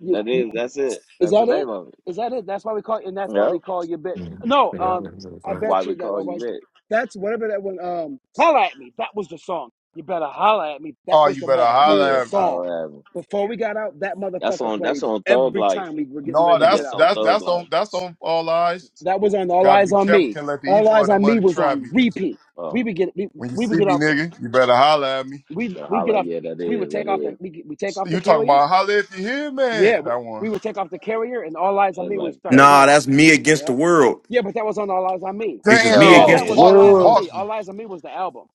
S3: you, you
S4: is that's it.
S3: is
S4: That's the
S3: that it?
S4: name of it.
S3: Is that it? That's why we call, and that's why
S4: Yep.
S3: we call you bitch. No,
S4: Yep.
S3: um, I
S6: nigga.
S4: Why
S3: bet
S4: we
S3: you that
S4: call
S3: I
S4: you
S3: want you.
S4: Rick?
S3: That's whatever that one. Um, holla at me. That was the song. You better holla at me. That
S2: Oh,
S3: was
S2: you
S3: the
S2: better
S3: motherfucking
S4: Yeah,
S2: holler at me.
S3: song.
S4: holla at me.
S3: Before we got out, that
S4: That's
S3: motherfucker
S4: on that's
S3: played
S4: on Thug
S3: every
S4: Life.
S3: time we were getting
S4: I
S2: No,
S3: ready to
S4: think
S3: get
S2: that's
S4: that's
S3: out.
S4: on
S2: that's
S4: Thug
S2: that's
S4: Life.
S2: on that's on all eyes.
S3: That was on All
S2: Gotta
S3: Eyes
S2: be
S3: on
S2: careful.
S3: Me.
S2: Can't let the
S3: All
S2: evil
S3: Eyes
S2: of the
S3: on Me
S2: money
S3: was
S2: trap
S3: on
S2: me.
S3: repeat. We
S4: Oh,
S3: would get we,
S2: When you
S3: we would
S2: see
S3: get
S2: me,
S3: off the
S2: nigga, you better holler at me.
S3: we
S4: yeah,
S3: we get
S4: holla,
S3: off the,
S4: yeah, that
S3: we would
S4: is, that
S3: take off the
S4: is.
S3: we we take off the
S2: You talking
S3: carrier.
S2: about holla if you hear,
S3: Yeah,
S2: man?
S3: we,
S2: That one.
S3: we would take off the carrier, and All Eyes
S4: Yeah,
S3: on
S4: Thug
S3: Me would
S4: Life is
S3: start
S4: crazy.
S6: Nah,
S3: playing.
S6: that's me against the
S3: Yep.
S6: world.
S3: Yeah, but that was on All Eyes on Me.
S6: It's just
S3: But
S6: me
S4: There
S3: all
S4: it
S2: Damn,
S6: against
S3: that
S6: the
S4: is.
S3: was All
S2: hockey,
S3: Eyes on
S6: world
S3: Me.
S2: hockey.
S3: All Eyes on Me was the album,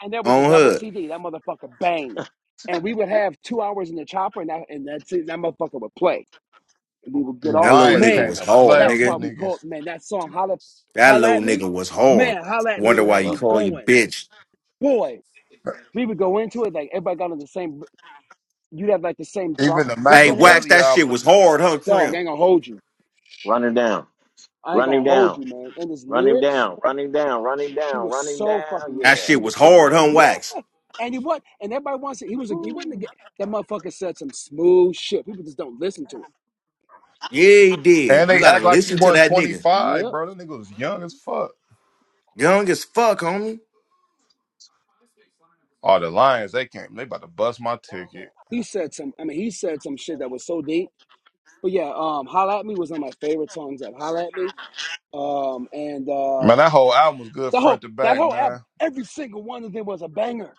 S3: and there was a
S6: on
S3: double
S6: her.
S3: CD. That motherfucker bangs, and we would have two hours in the chopper, and that and that's it. That motherfucker would play. and we would
S2: The
S3: get
S6: That
S3: off.
S6: little
S2: Lions
S6: nigga
S2: came
S3: Man,
S6: was
S2: to
S6: hard,
S2: play on
S3: that's why
S2: these
S6: nigga.
S3: we call
S2: niggas.
S3: it, man that song "Holla,
S6: That
S3: Holla
S6: little
S3: at Me."
S6: nigga was hard.
S3: Man, "Holla at Me"
S6: Wonder
S3: would
S6: why
S3: have
S6: you
S3: you
S4: Yep.
S6: call you
S3: going.
S6: bitch.
S3: Boy, we would go into it like everybody got on the same. You'd have like the same
S2: Even the
S3: bump, beat in
S6: Hey,
S3: your head.
S6: Wax,
S2: Machiavelli
S6: that shit was
S2: album,
S6: hard, huh,
S3: Dog, I
S6: Krim?
S3: ain't gonna hold you.
S4: Run him down.
S3: I ain't
S4: Run him
S3: gonna hold
S4: down.
S3: you, man. And his
S4: Run him
S3: lyrics,
S4: down. Run him down. Run him
S3: he
S4: down.
S3: was
S4: Run him
S3: so
S4: down.
S3: fucking
S6: That
S3: good.
S4: Yeah.
S3: He
S6: shit was
S3: was.
S6: hard, huh,
S3: Yeah,
S6: Wax?
S3: and he was, and everybody wants it. He was a, he wasn't a,
S4: Woo.
S3: that motherfucker said some smooth shit. People just don't listen to it.
S6: Yeah, he
S2: and
S6: did. You
S2: they
S6: gotta
S2: act like he
S6: listen to
S2: won
S6: that
S2: twenty
S6: nigga.
S2: five,
S3: Yep,
S2: bro. That nigga was young as fuck.
S6: Young as fuck, homie.
S2: Oh, the Lions, they came. They about to bust my ticket.
S3: he said some. I mean, he said some shit that was so deep. But yeah, um, "Holla at Me" was one of my favorite songs. That "Holla at Me," um, and
S2: Man,
S3: uh,
S2: that whole album was good
S3: the
S2: front
S3: whole
S2: to
S3: that
S2: back,
S3: whole album,
S2: man.
S3: every single one of them was a banger.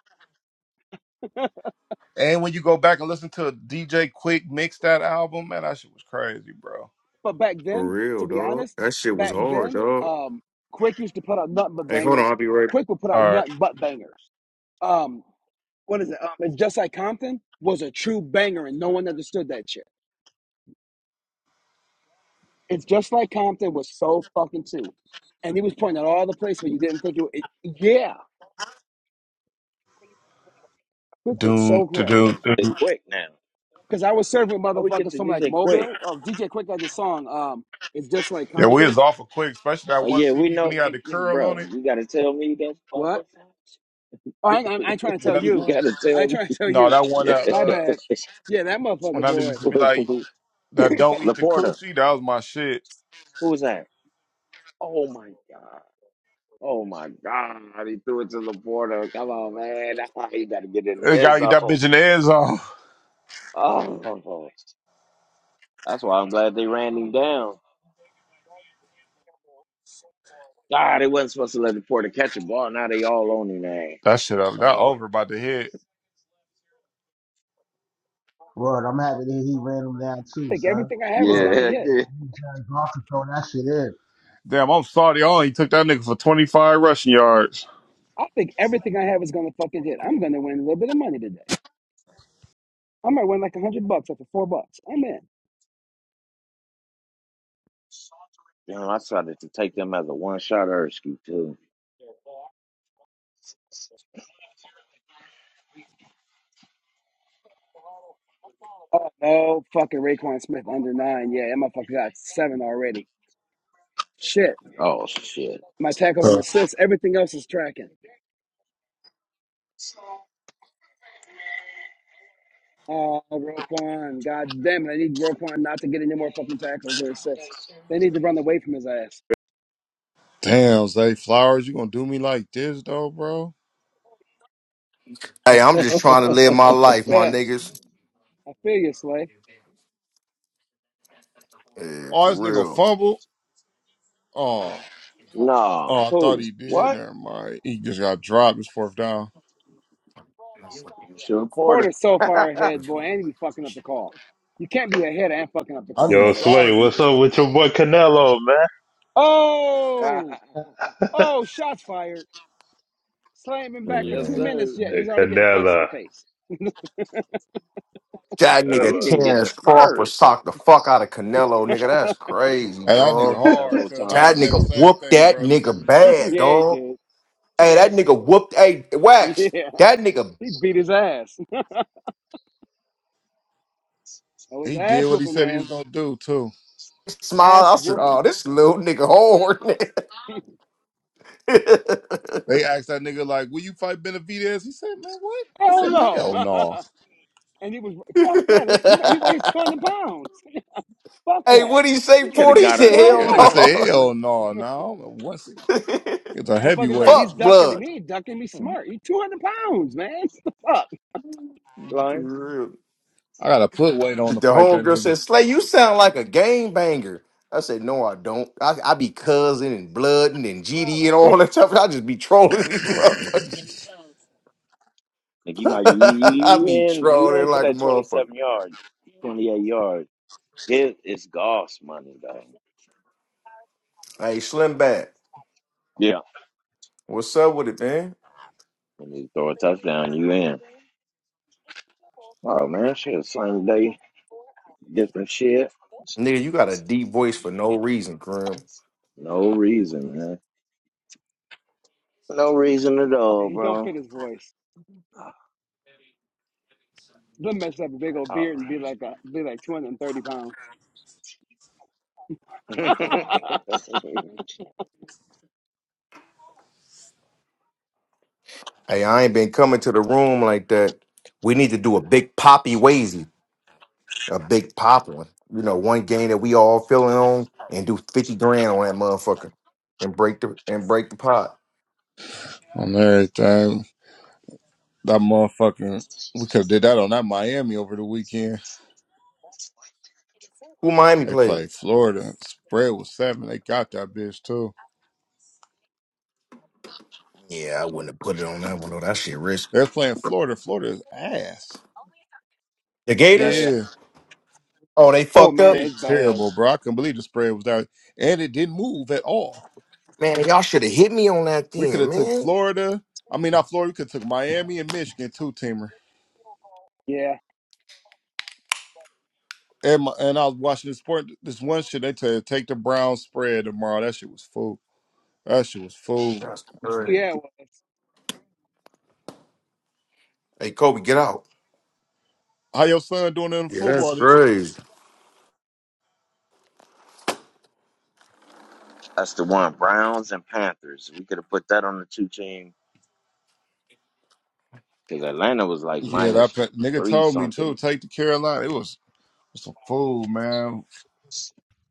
S2: And when you go back and listen to DJ Quick mix that album, man, that shit was crazy, bro.
S3: But back
S6: For
S3: then, to
S6: real,
S3: be
S6: dog.
S3: honest,
S6: That shit was
S3: back
S6: hard,
S3: then,
S6: dog.
S3: um, Quick used to put out nothing but
S6: Hey, hold on,
S3: bangers.
S6: I'll be right.
S3: Quick would put
S2: All
S3: out
S2: right,
S3: nothing but bangers. Um, what is it? Um, it's just like Compton was a true banger, and no one understood that shit. It's just like Compton was so fucking true, and he was pointing out all the places where you didn't think it. it yeah, Quick was
S2: doom
S3: so
S2: to
S3: correct.
S2: doom,
S4: They
S2: doom.
S4: quick now.
S3: Because I was serving
S4: How we get
S3: motherfuckers
S4: to
S3: from like
S4: DJ quick?
S3: Mobile. Oh, DJ Quick had this song. Um, it's just like
S2: Yeah, we was
S3: Compton.
S2: off of Quick, especially that
S4: Oh
S2: one
S4: yeah, we
S2: CD when
S4: know,
S2: he had
S4: hey,
S2: the
S4: yeah,
S2: curl on
S4: bro.
S2: it.
S4: You gotta tell me that one
S3: What?
S4: more time.
S3: Oh, I, ain't- I, ain't trying to
S2: When
S3: tell
S2: that.
S4: you
S3: you.
S4: gotta
S3: I ain't
S4: tell
S3: trying to tell
S2: No,
S3: you.
S2: that one
S4: me.
S2: that
S3: My
S2: uh,
S3: bad. Yeah, that
S2: when
S3: motherfucker
S2: I
S3: boy.
S2: used to
S3: I
S2: be like that, don't eat the
S4: Laporta,
S2: coochie. That was my shit.
S4: who's that? Oh my god. Oh my god. He threw it to Laporta. Come on, man. you gotta get in
S2: They
S4: the end
S2: gotta get
S4: zone.
S2: that bitch in the end zone.
S4: Oh, that's why I'm glad they ran him down. God, they wasn't supposed to let Laporta catch a ball. Now they all on him. Man.
S2: That shit up.
S4: I
S2: That
S4: know
S2: over
S4: it.
S2: about to hit.
S5: Word, I'm happy that he ran him down too,
S3: think
S5: son.
S3: everything I have is
S4: Yeah,
S5: Word.
S3: gonna
S4: heck
S3: hit.
S4: yeah.
S5: He was playing golf and throw that shit in.
S2: Damn, I'm sorry. On he took that nigga for 25 rushing yards.
S3: I think everything I have is gonna fucking hit. I'm gonna win a little bit of money today. I might win like a hundred bucks after four bucks. I'm in.
S4: Damn, I started to take them as a one shot Erskine too.
S3: Oh no, fucking Raekwon Smith under nine. Yeah, that motherfucker got seven already. Shit.
S4: Oh shit.
S3: My tackles and
S2: Uh,
S3: assists. Everything else is tracking. Oh, Roquan. God damn it. I need Roquan not to get any more fucking tackles or assists. They need to run away from his ass.
S2: Damn, Zay Flowers, you gonna do me like this though, bro?
S6: Hey, I'm just trying to live my life, my
S3: Yeah,
S6: niggas.
S3: I feel you, Slay.
S6: Yeah,
S2: Oh, this nigga
S6: for
S2: fumble. Oh,
S4: no.
S2: oh, I thought
S4: Who?
S2: he did.
S4: What?
S2: Never mind. He just got dropped. It's fourth down.
S4: Sure, Porter.
S3: Porter's so
S4: yes,
S3: far ahead, boy,
S6: real.
S3: and he's fucking up the call. You can't be ahead and fucking up the
S2: I
S3: call,
S2: need
S1: Yo,
S3: Porter.
S1: Slay,
S2: Flowers.
S1: what's
S2: to-
S1: up with your boy Canelo, man?
S3: Oh, oh, shots fired. Slay ain't been back for two
S6: Man.
S3: minutes
S4: sir.
S3: yet, and
S1: Hey,
S3: he's already getting punched in
S1: Canelo.
S3: the face.
S6: That
S4: Oh, he
S6: nigga
S1: Canelo.
S4: didn't get the
S6: Terrence Crawford
S4: first.
S6: socked the fuck out of Canelo, nigga. That's crazy,
S4: Man,
S2: And that nigga
S6: dog.
S2: hard,
S4: several
S2: cause I was
S6: That
S2: saying
S4: times.
S2: the
S6: nigga
S2: same
S6: whooped
S2: thing,
S6: that
S2: Brody.
S6: nigga bad,
S3: yeah, he
S6: dog.
S3: did.
S6: Hey, that nigga whooped. Hey, Wax.
S3: Yeah,
S6: That nigga
S3: he beat his ass. That was
S2: He did
S3: ass
S2: what he
S3: whooping,
S2: said he was
S3: man.
S2: gonna do too.
S6: smiled.
S3: Ass
S6: I said,
S3: whooping.
S6: "Oh, this little nigga hard."
S2: They asked that nigga like, "Will you fight Benavidez?" He said, "Man, what?" He
S3: Hell
S2: said, "Man, "Hell
S3: no.
S2: no."
S3: And he was fuck that. He, he weighs two hundred pounds. Fuck
S6: hey,
S3: that.
S6: what he
S4: He
S6: say?
S4: could have
S6: Forty He
S4: got
S6: said,
S4: under
S3: Hell
S6: "Hell
S2: This nigga
S3: no.
S4: there.
S2: said,
S6: no."
S2: "Hell no, no." Once it's a
S3: Motherfucker's like
S2: heavyweight,
S3: he's
S6: fuck
S3: ducking him.
S6: blood.
S3: He ain't ducking me. Smart. He two hundred pounds, man. What The Fuck.
S4: Lions.
S2: I gotta put weight on
S6: The,
S2: to
S6: the
S2: fight that
S6: homegirl
S2: nigga
S6: says, Slay, you sound like a game banger. I said, No, I don't. I, I be cousin and blooding and GD and all that stuff. I just be trolling these motherfuckers.
S4: Like you might you, you,
S6: I
S4: you
S6: be
S4: in you
S6: trolling
S4: in for
S6: like a
S4: that twenty
S6: motherfucker.
S4: seven yard, twenty eight yard. It is Goss money though.
S6: Hey, Slim Bad,
S4: Yeah.
S6: what's up with it, man?
S4: When you throw a touchdown, you in. Oh man, shit, same day, different shit.
S6: Nigga, you got a deep voice for no reason, Grim.
S4: No reason, man. No reason at
S3: And
S4: all,
S3: he don't fit
S4: bro.
S3: his voice. Them mess up a big old
S4: All
S3: beard and be like a be like two hundred and thirty pounds.
S4: right.
S6: Hey, I ain't been coming to the room like that. We need to do a big poppy wazy, a big pop one. You know, one game that we all feeling on and do 50 grand on that motherfucker and break the and break the pot.
S2: on everything. That motherfucking we could have did that on that Miami over the weekend.
S6: Who Miami
S2: They
S6: played?
S2: played Florida. Spread was seven. They got that bitch too.
S6: Yeah, I wouldn't have put it on that one though. That shit risky.
S2: They was playing Florida. Florida's ass.
S6: The
S3: Yeah,
S6: Gators?
S3: yeah.
S2: Yeah,
S6: Oh, they
S3: Oh
S6: fucked
S3: man,
S6: up?
S2: they
S3: it's bad.
S2: terrible, bro. I couldn't believe the spread was that, and it didn't move at all.
S6: Man, y'all should have hit me on that
S2: We could
S6: then,
S2: have took
S6: man.
S2: Florida. I mean, not Florida. We could have took Miami and Michigan two teamer.
S3: Yeah,
S2: And my, and I was watching this sport. This one shit they tell you take the Brown spread tomorrow. That shit was food. That shit was food.
S6: That's
S3: Oh, yeah, it
S6: crazy.
S3: was.
S6: Hey, Kobe, get out.
S2: How your son doing in
S6: Yeah, that's
S2: football this year?
S6: crazy.
S4: That's the one. Browns and Panthers. We could have put that on the two team because Atlanta was like
S2: Yeah, that
S4: minus
S2: pe- nigga
S4: three
S2: told me too.
S4: something.
S2: Take the Carolina. It was some food, man.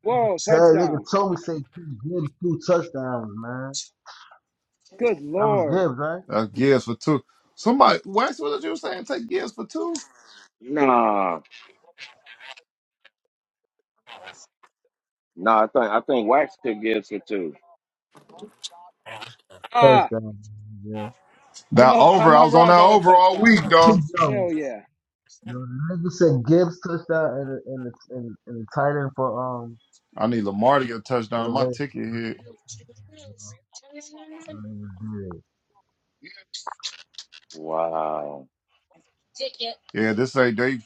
S3: Whoa,
S5: Say, nigga
S3: touchdown!
S5: told me say Chris Gibbs two touchdowns, man.
S3: Good
S5: That was
S3: lord.
S5: Gibbs, right?
S2: That Gibbs for two. Somebody, Wax, what was you saying? Take Gibbs for two.
S4: Nah, nah. I think I think Wax could get it two.
S3: Ah,
S5: Touchdown. Yeah.
S2: That
S3: another. Ah,
S2: over. I
S3: my
S2: was on
S3: Rod
S2: that
S3: got a
S2: over all
S3: touchdown.
S2: week, dog.
S5: Keep going.
S3: Hell yeah.
S5: The nigga said Gibbs touchdown and and it's and, and the tight end for um
S2: I need Lamar to get a
S5: for the
S2: touchdown. My
S5: Ravens.
S2: ticket hit.
S5: I mean, dude.
S4: Wow.
S2: Yeah, this ain't they.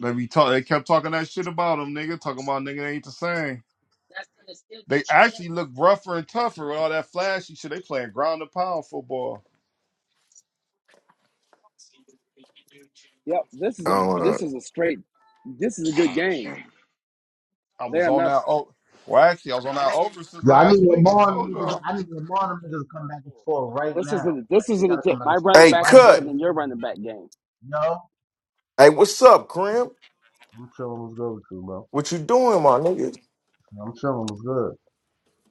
S2: They be talk. They kept talking that shit about him, nigga. Talking about nigga they ain't the same. They actually look rougher and tougher with all that flashy shit. They playing ground and pound football.
S3: Yep. This is a
S6: Uh,
S3: this is a straight. This is a good game.
S2: I
S3: They
S2: was
S3: are
S2: on
S3: not.
S2: that. Oh, well, actually, I was on that over since
S5: Yeah, I need
S2: last week. I
S5: Lamar and them
S2: told
S5: niggas.
S2: y'all.
S5: I need Lamar and them niggas to come back and score right
S3: This is
S5: now.
S3: a, this
S5: Like
S3: is
S5: they
S3: a
S5: gotta come
S3: legit.
S5: back
S3: My
S5: and score
S3: running
S6: hey,
S3: back is
S5: right
S3: better
S6: cut.
S3: than
S5: now.
S3: your running back game.
S5: No,
S6: Hey, what's up, Crim?
S5: I'm chilling. What's good with you, bro?
S6: What you doing, my nigga?
S5: I'm chilling. What's good?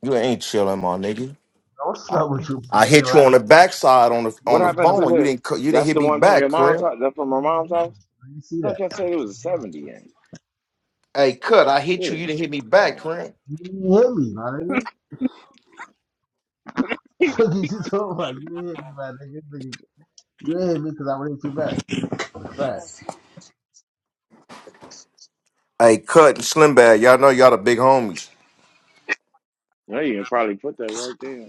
S6: You ain't chilling, my nigga.
S5: No, what's
S6: I,
S5: up with you,
S6: I
S5: my nigga?
S6: hit you
S5: Like,
S6: on the backside on the
S4: What
S6: on the
S5: you
S4: happened
S5: just-
S4: to
S6: phone. You
S4: the?
S6: didn't cu- you didn't
S5: I
S4: That's
S6: hit
S4: the
S6: me
S4: one from your
S6: back,
S4: mom's
S6: Crim.
S4: house. That from my mom's house.
S5: didn't see
S4: I
S5: that.
S4: thought y'all said it was a
S5: Why?
S4: seventy game.
S6: Hey, cut. I hit you.
S4: Yeah.
S6: You didn't hit me back,
S4: Oh.
S6: Crim.
S5: You didn't hit me, my nigga. Fuck you, you talking about? You didn't hit me, my nigga. You didn't hit me because I would hit you back. It's a fact.
S6: Hey, cut and Slim Bad. Y'all know y'all the big homies.
S4: Yeah, you can probably put that right there.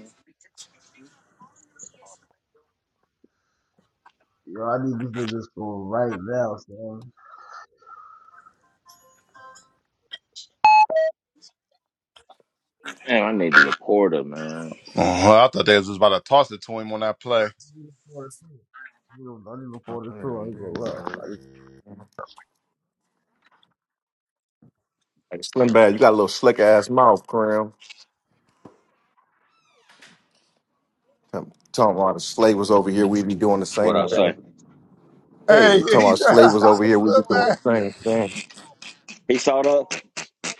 S5: Yo, I need these niggas for right now, son.
S4: Man, I need Laporta, man.
S2: Oh, I thought they was just about to toss it to him on that play.
S5: I need them for the tour. I need them
S6: Hey,
S5: for the tour. I ain't gonna lie. Like,
S6: Slim Bad, you got a little slick ass mouth, Cram. Tell- Talking about the slave was over here, we be doing the
S4: What
S6: same
S4: I say?
S6: thing.
S2: Hey,
S6: Hey, talking
S2: he's
S6: about slave was over here, we be
S2: slip
S6: doing
S2: back.
S6: the same thing.
S4: He saw that.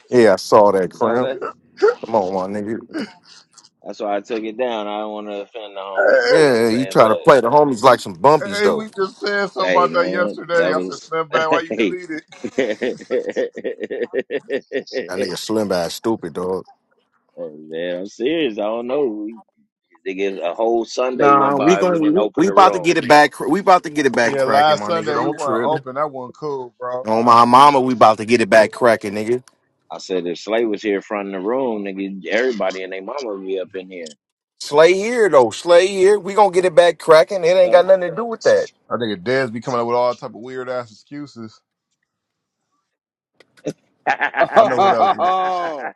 S6: Yeah, I saw that,
S4: He saw
S6: Cram.
S4: that.
S6: Come on, my nigga.
S4: That's why I took it down. I don't want to offend the homies. You know what I'm
S6: Yeah,
S2: Hey,
S6: you
S4: saying?
S6: try to
S4: But
S6: play the homies like some bumpies,
S2: hey,
S6: though.
S2: we just said something
S4: hey,
S2: about that
S4: man, that
S2: yesterday. I said,
S4: was
S2: Slim back, why you
S4: hey.
S2: delete it?
S6: That nigga Slim Bad stupid, dog.
S4: man, I'm serious. I don't know. We, nigga, a whole Sunday
S6: Nah,
S4: went
S6: we
S4: by. We
S6: going
S4: didn't
S6: we
S4: open
S6: we
S4: the
S6: about to
S4: room.
S6: get it back. cr- We about to get it back
S2: Yeah,
S6: cracking,
S2: last
S6: my nigga.
S2: Sunday we
S6: Don't
S2: weren't
S6: trip.
S2: open. That wasn't cool, bro.
S6: On my mama, we about to get it back cracking, nigga.
S4: I said if Slay was here fronting the room, nigga, everybody and their mama would be up in here.
S6: Slay here though. Slay here. We gonna get it back cracking. It ain't
S4: You
S6: got nothing to do with that.
S2: I think Dez be coming up with all type of weird ass excuses.
S4: know?
S2: I know what else.
S3: Oh,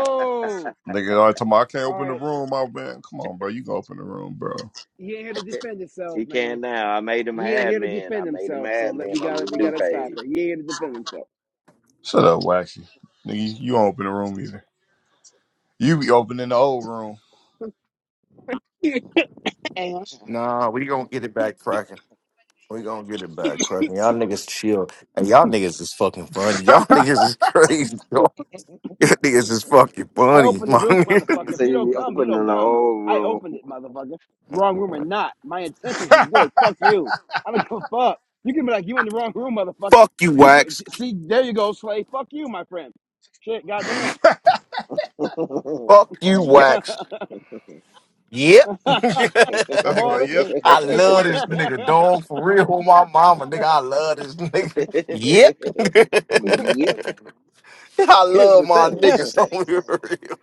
S3: oh.
S2: Nigga, I told time I can't
S3: All
S2: open the
S3: right.
S2: room, my man. Come on, bro. You can open the room, bro.
S3: He ain't here to defend
S4: He
S3: himself, man.
S4: can now. I made him an
S3: He ain't here to
S4: admin. I
S3: defend
S4: made him an
S3: himself. So let, we
S4: admin on
S3: got to
S4: his
S3: we
S4: new
S3: got to stop
S4: page.
S3: it. He ain't here to defend himself.
S2: Shut up, Waxy. Nigga, you you don't open the room either. You be opening the old room.
S6: Nah, we gonna get it back cracking. We gonna get it back cracking. Y'all niggas chill. Hey, y'all niggas is fucking funny. Y'all
S2: that
S6: niggas is crazy. dog. Y'all niggas is fucking
S3: I
S6: funny.
S3: opened the
S6: My
S3: room,
S6: nigga.
S3: motherfucker.
S4: Nigga
S3: If
S4: said
S3: you
S4: he
S3: don't
S4: be
S3: come, you don't
S4: opening the
S3: come.
S4: whole
S3: I
S4: room.
S3: opened it, motherfucker. Wrong room or not, my intentions was good. Fuck you. I don't give a fuck. You can be like you in the wrong room, motherfucker.
S6: Fuck you,
S3: You could
S6: Wax.
S3: see there you go, Slay. Fuck you, my friend. Shit, goddamn.
S6: Fuck you,
S4: Yep.
S6: Wax. Yep.
S3: I'm
S2: nigga be
S3: all
S2: like, yep,
S3: in.
S6: I
S2: got your
S6: love
S2: cookware.
S6: this nigga, dog. For real, my mama, nigga. I love this nigga. Yep.
S4: Yep.
S6: I
S4: Here's
S6: love
S4: the
S6: my
S4: thing.
S6: niggas. on here.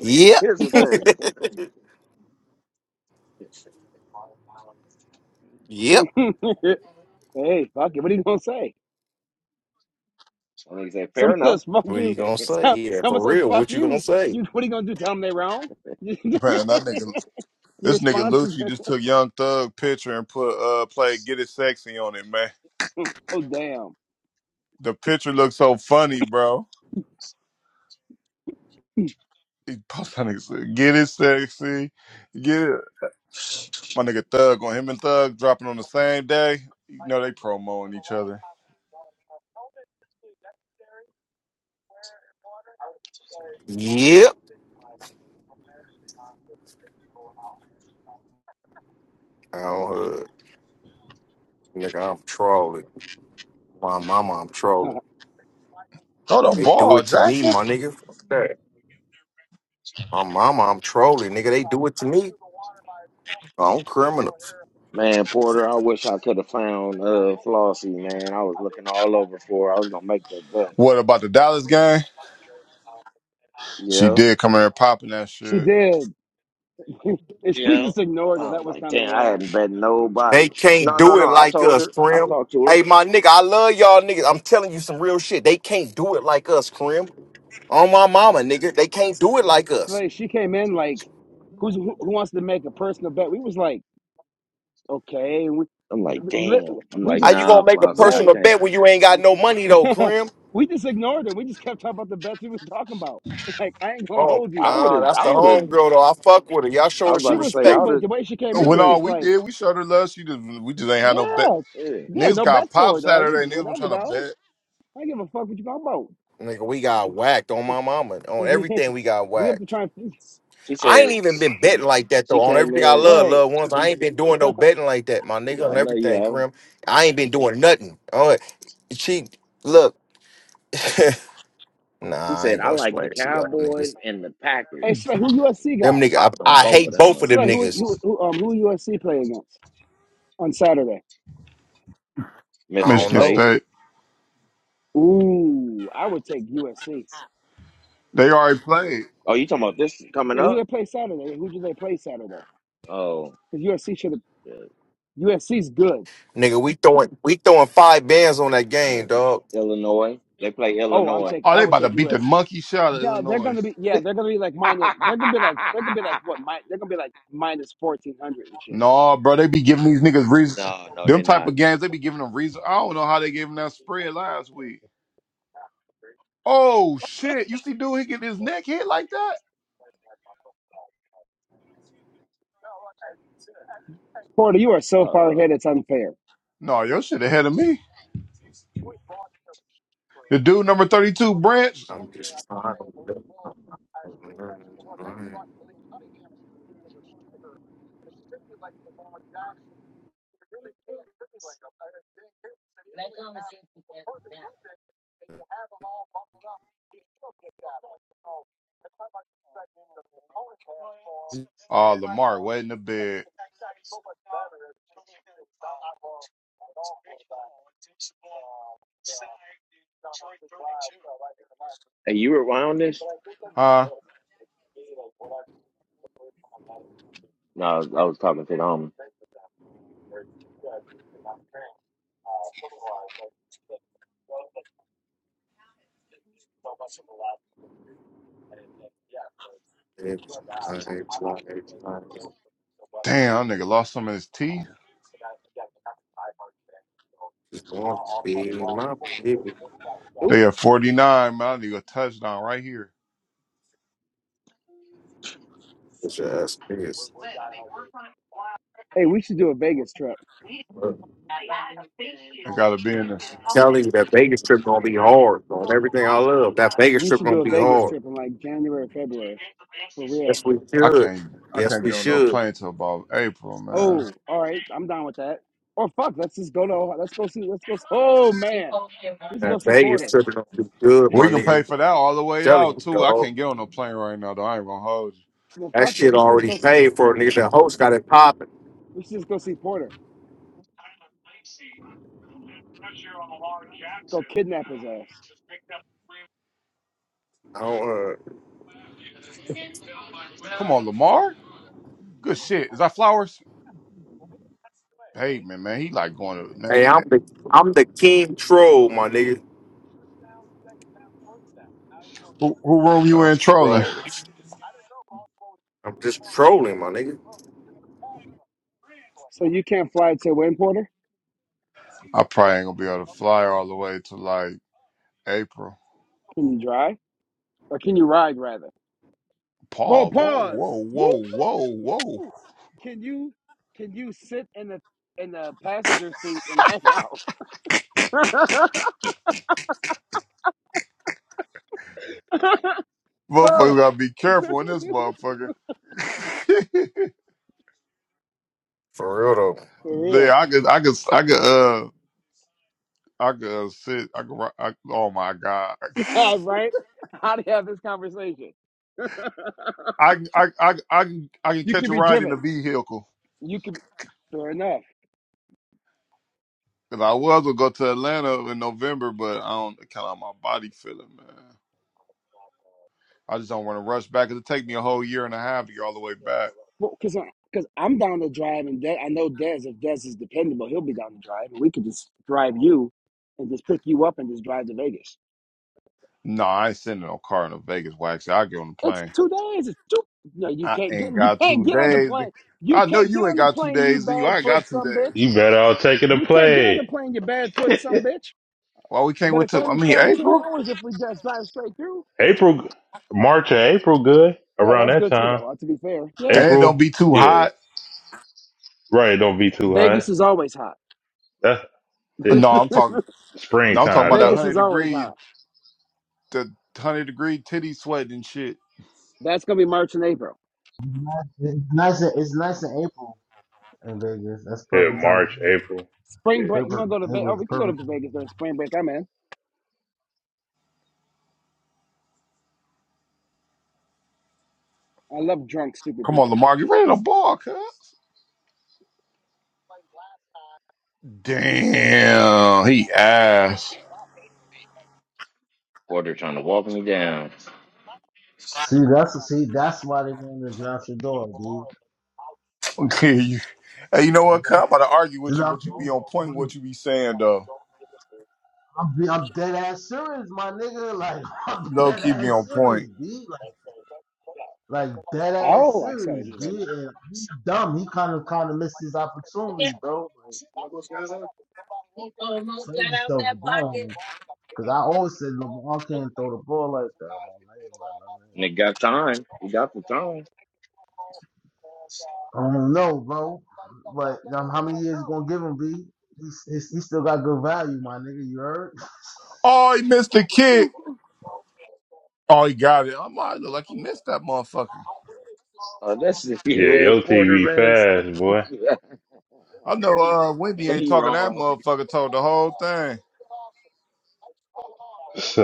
S6: Yep.
S4: Here's the thing.
S6: yep.
S3: hey, fuck it. What are you gonna say?
S4: So he said, fair
S3: Someone
S4: enough.
S3: says fuck
S6: What you
S3: you.
S6: gonna say?
S3: Some-
S6: Yeah,
S3: Someone
S6: for
S3: says
S6: real.
S3: fuck
S6: What you gonna
S3: you.
S6: say?
S3: You what are you gonna do? Tell them they're wrong. Your
S2: Man, that nigga, this nigga
S3: response is,
S2: Lucci just took Young Thug picture and put uh play Get It Sexy on it, man.
S3: oh damn.
S2: The picture looks so funny, bro. He post that nigga said, Get It Sexy, get it. My nigga Thug on him and Thug dropping on the same day. You know they promoting each other.
S6: Yep. I don't heard. Nigga, I'm trolling. My mama, I'm trolling.
S2: Throw the
S6: They do
S2: ball,
S6: it to me,
S2: Jackson.
S6: my nigga. Fuck that. My mama, I'm trolling, nigga. They do it to me. I'm criminals.
S4: Man, Porter, I wish I could have found uh Flossie, man. I was looking all over for her. I was gonna make that bet.
S2: What about the Dallas game? She
S4: Yeah.
S2: did come in there popping that
S3: she
S2: shit.
S3: did. and we
S4: Yeah.
S3: just ignored her.
S4: I
S3: That
S4: was
S3: was
S4: like,
S3: kind of
S4: damn, I
S3: wrong.
S4: hadn't bet nobody.
S6: They can't
S4: No, no,
S6: do it
S4: no. I
S6: like
S4: told
S6: us,
S4: her. I
S6: Krim.
S4: talked to her.
S6: Hey, my nigga, I love y'all niggas. I'm telling you some real shit. They can't do it like us, Krim. On my mama, nigga. They can't do it like
S3: So,
S6: us.
S3: like, she came in like, who's who, who wants to make a personal bet? We was like, okay. And we,
S4: I'm like,
S3: li-
S4: damn. I'm
S3: we
S4: like,
S6: How
S3: just,
S6: you
S4: nah,
S6: gonna make a
S4: Flossie, I
S3: right.
S6: personal
S4: can't.
S6: bet when you ain't got no money though, Krim?
S3: we just ignored her. We just kept talking about the bets we was talking about. Like, I ain't going to
S6: Oh,
S3: hold you,
S4: I would
S6: nah,
S3: dog.
S4: have
S6: that's
S4: I
S6: the
S4: would have
S6: homegirl though. I fuck with her. Y'all
S4: I
S6: show her
S4: was
S6: some
S3: She
S4: about to
S3: was
S4: say I
S3: cool,
S6: respect.
S4: would
S3: but
S4: have
S3: the way she came
S4: we
S3: in
S2: When
S3: was
S4: do.
S2: all
S3: just
S2: we
S3: like,
S2: did, we showed her love. She just we just ain't had no bet.
S3: yeah,
S4: Yeah.
S3: yeah,
S2: Niggas
S3: no bet
S2: got pop
S3: for it, dog.
S2: Saturday. Niggas been
S3: Whatever,
S2: trying to
S3: dog.
S2: bet.
S3: I don't give a fuck what you talking
S6: Nigga, we got whacked on my mama. On
S3: about.
S6: everything we got
S3: we have to
S6: whacked.
S3: try. and.
S4: She
S6: I ain't
S4: said
S6: even been betting like that though.
S4: she
S6: On
S4: came
S6: everything I
S4: in.
S6: love,
S3: Right.
S6: loved ones. I ain't been doing no betting like that, my nigga.
S4: Yeah,
S6: On
S4: I know you
S6: everything,
S4: have.
S6: Krim. I ain't been doing nothing. Oh, she look.
S4: He
S6: nah, I
S4: said
S6: ain't
S4: I
S6: gonna
S4: like
S6: explain
S4: the
S6: this to them
S4: Cowboys
S6: niggas.
S4: and the
S3: Hey,
S4: Packers.
S3: Slay, who USC
S6: Them
S3: got?
S6: nigga,
S4: Popped on
S6: I, I
S4: both of
S6: hate
S4: them
S6: both of them
S3: Slay,
S4: motherfuckers.
S3: who
S6: niggas.
S3: who who um who USC play against on Saturday?
S6: I
S4: Michigan
S6: don't
S2: Michigan
S4: State.
S6: know.
S2: State.
S3: Ooh, I would take USC.
S2: They already played.
S4: Oh, you talking about this coming
S3: Yeah, who
S4: up?
S3: they play Saturday? Who do they play Saturday?
S4: Oh,
S3: Because USC should have
S4: yeah.
S3: USC's good.
S6: Nigga, we throwing we throwing five bands on that game,
S4: oh,
S6: dog.
S4: Illinois. They play
S3: Oh, I'm
S4: Illinois.
S3: take
S2: Oh,
S3: I
S2: they
S3: would
S2: about to
S3: take
S2: beat the
S3: USC.
S2: monkey shit out of
S3: No, they're
S2: Illinois.
S3: gonna be yeah, they're gonna be like minus they're gonna be like they're gonna be like what mi- they're gonna be like minus fourteen hundred and shit.
S2: No, bro, they be giving these niggas reasons.
S4: no, no,
S2: Them
S4: they're
S2: type
S4: not.
S2: of games, they be giving them reason. I don't know how they gave him that spread last week. Oh shit! You see, dude, he get his neck hit like that.
S3: Florida, you are so far
S4: Uh,
S3: ahead it's unfair.
S2: No, your shit ahead of me. The dude number thirty-two, Branch.
S6: I'm just trying to
S2: Oh, Lamar waiting a bit,
S4: hey, you were around this?
S2: huh?
S4: No, I was, I was talking to the homie.
S6: Life, life, life.
S2: Damn, that nigga lost some of his teeth.
S6: Just want to be my people.
S3: Ooh,
S2: They at 49, man. I need a touchdown right here.
S6: Just this.
S3: hey, we should do a Vegas trip.
S2: I gotta be in this.
S6: Telling you that Vegas trip gonna be hard on everything I love. That Vegas
S3: We
S6: trip
S3: should
S6: gonna
S3: do a
S6: be
S3: Vegas
S6: hard.
S3: trip in like January, February. For real.
S6: Yes, we
S2: I
S6: should.
S2: can't I
S6: Yes,
S2: can't
S6: we
S2: get on no
S6: should.
S2: plane till about April, man.
S3: Oh, all right, I'm down with that. Or fuck, let's just go to Ohio. Let's go see. Let's go. s- Oh man, we should go
S6: That
S3: see
S6: Vegas
S3: Porter.
S6: trip gonna be good, my
S2: We can pay
S6: nigga.
S2: for that all the way
S6: Telling
S2: out
S6: you,
S2: too. I
S6: dog.
S2: can't get on no plane right now though. I ain't gonna hold you.
S3: Well,
S6: That
S3: fuck it,
S6: shit
S3: we should just go.
S6: already
S3: s-
S6: paid for nigga. The host got it popping.
S3: We should just go see Porter. Go kidnap his ass.
S6: I don't, uh,
S2: Come on, Lamar. Good shit. Is that flowers? Pavement, man. He like going to man.
S6: hey, I'm the I'm the king troll, my nigga.
S2: Who, who room you
S6: I'm
S2: in trolling?
S6: trolling. I'm just trolling, my nigga.
S3: So you can't fly to win, Porter?
S2: I probably ain't gonna be able to fly all the way to like April.
S3: Can you drive or can you ride rather? Well,
S2: Paul, whoa,
S3: pause.
S2: whoa,
S3: Woo!
S2: whoa, whoa, whoa.
S3: Can you can you sit in the in the passenger seat and hang out?
S2: Motherfucker,
S3: oh,
S2: gotta be careful in this motherfucker.
S6: For real though.
S3: for
S2: There,
S3: real?
S2: I could, I could, I could, uh, I could uh, sit. I could. ri- I, oh my god,
S3: All right. How do you have this conversation?
S2: I, can- I, I, I can, I can
S3: You
S2: catch
S3: can
S2: a
S3: be
S2: ride in a
S3: driven.
S2: vehicle.
S3: You can. Fair enough.
S2: Cause I was gonna go to Atlanta in November, but I don't kind of my body feeling, man. I just don't want to rush back. It'll take me a whole year and a half to get all the way back.
S3: Well, cause, cause I'm down to drive, and Des, I know Dez. If Dez is dependable, he'll be down to drive, and we could just drive you, and just pick you up and just drive to Vegas.
S2: No, I ain't sending no car in a Vegas wax. I get on the
S3: It's
S2: plane.
S3: two days. It's two. No, you
S2: I
S3: can't get.
S2: ain't
S3: You
S2: got
S3: can't
S2: two
S3: get on the
S2: days.
S3: plane. You
S2: I know
S3: can't get
S2: you ain't
S3: on the
S2: got two
S3: plane. You
S2: days, and you
S3: bad
S2: I ain't
S3: foot,
S2: got two
S3: some
S2: days.
S3: bitch.
S1: You better all taking a
S3: You can't get on
S1: play.
S3: the plane. You bad foot, some bitch.
S2: Well, we can't
S3: But
S2: wait
S3: it's
S2: till I
S3: only
S2: mean
S3: 17
S2: April.
S3: hours if we just drive straight through.
S1: April, March or April, good
S3: Yeah,
S1: around
S3: that's
S1: that
S3: good too,
S1: time.
S3: though. uh, To be fair, yeah.
S2: And it don't
S1: April,
S2: be too
S1: yeah,
S2: hot.
S1: right. Don't be too
S3: Vegas
S1: hot.
S3: is always hot.
S1: That's it.
S2: No, I'm talking. Now I'm talking
S1: Springtime
S2: about that
S1: though.
S3: Vegas
S2: hundred
S3: is always
S2: degree,
S3: hot.
S2: the hundred degree titty sweat and shit.
S3: That's gonna be March and April.
S5: It's nice. in- It's nice in April in Vegas. That's
S1: Yeah,
S5: perfect time. to
S1: March,
S5: come.
S1: April. Yeah,
S3: Spring break. You
S5: Perfect.
S3: want to go to Vegas?
S5: April
S3: Oh,
S5: is
S3: we can go to
S5: perfect.
S3: Vegas during spring break. I'm in. I love drunk, stupid
S2: Come on,
S3: people.
S2: Lamar, get ready to ball, cuz. Damn, he ass.
S4: Porter trying to walk me down.
S5: See, that's see, that's why they want to draft your dog, dude.
S2: Okay, you. Hey, you know what? Cuz? I'm about to argue
S5: See,
S2: with you,
S5: I'm,
S2: but you be on point with
S5: I'm,
S2: what you be saying though.
S5: I'm I'm dead ass serious, my nigga. Like I'm
S2: No,
S5: dead
S2: keep me on
S5: ass serious,
S2: point.
S5: B. Like, like dead ass
S3: Oh, I see how to
S5: serious,
S3: do that
S5: B.
S3: now.
S5: And he dumb. He kind of kind of missed his opportunity, bro. Like, play yourself down. Cause I always said LeBron can't throw the ball like that. I'm like,
S4: And it got time. He got the time.
S5: I don't know, bro. But um, how many years you gonna give him, B? He's, he's, he still got good value, my nigga. You heard?
S2: Oh, he missed the kick. Oh, he got it. I'm like, look like he missed that motherfucker.
S4: Oh, that's
S1: yeah.
S4: he wearing
S1: Your
S4: Porter
S1: TV
S4: vest.
S1: fast, boy.
S2: I know uh Wendy
S4: and
S2: ain't
S4: he
S2: talking that
S4: wrong.
S2: motherfucker told the whole thing.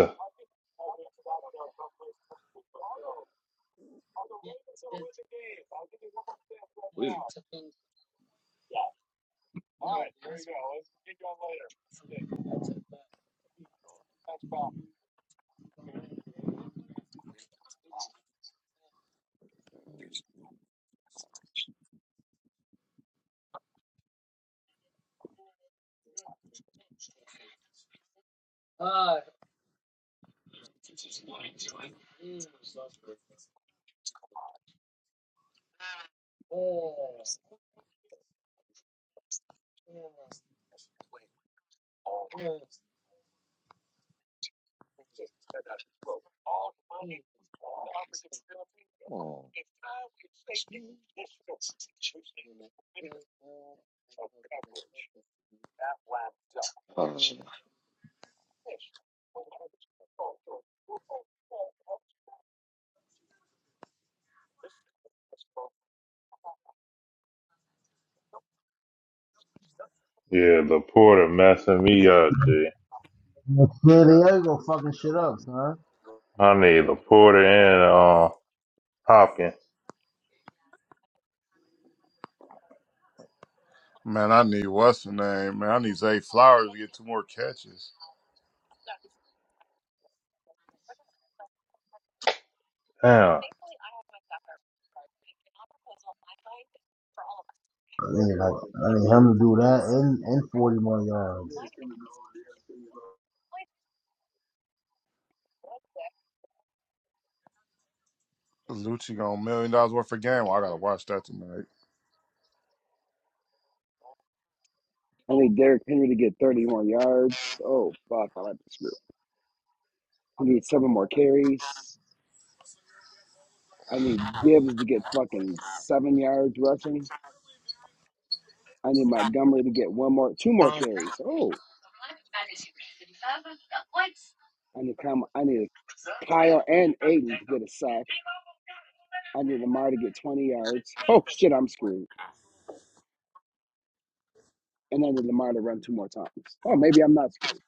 S4: Wait, come on. Uh,
S1: yeah, Laporta messing me up, G.
S5: yeah, they ain't gonna fucking shit up, son.
S1: I need Laporta and uh Hopkins.
S2: Man, I need what's the name, man. I need Zay Flowers to get two more catches.
S1: Damn.
S5: I need like I need him to do that in in forty more yards.
S2: Lucci got a million dollars worth of game. Well, I gotta watch that tonight.
S3: I need Derrick Henry to get 30 more yards. Oh, fuck. I like this group. I need seven more carries. I need Gibbs to get fucking seven yards rushing. I need Montgomery to get one more, two more carries. Oh, I need Kyle, I need Kyle and Aiden to get a sack. I need Lamar to get 20 yards. Oh, shit, I'm screwed. And I need Lamar to run two more times. Oh, maybe I'm not screwed.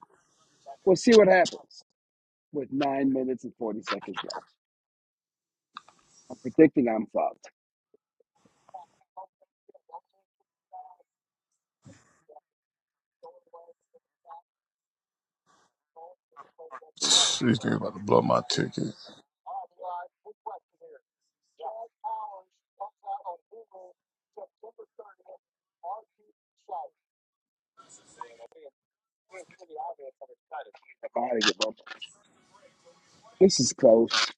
S3: We'll see what happens. with nine minutes and 40 seconds left. I'm predicting I'm fucked.
S2: These niggas about to blow my ticket.
S3: If I had to give up, this is close.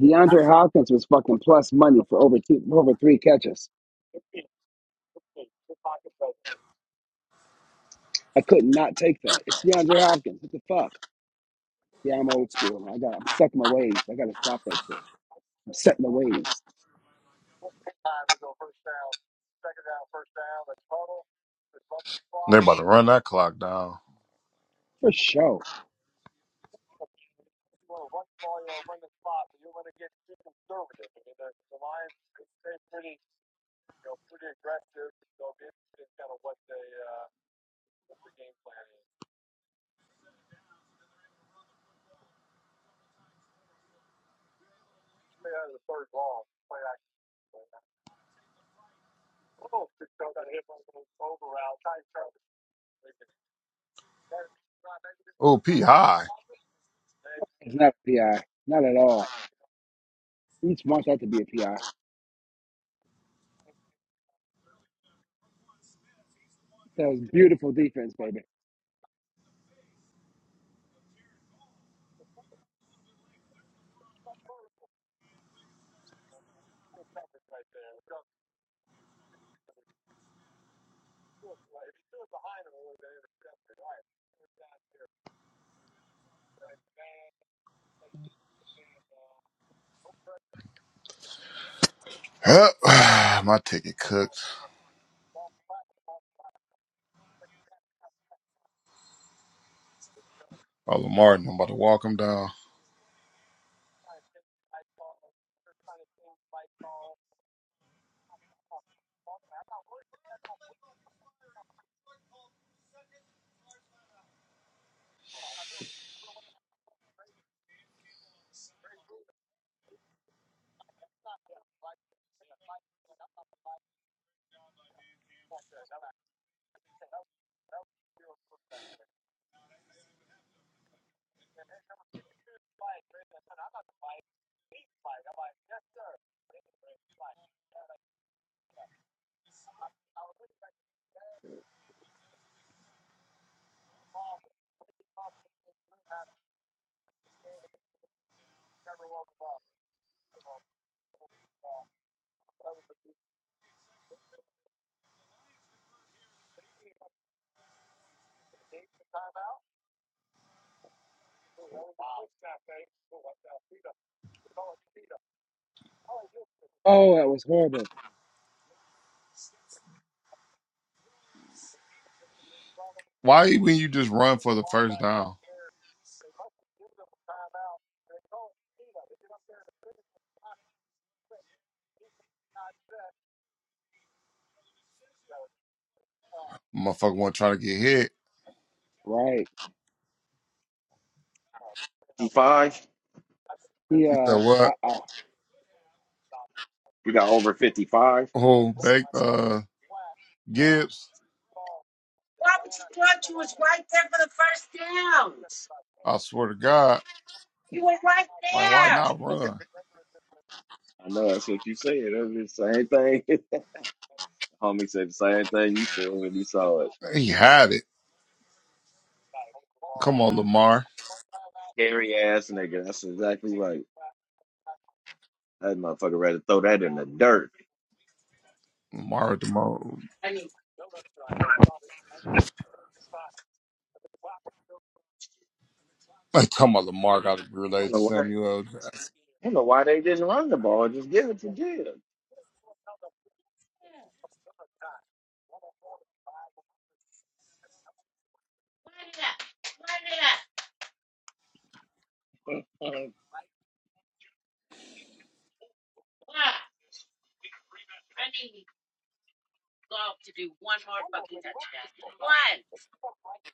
S3: DeAndre Hopkins was fucking plus money for over two, over three catches. I could not take that. It's DeAndre Hopkins. What the fuck? Yeah, I'm old school. I got. I'm stuck in my ways. I got to stop that shit. I'm set in my ways
S2: They about to run that clock down.
S3: for sure.
S2: Oh, P high.
S3: It's not a PI. Not at all. Each month that to be a PI. That was beautiful defense, baby.
S2: Yep. my ticket cooked. Oh, Lamar, I'm about to walk him down.
S3: Oh, that was horrible.
S2: Why when you just run for the first down? Motherfucker wasn't trying to get hit.
S3: Right.
S4: 55?
S2: You
S3: Yeah.
S2: said
S3: Uh,
S2: what?
S3: uh,
S4: We got over 55.
S2: Oh, Bake uh Gibbs. I swear to God. Like, why not run?
S4: I know that's what you said. That's the same thing. Homie said the same thing you said when you saw it.
S2: He had it. Come on, Lamar.
S4: Scary ass nigga. That's exactly right. That motherfucker rather throw that in the dirt.
S2: Lamar at the mo Like, come on, Lamar got to be
S4: I don't
S2: related to
S4: know why. I
S2: Samuel.
S4: don't know why they didn't run the ball. Just give it to Jim.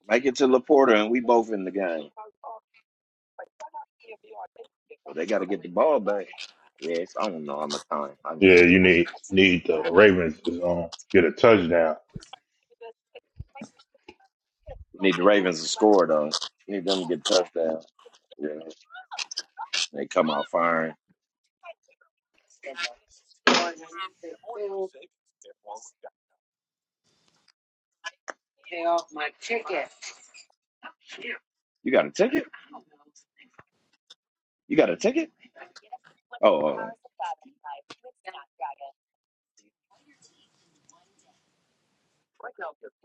S4: Make it to Laporta, and we both in the game. So they got to get the ball back. Yeah, it's, I don't know how much time. I didn't
S1: Yeah,
S4: see
S1: you
S4: it.
S1: need need the Ravens to um, get a touchdown.
S4: We need the Ravens to score though. We need them to get touchdowns. You know, they come out firing. You got a ticket? You got a ticket? Oh, uh,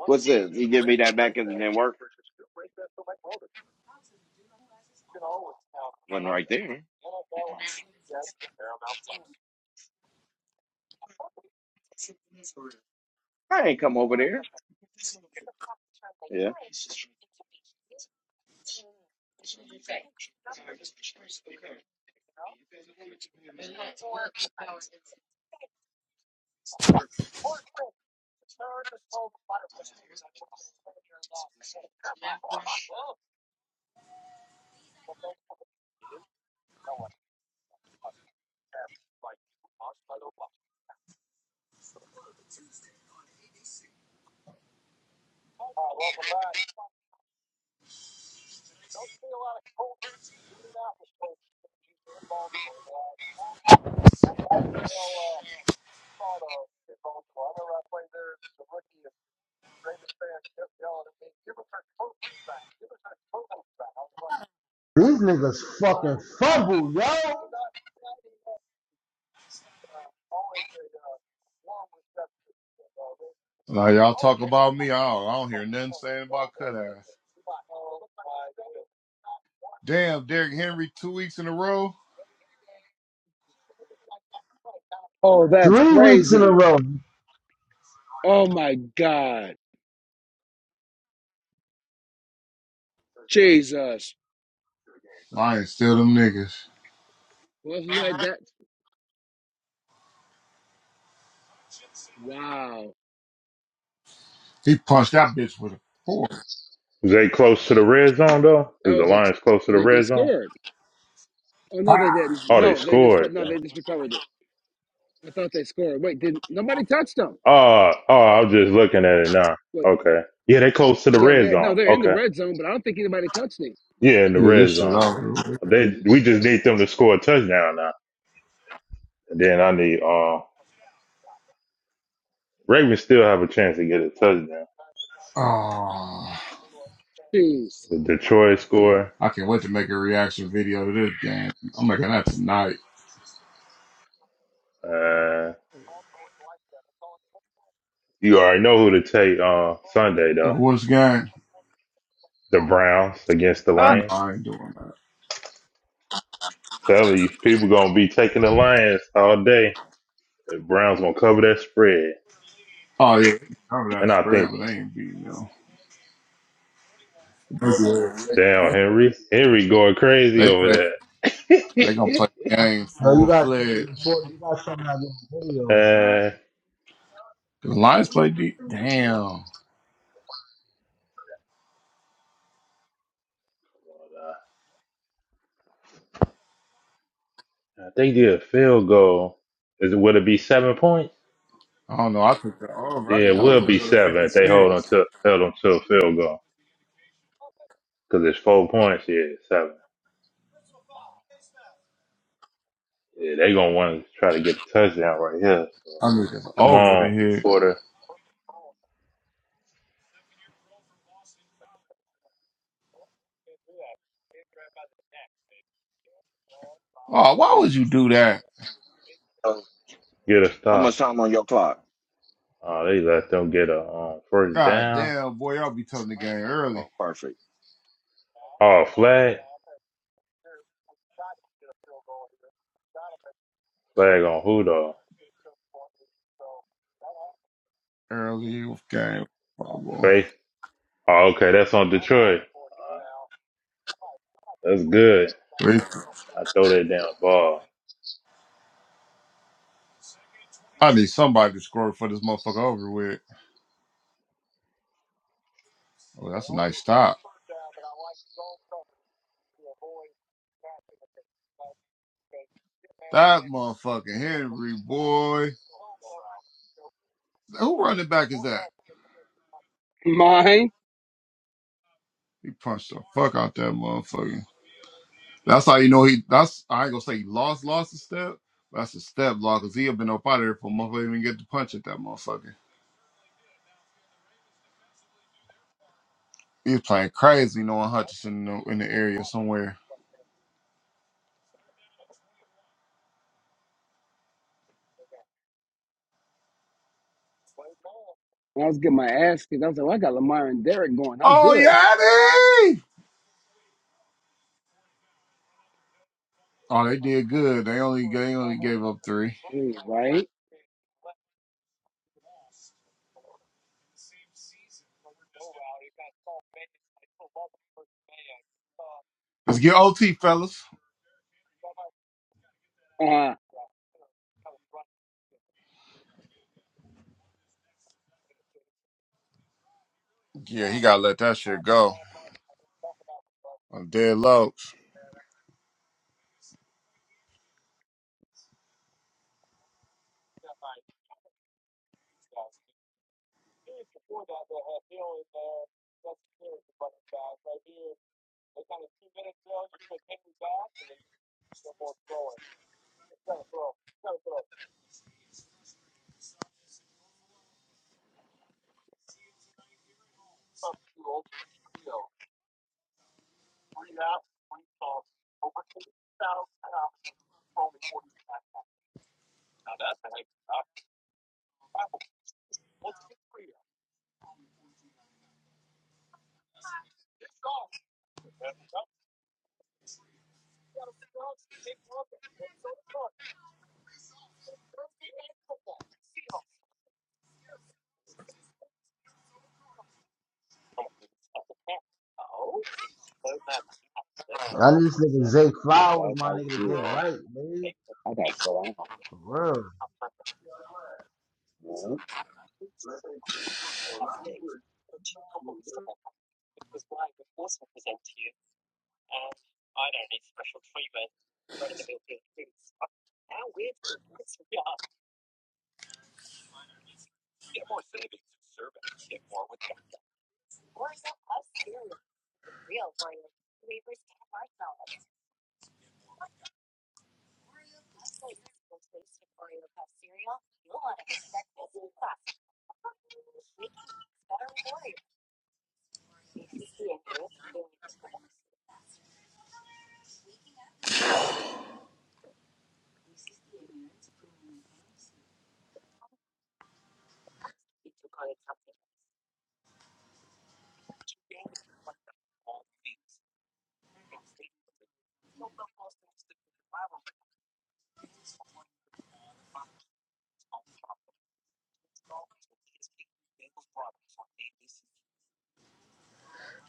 S4: what's this? You give me that back and it didn't work. Wasn't right there. I ain't come over there. Yeah.
S5: These niggas fucking fumble, yo.
S2: Now y'all talk about me. I don't, I don't hear nothing saying about cut ass. Damn, Derrick Henry two weeks in a row.
S3: oh, that's
S5: Three weeks in a
S3: crazy.
S5: row.
S3: Oh my God. Jesus.
S2: Lions still them niggas.
S3: Well, who had that? Wow.
S2: He punched that bitch with a fork.
S1: Is they close to the red zone though?
S3: That
S1: Is the
S3: was it.
S1: Lions close to the
S3: They, they
S1: red zone?
S3: scored. Oh, no, they didn't.
S1: Oh, they
S3: No, they just,
S1: scored.
S3: no, they just recovered it. I thought they scored. Wait, didn't, nobody touched them.
S1: Uh, oh, I was just looking at it now.
S3: Wait,
S1: Okay. Yeah, they close to the
S3: yeah,
S1: red
S3: they,
S1: zone.
S3: no, they're in the
S1: Okay.
S3: red zone, but I don't think anybody touched me.
S1: Yeah, in the
S2: Yeah, this
S1: red
S2: shit
S1: zone.
S2: over. with.
S1: They we just need them to score a touchdown now. And then I need uh Ravens still have a chance to get a touchdown.
S2: Oh,
S3: Jeez.
S1: The Detroit score.
S2: I can't wait to make a reaction video to this game. I'm making that tonight.
S1: Uh you already know who to take uh Sunday though.
S2: What's game?
S1: The Browns against the
S3: Huh?
S2: No,
S1: Lions.
S2: I ain't doing that.
S1: Telling you, people gonna be taking the Lions all day. The Browns gonna cover that spread.
S2: Oh yeah, cover that
S1: And I think,
S2: spread, but they ain't beating them. They
S1: damn Henry. Henry going crazy
S2: they play.
S1: over that.
S2: They gonna play the game
S5: Yo, you
S2: full
S5: gotta show me
S2: fledged.
S5: important. You gotta show me how to do videos,
S1: Uh,
S2: The Lions play deep.
S5: son.
S2: Damn.
S1: they did a field goal. Is it, will it be seven points?
S2: I don't know. I took the over. I
S1: Yeah,
S2: need
S1: it
S2: the
S1: will
S2: over to
S1: be
S2: go to
S1: seven if they hold on
S2: 56.
S1: to held them to a field goal because it's four points. Yeah, it's seven. Yeah, they gonna want to try to get a touchdown right here. So
S2: I need the
S1: come
S2: over
S1: on,
S2: to hit.
S1: Porter,
S2: Oh, why would you do that?
S1: get a stop. Oh, they let them get a um, first
S2: God
S1: down.
S2: damn, boy. I'll be telling the game early.
S4: Oh.
S1: Oh, flag, flag on who though?
S2: Early game. Oh,
S1: Oh,
S2: boy.
S1: Faith. Oh, okay, that's on Detroit. Uh, that's good.
S2: Wait,
S1: I throw that damn ball.
S2: I need somebody to score for this motherfucker over with. Oh, that's a nice stop. That motherfucking Henry, boy. Who running back is that?
S3: Mine.
S2: He punched the fuck out that motherfucker. That's how you know he, that's, I ain't gonna say he lost, lost a step. but That's a step block because he have been up out of there for a motherfucker to even get to punch at that motherfucker. He was playing crazy, knowing Hutchinson in the, in the area somewhere.
S3: I was getting my ass kicked. I was like, well, I got Lamar and Derek going. I'm
S2: Oh
S3: good.
S2: Yanni! Oh, they did good. They only they only gave up three.
S3: Mm, Right?
S2: Let's get OT, fellas.
S3: Uh,
S2: Yeah, he gotta let that shit go. I'm dead low.
S5: I need this nigga Zay
S3: that's
S5: Flowers, my
S3: how you
S5: nigga, to
S3: do
S5: get
S3: that.
S5: right, man.
S3: I got so
S5: For real.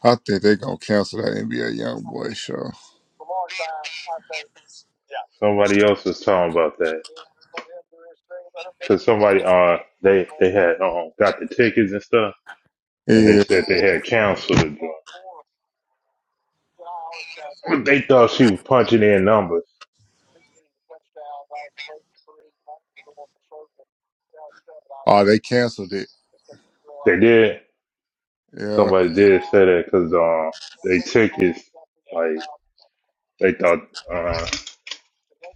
S2: I think they gonna cancel that NBA Young Boy show.
S1: Somebody else was talking about that. because somebody uh they they had uh, got the tickets and stuff, and they
S2: Yeah.
S1: said they had canceled the joint. They thought she was punching in numbers.
S2: Oh, they canceled it.
S1: They did.
S2: Yeah.
S1: Somebody did say that because uh they tickets like they thought uh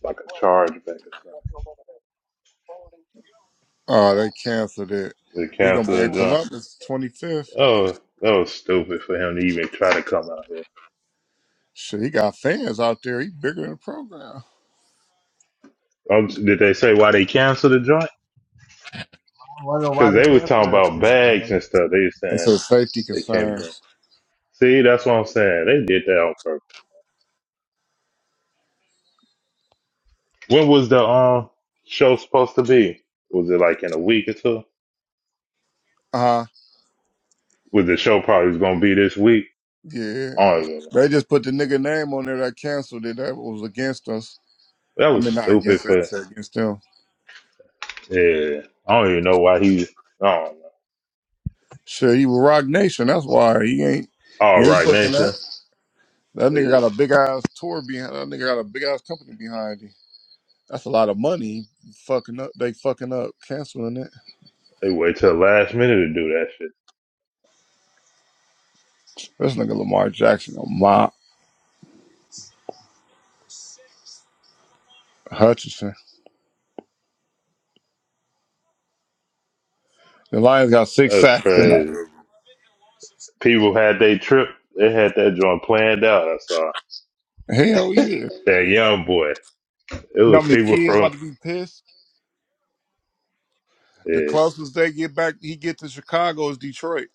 S1: like a chargeback or something.
S2: Oh, they canceled it.
S1: They
S2: He gonna be in
S1: canceled the joint.
S2: Columbus 25th.
S1: Oh, that was stupid for him to even try to come out here.
S2: Shit, he got fans out there. He bigger than the program.
S1: Um, did they say why they canceled the joint?
S5: I wonder why
S1: Because
S5: they
S1: they was
S5: can't for
S1: talking
S5: that
S1: about
S5: shit,
S1: bags
S5: bro.
S1: and stuff. They was
S2: They
S1: saying
S2: said safety
S1: they can't bring.
S2: concerns.
S1: See, that's what I'm saying. They did that on purpose. When was the um show supposed to be? Was it like in a week or two?
S2: Uh huh.
S1: Was the show probably was gonna be this week?
S2: Yeah.
S1: I don't even know.
S2: They just put the nigga name on there that canceled it. That was against us.
S1: That
S2: I
S1: was
S2: mean, not
S1: stupid
S2: against us. They
S1: for
S2: against them.
S1: yeah. I don't even know why he I don't know.
S2: Shit, he was Rock Nation. That's why he ain't he
S1: All
S2: ain't
S1: right
S2: pushing
S1: nation.
S2: that. That nigga
S1: Yeah.
S2: got a big ass tour behind. That nigga got a big ass company behind him. That's a lot of money. Fucking up. They fucking up canceling it.
S1: They wait till the last minute to do that shit.
S2: This nigga Lamar Jackson, Lamar Hutchinson. The Lions got six
S1: That's
S2: sacks tonight.
S1: crazy. People had their trip, they had that joint planned out, I saw.
S2: Hell yeah.
S1: That young boy. It
S2: You know how
S1: was
S2: many
S1: people
S2: kids
S1: from
S2: about to be pissed? The
S1: yeah,
S2: closest they get back, he get to Chicago is Detroit.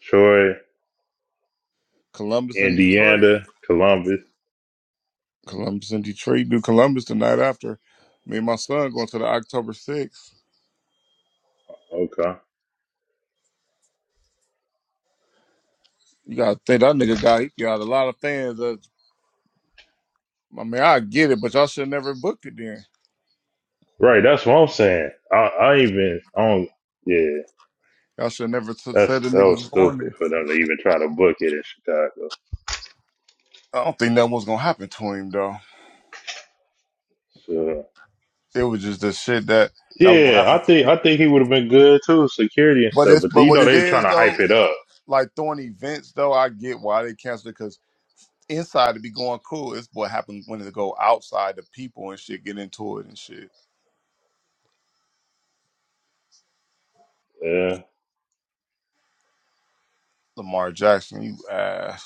S1: Troy,
S2: Columbus and Detroit.
S1: Indiana, Columbus.
S2: Columbus and Detroit. Do Columbus the night after. Me and my son going to the October 6th.
S1: Okay.
S2: You gotta think that nigga got he got a lot of fans. That, I mean, I get it, but y'all should never booked it then.
S1: Right, that's what I'm saying. I, I even I don't. Yeah,
S2: Y'all should never t-
S1: that's
S2: said the
S1: that
S2: niggas
S1: was
S2: was going
S1: stupid
S2: there.
S1: for them to even try to book it in Chicago.
S2: I don't think that was gonna happen to him though.
S1: So
S2: It was just the shit that that was gonna
S1: yeah,
S2: happen.
S1: I
S2: To
S1: think I
S2: people.
S1: think he would have been good too, security and
S2: But
S1: stuff.
S2: it's
S1: But
S2: but
S1: you
S2: what
S1: know
S2: it
S1: they were trying
S2: is
S1: to hype
S2: though,
S1: it up.
S2: like throwing events though, I get why they canceled it because inside to be going cool. It's what happened when it go outside the people and shit get into it and shit.
S1: Yeah.
S2: Lamar Jackson, you ass.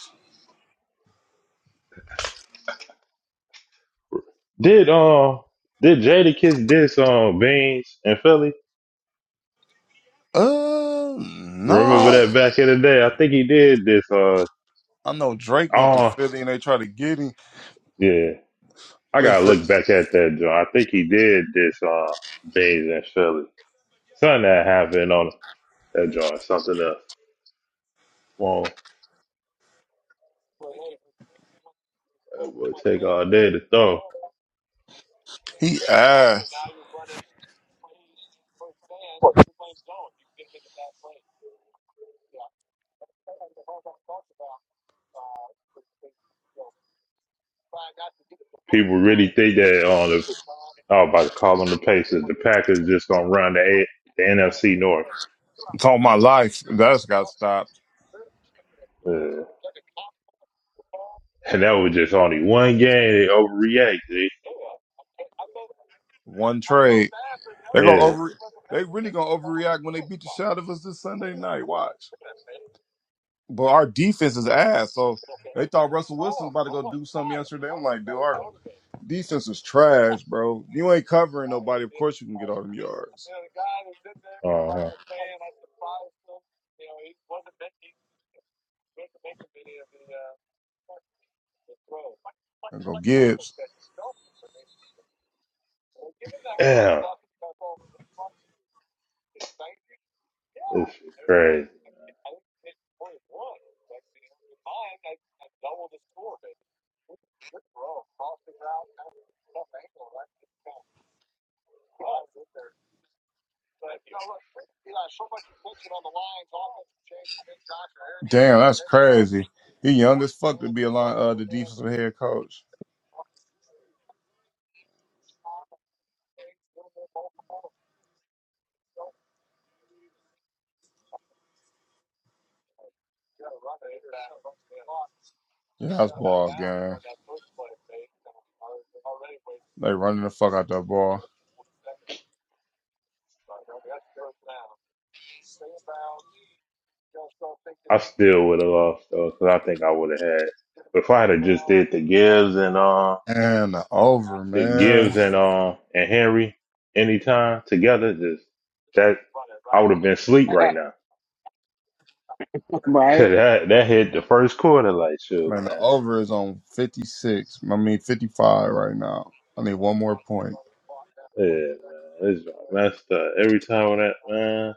S1: Did um did Jadakiss diss um Beans in Philly?
S2: Uh,
S1: Remember
S2: no.
S1: that back in the day? I think he did this. Uh
S2: I know Drake went to
S1: oh
S2: Philly and they tried to get him.
S1: yeah. I
S2: They
S1: gotta
S2: said
S1: look back at that joint. I think he did this. Uh Beans in Philly. Something that happened on that joint. Something else. Well, it would take all day to throw.
S2: he asked.
S1: People really think that on the I was about to call them the Pacers. The Packers just gonna run the A, the NFC North,
S2: It's all my life. That's got stopped.
S1: yeah. and that was just only one game. They overreacted.
S2: One trade. They gonna
S1: Yeah,
S2: over. They really gonna overreact when they beat the shit out of us this Sunday night. Watch. But our defense is ass. So they thought Russell Wilson was about to go do something yesterday. I'm like, dude, our defense is trash, bro. You ain't covering nobody. Of course you can get all them yards.
S1: uh huh.
S2: And go Gibbs.
S1: Damn, this shit crazy.
S2: Damn, that's crazy. He young as fuck to be a line, uh, the defensive head coach. Yeah, That's ball game. They running the fuck out that ball.
S1: I still would have lost though, because I think I would have had. If I had just did the Gibbs and uh
S2: And the over,
S1: the
S2: man.
S1: Gibbs and uh and Henry anytime together, just that I would have been asleep right now.
S3: Right?
S1: that that hit the first quarter like shoot,
S2: Man, the
S1: man.
S2: over is on 56. I mean, 55 right now. I need one more point.
S1: Yeah, man, it's messed up every time with that man.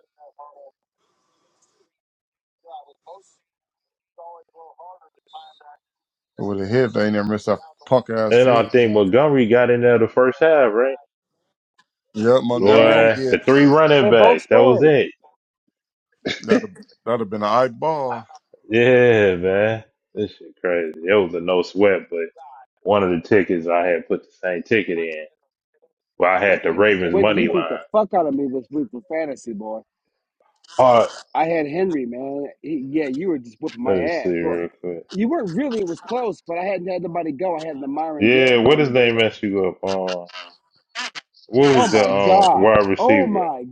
S2: It would have hit. They ain't never missed that punk ass
S1: And I
S2: field.
S1: think
S2: goal.
S1: Montgomery got in there the first half, right?
S2: Yep, Montgomery
S3: Yeah.
S2: and
S1: Boy, the
S2: Gibbs.
S1: three running
S3: They both
S1: backs, that was
S3: scored.
S1: it.
S2: That'd that'd have been an eye ball.
S1: Yeah, man, this shit crazy. It was a no sweat, but one of the tickets I had put the same ticket in, but I had the
S3: And
S1: Ravens
S3: Wendy, you
S1: money
S3: beat
S1: line.
S3: the fuck out of me this week with fantasy, boy.
S1: All right,
S3: I had Henry, man. He, yeah, you were just whipping my
S1: let me see
S3: ass. Well,
S1: real quick.
S3: you weren't really. It was close, but I hadn't had nobody go. I had the Myron
S1: Yeah,
S3: Derrick
S1: what
S3: going
S1: his
S3: today,
S1: name
S3: though.
S1: messed you up? Um, what
S3: Oh
S1: was the
S3: my
S1: um
S3: god.
S1: wide
S3: Oh
S1: receiver?
S3: my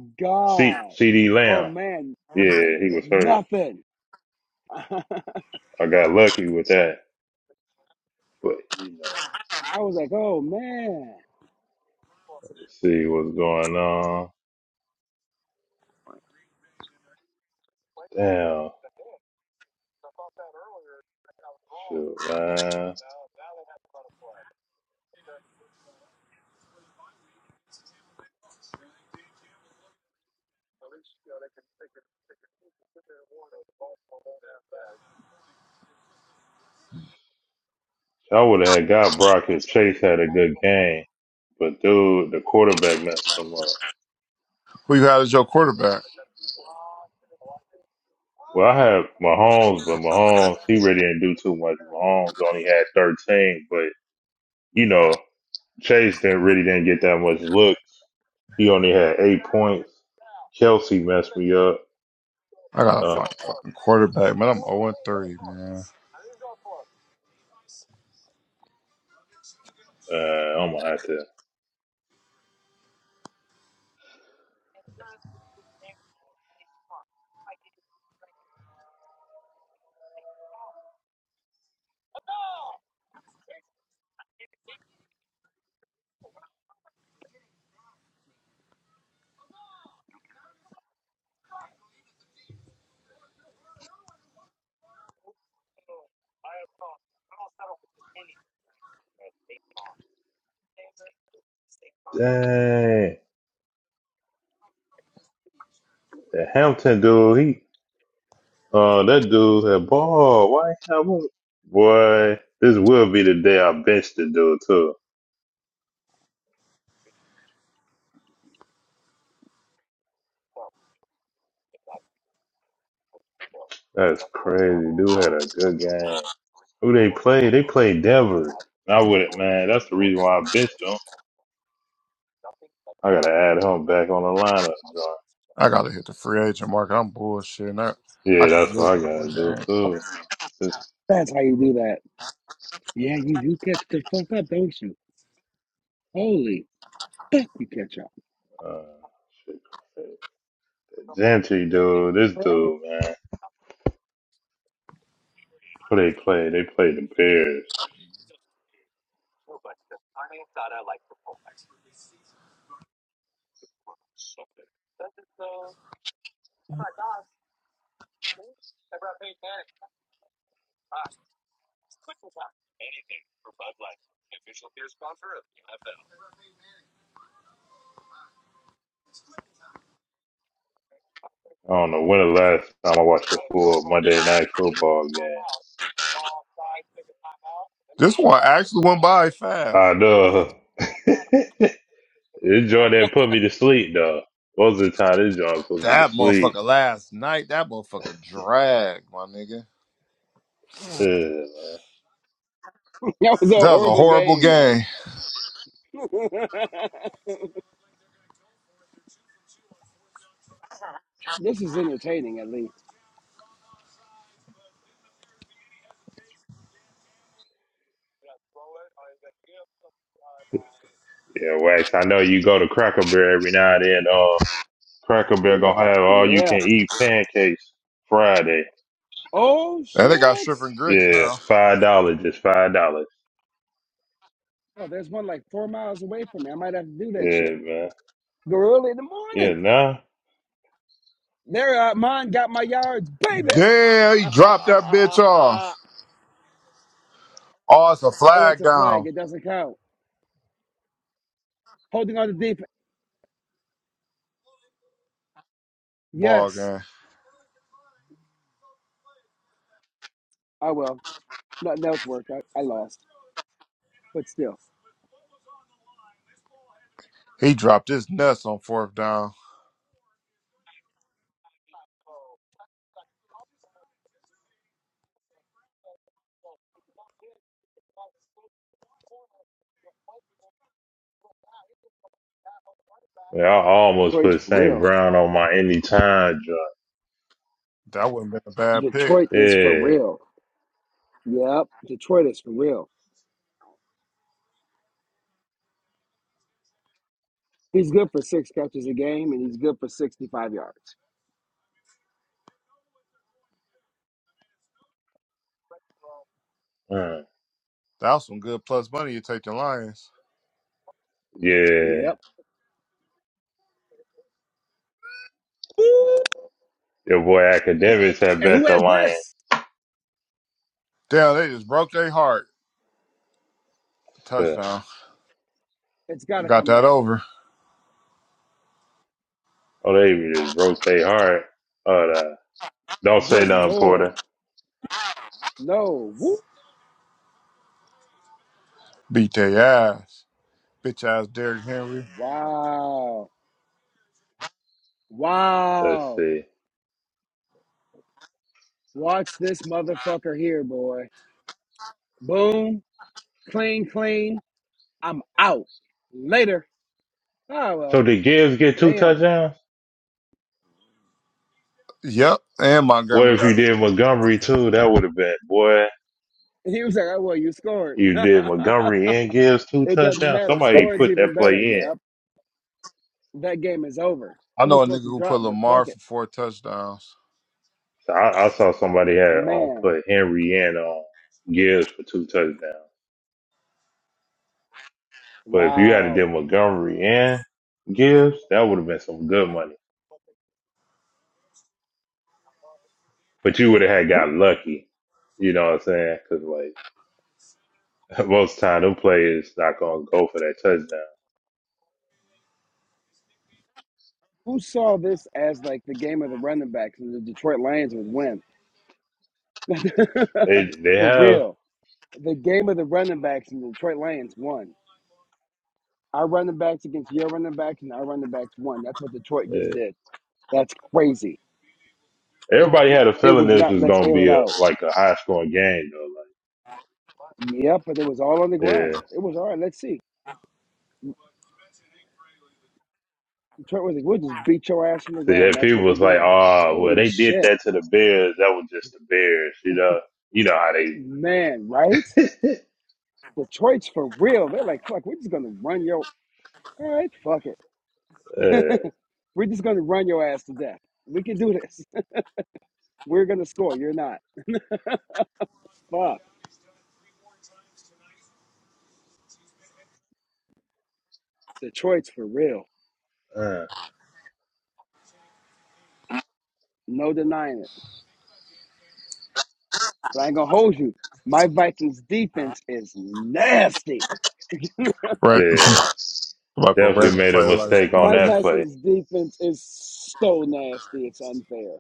S1: C
S3: god.
S1: C D
S3: Oh
S1: Lamb.
S3: man. N-
S1: Yeah, he was hurt.
S3: Nothing. I
S1: I got lucky with that. But you know,
S3: was like, oh man.
S1: let's see what's going on. Damn, shoot, man. I would have got Brock if Chase had a good game. But dude, the quarterback messed him up.
S2: Who you got as your quarterback?
S1: Well, I have Mahomes, but Mahomes, he really didn't do too much. Mahomes only had 13, but you know, Chase didn't really didn't get that much looks. He only had eight points. Kelsey messed me up.
S2: I gotta
S1: Uh,
S2: find a fucking quarterback, man. I'm 0 3, man.
S1: uh, I'm gonna have to. Dang. The Hampton dude, he uh that dude had ball. Why have Boy, this will be the day I bench the dude too. That's crazy. Dude had a good game. Who they play? They played Denver. I wouldn't man. That's the reason why I benched him. I gotta add him back on the lineup, John.
S2: I gotta hit the free agent market. I'm bullshitting. I, I
S1: Yeah,
S2: can't
S1: that's what
S2: lose
S1: I
S2: no more
S1: gotta do
S2: game.
S1: too. This
S3: That's how you do that. Yeah, you do catch the fuck up, don't you? Holy, you catch up.
S1: uh shit. Gentry dude, this dude, man. Who they play? They played the Bears. I don't know when the last time I watched a full Monday night football game.
S2: This one actually went by fast.
S1: I know. this joint that put me to sleep though. Most of the time this joint put me to
S2: That
S1: sleep.
S2: motherfucker last night, that motherfucker dragged, my nigga.
S1: Ugh.
S3: that was a
S2: That was a
S3: horrible
S2: horrible
S3: game, man.
S2: game.
S3: this is entertaining, at least.
S1: Yeah, Wax, I know you go to Cracker Barrel every now and then. Uh, Cracker Barrel gonna have all you can
S3: Yeah.
S1: eat pancakes Friday.
S3: Oh
S2: And
S1: Yeah,
S2: they got
S3: shit.
S2: stripping grits
S1: yeah,
S2: now.
S1: five dollars, just five dollars.
S3: Oh, there's one like four miles away from me. I might have to do that
S1: Yeah,
S3: shit.
S1: man.
S3: Go early in the
S1: Yeah,
S3: morning.
S1: nah.
S3: There, uh, mine got my yards, baby.
S2: Damn, he dropped that bitch
S3: oh,
S2: off. Oh, it's a
S3: it's
S2: flag
S3: a flag.
S2: down.
S3: It doesn't count. Holding on to defense.
S2: Ball
S3: Yes,
S2: game.
S3: I will. Nothing else worked. I, I lost, but still,
S2: He dropped his nuts on fourth down.
S1: Yeah, I almost
S3: Detroit's
S1: put
S3: for
S1: St.
S3: real.
S1: Brown on my anytime joint.
S2: That wouldn't been a bad pick.
S3: Detroit is for
S1: Yeah.
S3: real. Yep, Detroit is for real. He's good for six catches a game, and he's good for sixty-five yards.
S1: Uh,
S2: That was some good plus money you take the Lions.
S1: yeah.
S3: Yep. Ooh,
S1: Your boy academics have
S3: and
S1: bet
S3: who
S1: the
S3: had
S1: Lions.
S3: this?
S2: Damn, they just broke their heart.
S1: Uh,
S2: Touchdown.
S3: It's got to
S2: Got
S3: come
S2: that
S3: back.
S2: over.
S1: oh, they just rotate hard. But uh, don't say
S3: Good
S1: nothing,
S3: Lord.
S1: Porter.
S3: No. Woo.
S2: Beat their ass. Bitch ass Derrick Henry.
S3: Wow.
S1: Let's
S3: Wow.
S1: see.
S3: Watch this motherfucker here, boy. Boom. Clean, clean. I'm out. Later. Oh,
S1: So
S3: well.
S1: did Gibbs get two
S3: Damn.
S1: touchdowns?
S2: Yep. And
S1: What
S2: Montgomery
S1: if you
S2: got it.
S1: did Montgomery too? That would have been boy.
S3: He was like, oh, well, you scored.
S1: You did Montgomery and Gibbs two
S3: it doesn't
S1: touchdowns.
S3: matter.
S1: Somebody
S3: Scoring's
S1: put that
S3: even better.
S1: play in.
S3: Yep. That game is over.
S2: I
S3: He was
S2: know a nigga
S3: supposed to
S2: who
S3: drop,
S2: put
S3: but fuck
S2: Lamar
S3: it.
S2: for four touchdowns.
S1: So I, I saw somebody had um,
S3: Man.
S1: put Henry and um, Gibbs for two touchdowns. But if you had to do
S3: Wow.
S1: Montgomery and Gibbs, that would have been some good money. But you would have had
S3: Who,
S1: got lucky. You know what I'm saying? Because like most of the time, them players not gonna go for that touchdown.
S3: who saw this as like the game of the running backs and the Detroit Lions would win?
S1: They they
S3: For
S1: have.
S3: real. the game of the running backs in the Detroit Lions won. Our running backs against your running backs and our running backs won. That's what Detroit just
S1: Yeah.
S3: did. That's crazy.
S1: Everybody had a
S3: It
S1: feeling
S3: was
S1: this
S3: not
S1: was
S3: let's
S1: gonna
S3: air it
S1: be a
S3: out.
S1: like a high scoring game though.
S3: Yep, but it was all on the
S1: Like
S3: ground.
S1: yeah,
S3: It was all right. Let's see. Detroit was like, we'll just beat your ass on the
S1: see
S3: ground. And
S1: that
S3: that's
S1: people
S3: what they
S1: was like,
S3: did.
S1: oh well,
S3: Holy
S1: they did
S3: shit.
S1: that to the Bears. That was just the Bears. You know, you know how they.
S3: Man, right? Detroit's for real. They're like, fuck, we're just going to run your. All right, fuck it.
S1: yeah
S3: we're just going to run your ass to death. We can do this. we're going to score. You're not. Fuck. Detroit's for real. No denying it. But I ain't gonna hold you. My Vikings defense is nasty.
S2: Right.
S1: yeah,
S2: Somebody put
S1: definitely
S2: Ravens
S1: made a
S2: player like
S1: mistake on
S3: My
S1: that
S2: Mahomes.
S1: play.
S3: Vikings defense is so nasty. It's unfair.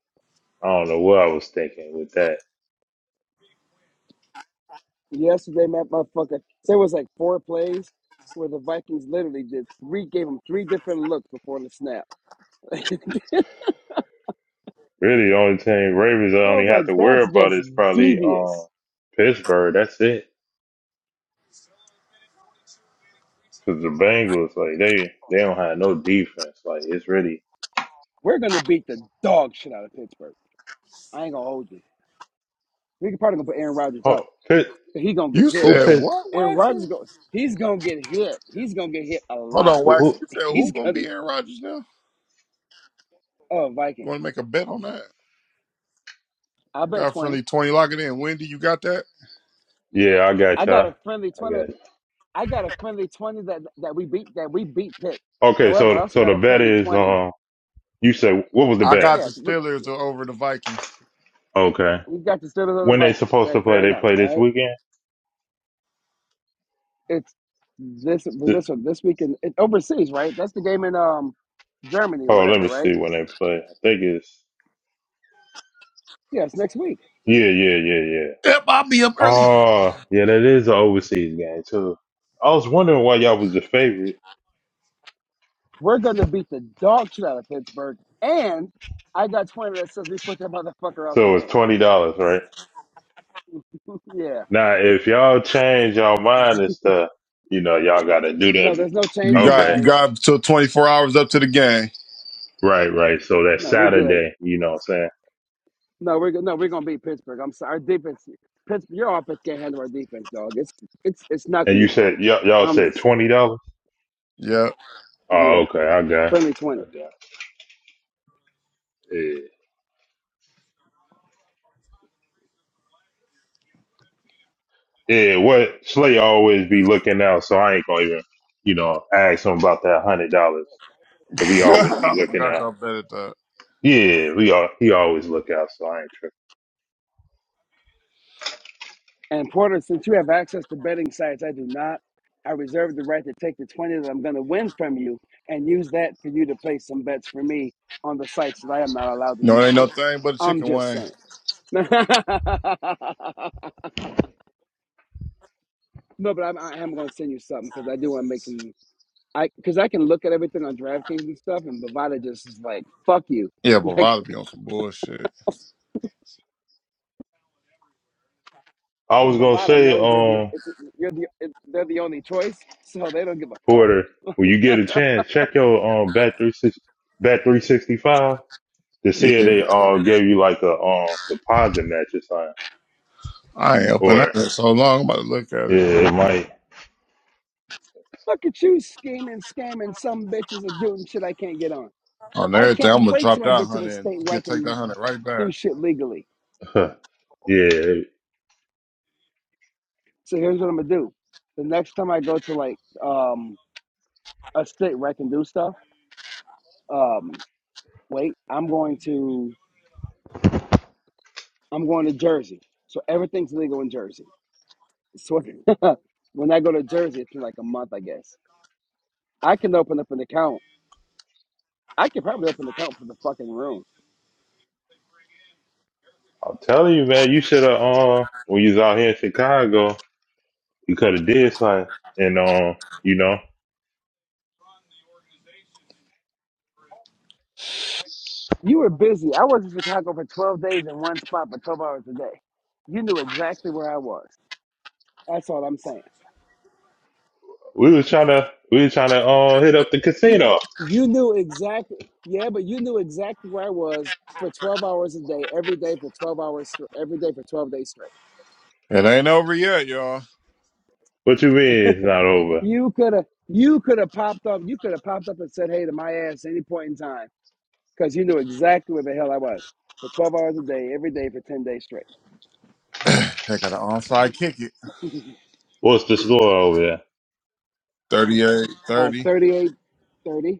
S1: I don't know what I was thinking with that.
S3: Yesterday, my motherfucker, there was like four plays where the Vikings literally did three, gave them three different looks before the snap. I
S1: Really, the only team Ravens I only
S3: was
S1: have
S3: like,
S1: to worry
S3: that's
S1: about
S3: just
S1: is probably um
S3: devious.
S1: Pittsburgh. That's it. Cause the Bengals, like they they don't have no defense. Like it's really
S3: We're gonna beat the dog shit out of Pittsburgh. I ain't gonna hold you. We could probably gonna put Aaron Rodgers
S1: oh
S3: out.
S1: Pitt
S3: He gonna get
S2: You
S3: hit.
S1: who
S2: said
S1: Pitt
S2: what,
S3: And
S2: Waxman?
S3: Rodgers go he's gonna get hit. He's gonna get hit a
S2: Hold
S3: lot.
S2: on,
S1: who, who?
S2: Waxman. You said
S3: He's
S2: who gonna
S3: gonna
S2: be Aaron Rodgers now?
S3: oh
S2: You
S3: Viking.
S2: want to make a bet on that?
S3: I
S2: We got
S3: bet twenty.
S2: friendly Tony Lock in. Wendy, you got that?
S1: Yeah, I
S3: I
S1: got
S3: got
S1: y'all.
S3: a friendly
S1: I
S3: twenty
S1: got. You.
S3: I got a friendly twenty that that we beat that we beat Pitt.
S1: Okay,
S3: However, I
S1: so
S3: also
S1: so
S3: got
S1: the
S3: a
S1: bet
S3: friendly
S1: is
S3: twenty.
S1: um you said what was the
S2: I
S1: bet?
S2: got the
S3: Yeah, look,
S2: Steelers over the Vikings.
S1: Okay,
S3: we got the Steelers or the
S1: when they
S3: Vikings.
S1: supposed
S3: Right,
S1: to play?
S3: fair
S1: They
S3: enough.
S1: play
S3: All
S1: this
S3: right.
S1: weekend.
S3: It's this with
S1: Th-
S3: this one this weekend it, overseas, right? That's the game in um Germany or
S1: Oh, let
S3: whatever,
S1: me
S3: right?
S1: see when they play. I think it's
S3: Yeah, it's next week.
S1: yeah, yeah, yeah, yeah.
S2: Yep, I'll be up early.
S1: Oh, yeah, that is an overseas game too. I was wondering why y'all was the favorite.
S3: We're gonna beat the dog shit out of Pittsburgh, and I got twenty that says we put that motherfucker out the
S1: So it's
S3: game.
S1: twenty dollars, right?
S3: yeah.
S1: Now, if y'all change y'all mind and stuff, you know, y'all gotta do
S3: No,
S1: that.
S3: there's no
S2: You
S3: change in
S2: got
S1: Okay,
S2: you
S3: minds.
S2: got till twenty four hours up to the game.
S1: right, right. So that's
S3: No, we're good.
S1: Saturday. You know what I'm saying?
S3: No, we're good. No, we're gonna beat Pittsburgh. I'm sorry. Our defense, Pittsburgh, your offense can't handle our defense, dog. It's it's it's not
S1: And
S3: gonna
S1: you
S3: be
S1: said
S3: pretty.
S1: y'all, y'all
S3: I'm
S1: said
S3: just saying.
S1: twenty dollars.
S2: Yep.
S1: Oh,
S3: Yeah,
S1: okay, I got,
S3: friendly
S1: it.
S3: twenty.
S1: I got. It. Yeah, yeah. What Slay always be looking out, so I ain't gonna even, you know, ask him about that hundred dollars because he always be
S2: I
S1: looking
S2: forgot
S1: out.
S2: y'all bet at that.
S1: Yeah, we all he always look out, so I ain't tripping.
S3: And Porter, since you have access to betting sites, I do not. I reserve the right to take the 20 that I'm going to win from you and use that for you to place some bets for me on the sites that I am not allowed to
S2: No, it
S3: use
S2: ain't no
S3: here.
S2: thing but a
S3: I'm
S2: chicken
S3: just
S2: wing.
S3: saying. no, but I'm, I am going to send you something because I do want to make some. I because I can look at everything on DraftKings and stuff, and Bovada just is like, "Fuck you,"
S2: Yeah, but
S3: like
S2: Bovada be on some bullshit.
S1: I
S3: because
S1: was gonna
S3: Bovada
S1: say,
S3: knows you're the
S1: um,
S3: it's, you're the it, they're the only choice, so they don't give a fuck.
S1: Porter, when you get a chance, check your um bat three six bat three sixty five to see if
S2: Yeah.
S1: they all gave you like a um deposit match or something.
S2: I ain't open
S1: Or
S2: that in so long. I'm about to look at it.
S1: yeah, it might.
S3: Look at you scheming, scamming some bitches and doing shit I can't get on.
S2: on
S3: I
S2: everything.
S3: can't
S2: I'm gonna
S3: wait
S2: drop
S3: till I
S2: that
S3: get to a
S2: hundred and
S3: state where I
S2: get take that
S3: can
S2: hundred right back.
S3: do shit legally.
S1: yeah,
S3: So here's what I'm gonna do. The next time I go to like um a state where I can do stuff, um, wait, I'm going to I'm going to Jersey. So everything's legal in Jersey. So when I go to Jersey, it's been like a month, I guess. I can open up an account. I can probably open an account for the fucking room.
S1: I'm telling you, man, you should have um when you was out here in Chicago, you could have did something. And um, you know,
S3: You were busy. I was in Chicago for 12 days in one spot for 12 hours a day. You knew exactly where I was. That's all I'm saying.
S1: we was trying to we was trying to uh, hit up the casino.
S3: You knew exactly. Yeah, but you knew exactly where I was for 12 hours a day, every day for 12 hours, every day for 12 days straight.
S2: It ain't over yet, y'all.
S1: What you mean it's not over?
S3: You could have, you could have popped up. You could have popped up and said, "Hey," to my ass at any point in time, because you knew exactly where the hell I was for 12 hours a day, every day for 10 days straight.
S2: they got an onside kick it.
S1: What's the score over there?
S2: 38,
S3: uh,
S2: 30.
S3: 38, thirty.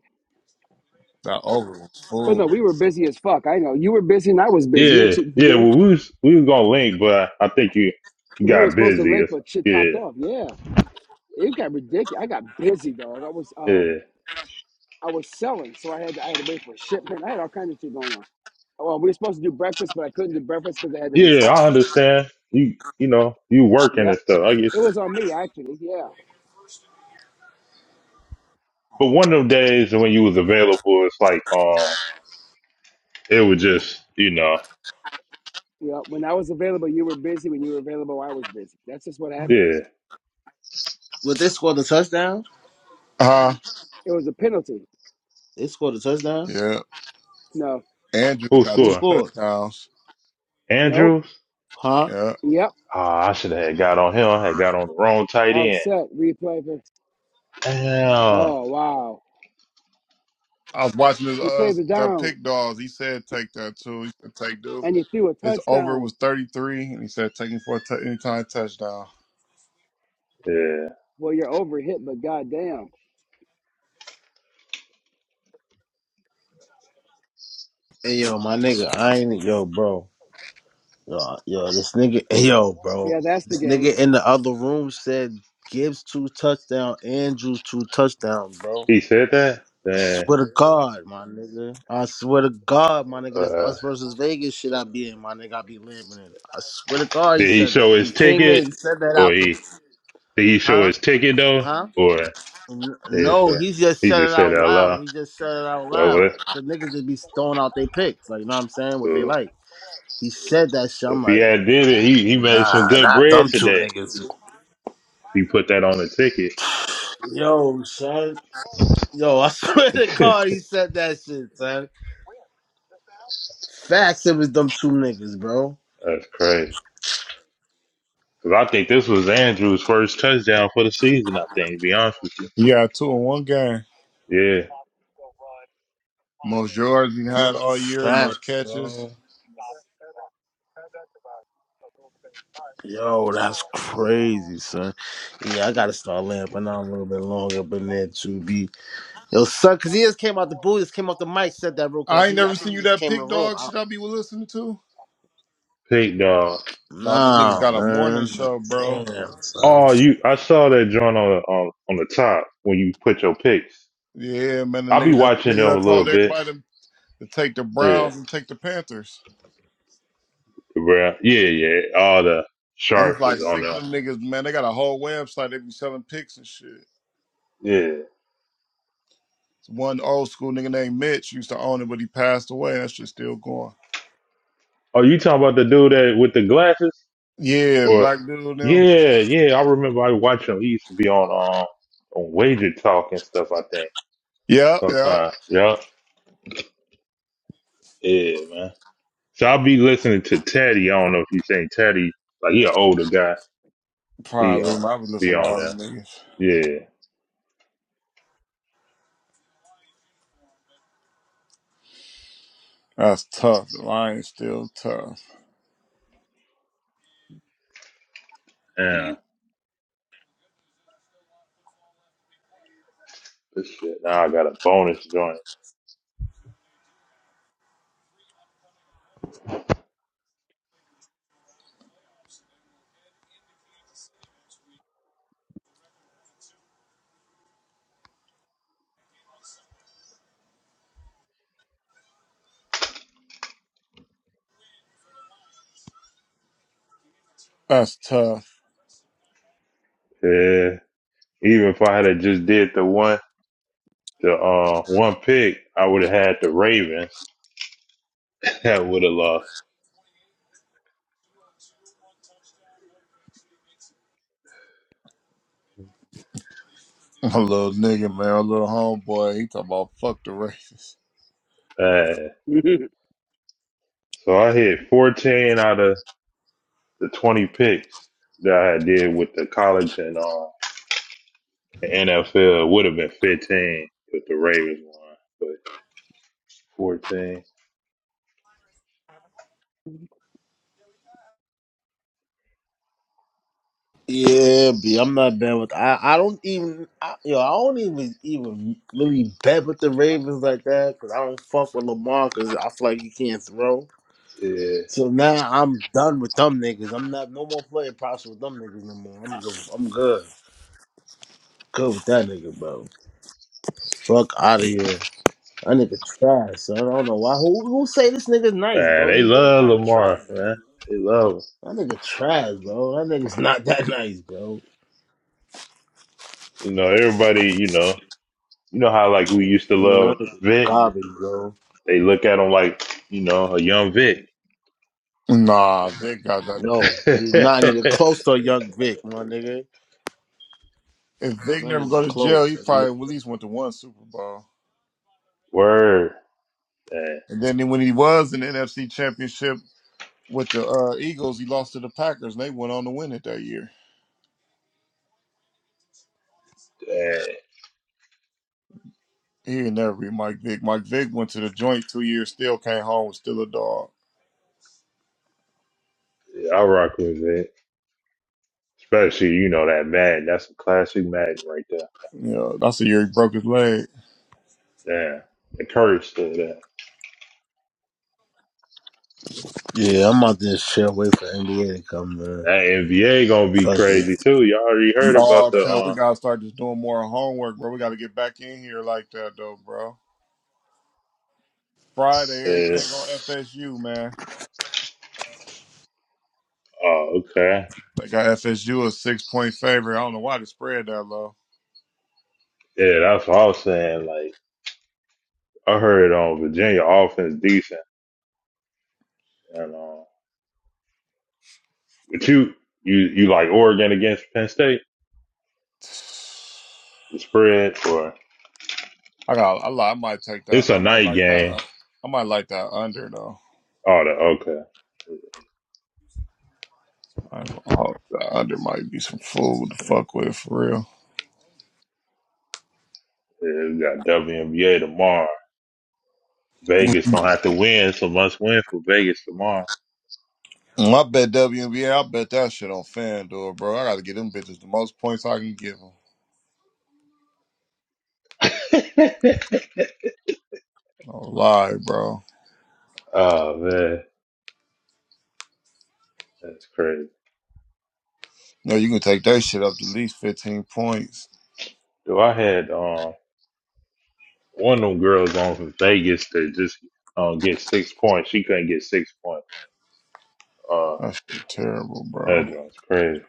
S2: That over was
S3: But no,
S2: fool.
S3: we were busy as fuck. I know you were busy and I was busy. You had
S1: Yeah,
S3: shit to
S1: yeah.
S3: do.
S1: Well, we was we was gonna link, but I, I think you you
S3: We were
S1: got
S3: supposed to
S1: busy. Or
S3: link, but shit popped
S1: something.
S3: off. Yeah, it got ridiculous. I got busy, dog. I was um,
S1: Yeah, yeah,
S3: I was selling, so I had to, I had to wait for a shipment. I had all kinds of shit going on. Well, we were supposed to do breakfast, but I couldn't do breakfast because I had to
S1: yeah.
S3: restock.
S1: I understand. You you know you working
S3: Yep,
S1: and stuff. I get.
S3: it was on me actually. Yeah,
S1: But one of them days when you was available, it's like um, it was just you know
S3: yeah. When I was available, you were busy. When you were available, I was busy. That's just what
S1: yeah.
S3: happens.
S5: Well, they scored a touchdown.
S2: Uh huh.
S3: It was a penalty.
S5: They scored a touchdown.
S2: Yeah.
S3: No,
S2: Andrew
S1: Who
S2: got
S5: Who
S2: two
S1: scored?
S5: scored?
S2: touchdowns.
S3: nope.
S1: Andrews.
S5: Huh?
S2: Yeah.
S3: Yep.
S1: Ah, I should have had got on him. I had got on the wrong tight end.
S3: Offset. Replay. for-
S1: Damn.
S3: Oh wow.
S2: I was watching his
S3: You
S2: uh
S3: played the
S2: the
S3: down.
S2: pick dogs. He said take that too. He said take Duke.
S3: and you threw a
S2: His over
S3: touchdown.
S2: was 33, and he said taking for a t- anytime touchdown.
S1: Yeah.
S3: Well, you're overhit, but goddamn,
S5: Hey, yo, my nigga, I ain't yo, bro. Yo, yo, this nigga, hey, yo, bro.
S3: yeah, that's the
S5: This
S3: game.
S5: nigga in the other room said Gibbs two touchdown, Andrew two touchdown, bro.
S1: He said that. Then
S5: Swear to God, my nigga. I swear to God, my nigga. This
S1: uh,
S5: us versus Vegas shit I be in, my nigga. I be living in. I swear to God, he
S1: did he
S5: said that.
S1: show
S5: He
S1: his
S5: came in and
S1: ticket
S5: said that
S1: or
S5: out the
S1: he did he show
S5: huh,
S1: his ticket though?
S5: huh?
S1: Or
S5: N-
S1: If
S5: No,
S1: uh,
S5: he just
S1: he
S5: said it
S1: just said
S5: out
S1: it out loud.
S5: loud. He just said it out
S1: Well,
S5: loud.
S1: well,
S5: Cause niggas just be throwing out their picks, like you know what I'm saying, what they
S1: So
S5: like. He said that shit. I'm
S1: if he
S5: like,
S1: had did it, he, he made some
S5: nah,
S1: good
S5: not
S1: bread
S5: them two
S1: today. If
S5: niggas.
S1: he put that on the ticket,
S5: Yo, son. Yo, I swear to God,
S1: that's
S5: he said that shit, son. Facts, it was them two niggas, bro.
S1: crazy. Cause I think this was Andrew's first touchdown for the season. I think, to be honest with you.
S2: He got two in one game.
S1: Yeah,
S2: Most yards he had all year, most
S5: Facts,
S2: catches.
S5: bro. Yo, that's crazy, son. Yeah, I gotta start laying but now I'm a little bit longer, but then to be yo, son, cause he just came out the booth, just came off the mic, said that real quick. Like
S2: I ain't
S5: he,
S2: never
S5: I think
S2: seen
S5: he
S2: you
S5: just
S2: that
S5: came in the
S2: pick
S5: room.
S2: dog.
S5: I,
S2: Should I be listening to?
S1: pick dog.
S2: No, these niggas
S5: nah,
S2: got a morning
S5: man,
S2: show, bro.
S5: damn, son.
S1: Oh, you! I saw that joint on the on, on the top when you put your picks.
S2: Yeah, man, the
S1: I'll be
S2: nigga, the
S1: watching them
S2: niggas
S1: a
S2: I told
S1: little bit.
S2: everybody to to take the
S1: Yeah,
S2: Browns and take the Panthers,
S1: bro. Yeah, yeah. All the
S2: and it's
S1: sharps is
S2: like
S1: on
S2: six of
S1: there.
S2: them niggas, man. They got a whole website. They be selling picks and shit.
S1: Yeah.
S2: One old school nigga named Mitch used to own it, but he passed away. That shit's still going.
S1: Oh, you talking about the dude that with the glasses?
S2: Yeah,
S1: Or
S2: black dude now.
S1: yeah, yeah, I remember I watching him. he used to be on um on Wager Talk and stuff, I think.
S2: Yeah, yeah.
S1: Sometimes. Yeah. Yeah, man. So I'll be listening to Teddy. I don't know if you seen Teddy, like he an older guy. He
S2: Probably.
S1: um
S2: I was
S1: be
S2: listening to
S1: on
S2: all
S1: there.
S2: them niggas.
S1: Yeah.
S2: That's tough. The Lions still tough.
S1: Yeah. This shit. Now I got a bonus joint.
S2: That's tough.
S1: Yeah. Even if I had a just did the one the uh one pick, I would have had the Ravens. that would have lost.
S2: A little nigga, man, a little homeboy. He talking about fuck the racists.
S1: Yeah. So I hit fourteen out of the 20 picks that I did with the college and uh, the NFL would have been 15 with the Ravens one, but 14.
S5: Yeah, B, I'm not bad with. I, I don't even, I, yo, I don't even even really bet with the Ravens like that, cause I don't fuck with Lamar, cause I feel like he can't throw.
S1: Yeah.
S5: So now I'm done with them niggas. I'm not no more playing props with them niggas no more. I'm good. I'm good. Good with that nigga, bro. Fuck out of here. That nigga trash. Son. I don't know why. Who who say this nigga's nice,
S1: Man,
S5: bro?
S1: they
S5: He really
S1: love
S5: kind of trash,
S1: Lamar,
S5: bro.
S1: man. They love him.
S5: That nigga trash, bro. That nigga's not that nice, bro.
S1: You know, everybody, you know, you know how like we used to
S5: Man, that
S1: love
S5: nigga
S1: Vic?
S5: garbage, bro.
S1: They look at him like, you know, a young Vic.
S2: Nah, they got that.
S5: No, he's not even close to a young Vic, my nigga.
S2: If Vic
S5: Not
S2: never
S5: even
S2: go to jail,
S5: close,
S2: he probably
S5: dude.
S2: at least went to one Super Bowl.
S1: Word. Man,
S2: And then when he was in the NFC Championship with the uh, Eagles, he lost to the Packers, and they went on to win it that year.
S1: man.
S2: He would never be Mike Vick. Mike Vick went to the joint two years, still came home, was still a dog.
S1: Yeah, I rock with Vic. Especially, you know, that Madden. That's a classic Madden right there.
S2: You know, that's the year he broke his leg.
S1: Yeah. The curse to that.
S5: Yeah, I'm out this shit. Wait for NBA to come, man.
S1: That NBA gonna be
S5: Fuck it.
S1: crazy too. You already heard about
S2: Oh,
S1: the
S2: cuz we
S1: uh
S2: gotta start just doing more homework, bro. We gotta get back in here like that, though, bro. Friday,
S1: yeah.
S2: everything on FSU, man.
S1: Oh, okay.
S2: They got FSU a six point favorite. I don't know why they spread that low.
S1: Yeah, that's what I was saying. Like I heard on Virginia offense decent. And uh but you you you like Oregon against Penn State? The spread or
S2: I got a lot. I might take that.
S1: it's a
S2: I might
S1: night
S2: like that.
S1: game.
S2: uh, I might like that under though.
S1: Oh the okay.
S2: I hope that under might be some food to fuck with for real.
S1: Yeah, we got WNBA tomorrow. Vegas gonna have to win, so must win for Vegas tomorrow.
S2: Mm, I bet WNBA. I bet that shit on FanDuel, bro. I got to get them bitches the most points I can give them. No lie, bro.
S1: oh man, that's crazy.
S2: No, you can take that shit up to at least 15 points.
S1: Do I had um One of them girls on from Vegas that just uh, get six points. She couldn't get six points. Uh,
S2: That shit terrible, bro.
S1: that joint's crazy.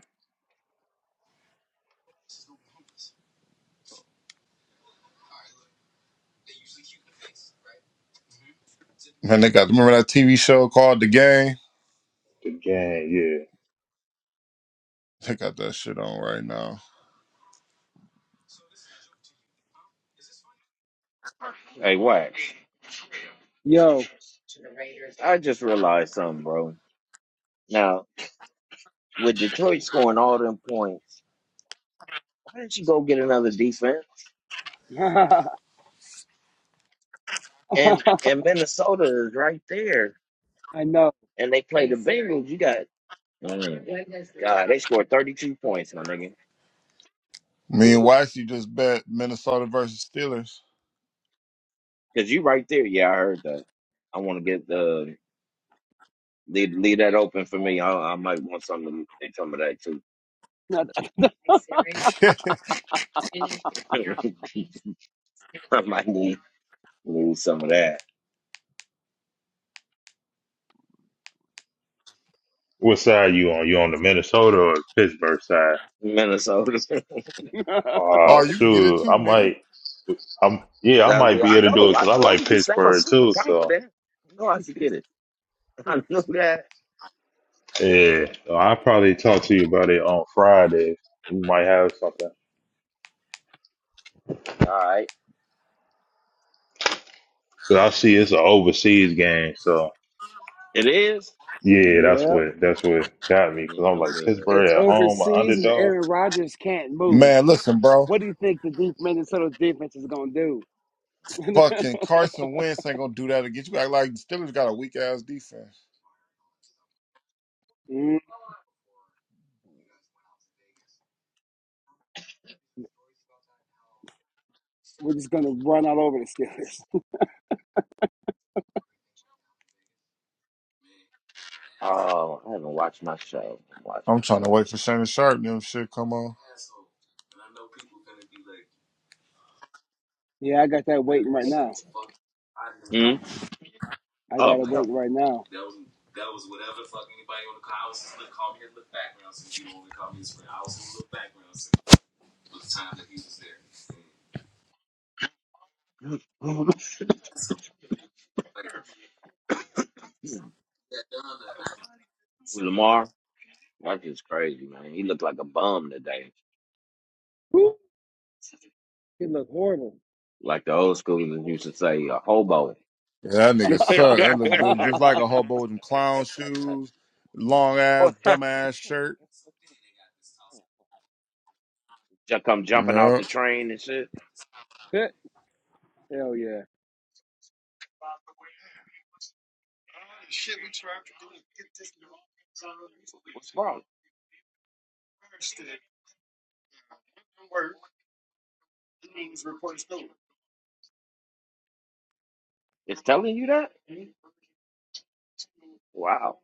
S2: Man, they got, remember that TV show called The Game?
S1: The game, yeah.
S2: They got that shit on right now.
S4: Hey, Wax.
S3: Yo,
S4: I just realized something, bro. Now with Detroit scoring all them points, you go get another defense,
S3: I
S4: and and Minnesota is right there,
S3: know.
S4: and they play the Bengals. You got Mm. God, they scored 32 points, my nigga.
S2: Me and Waxy just bet Minnesota versus Steelers.
S4: Because you right there. Yeah, I heard that. I want to get the leave, leave that open for me. I, I might want something to some of that too. I might need, need some of that.
S1: What side you on? You on the Minnesota or Pittsburgh side?
S4: Minnesota.
S3: yep,
S2: oh,
S1: Oh,
S2: you can get it
S1: shoot. I
S2: too, nigga.
S1: might, I'm, yeah, I
S4: That's,
S1: might be
S4: I
S1: able to do it
S4: know. I
S1: because I
S4: know.
S1: like
S4: You sound
S1: Pittsburgh
S4: super
S1: too. So,
S4: confident. I know I should get it. I know that.
S1: yeah, So I'll probably talk to you about it on Friday. We might have something.
S4: All right.
S1: But I see it's an overseas game. So,
S4: It is?
S1: yeah, that's what, that's what got me because
S4: Yeah,
S1: I'm
S4: I'm
S1: like
S4: good.
S3: it's
S1: Pittsburgh at home, an
S3: overseas, and
S1: underdog.
S3: Aaron Rodgers can't move.
S2: Man, listen, bro.
S3: What do you think the deep Minnesota defense is gonna do?
S4: I'm good.
S2: Fucking Carson Wentz ain't gonna do that again. You act like the Steelers got a weak ass defense.
S3: Mm, We're just gonna run all over the Steelers.
S4: Oh, I haven't watched my show. Watch
S2: I'm
S4: my
S2: trying to
S4: show
S2: wait
S4: yet.
S2: for Shannon Sharp and them shit come on.
S3: yeah, I got that waiting right now.
S4: Hmm?
S3: I
S4: Oh,
S3: got it
S4: what's up?
S3: waiting right now.
S4: Lamar, that's just crazy, man. He looked like a bum today.
S3: Woo, it look horrible.
S4: Like the old schoolers used to say, a hobo.
S2: Yeah, that nigga suck. That look good. just like a hobo with them clown shoes, long ass, dumb ass shirt.
S4: Just come jumping off
S2: No.
S4: the train and shit.
S3: Hell yeah.
S4: What's wrong? It's telling you that? Wow.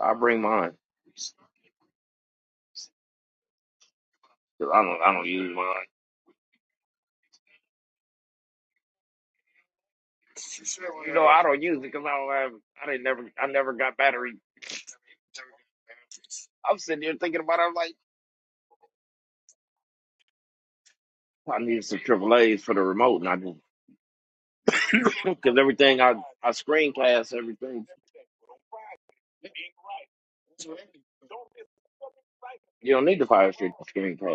S4: I bring mine. 'Cause I don't I don't use mine. You know, I don't use it because I don't have I didn't never I never got battery. I'm sitting here thinking about it, I'm like, I need some triple A's for the remote and I just because everything I I screencast everything. You don't need the fire stick to screencast.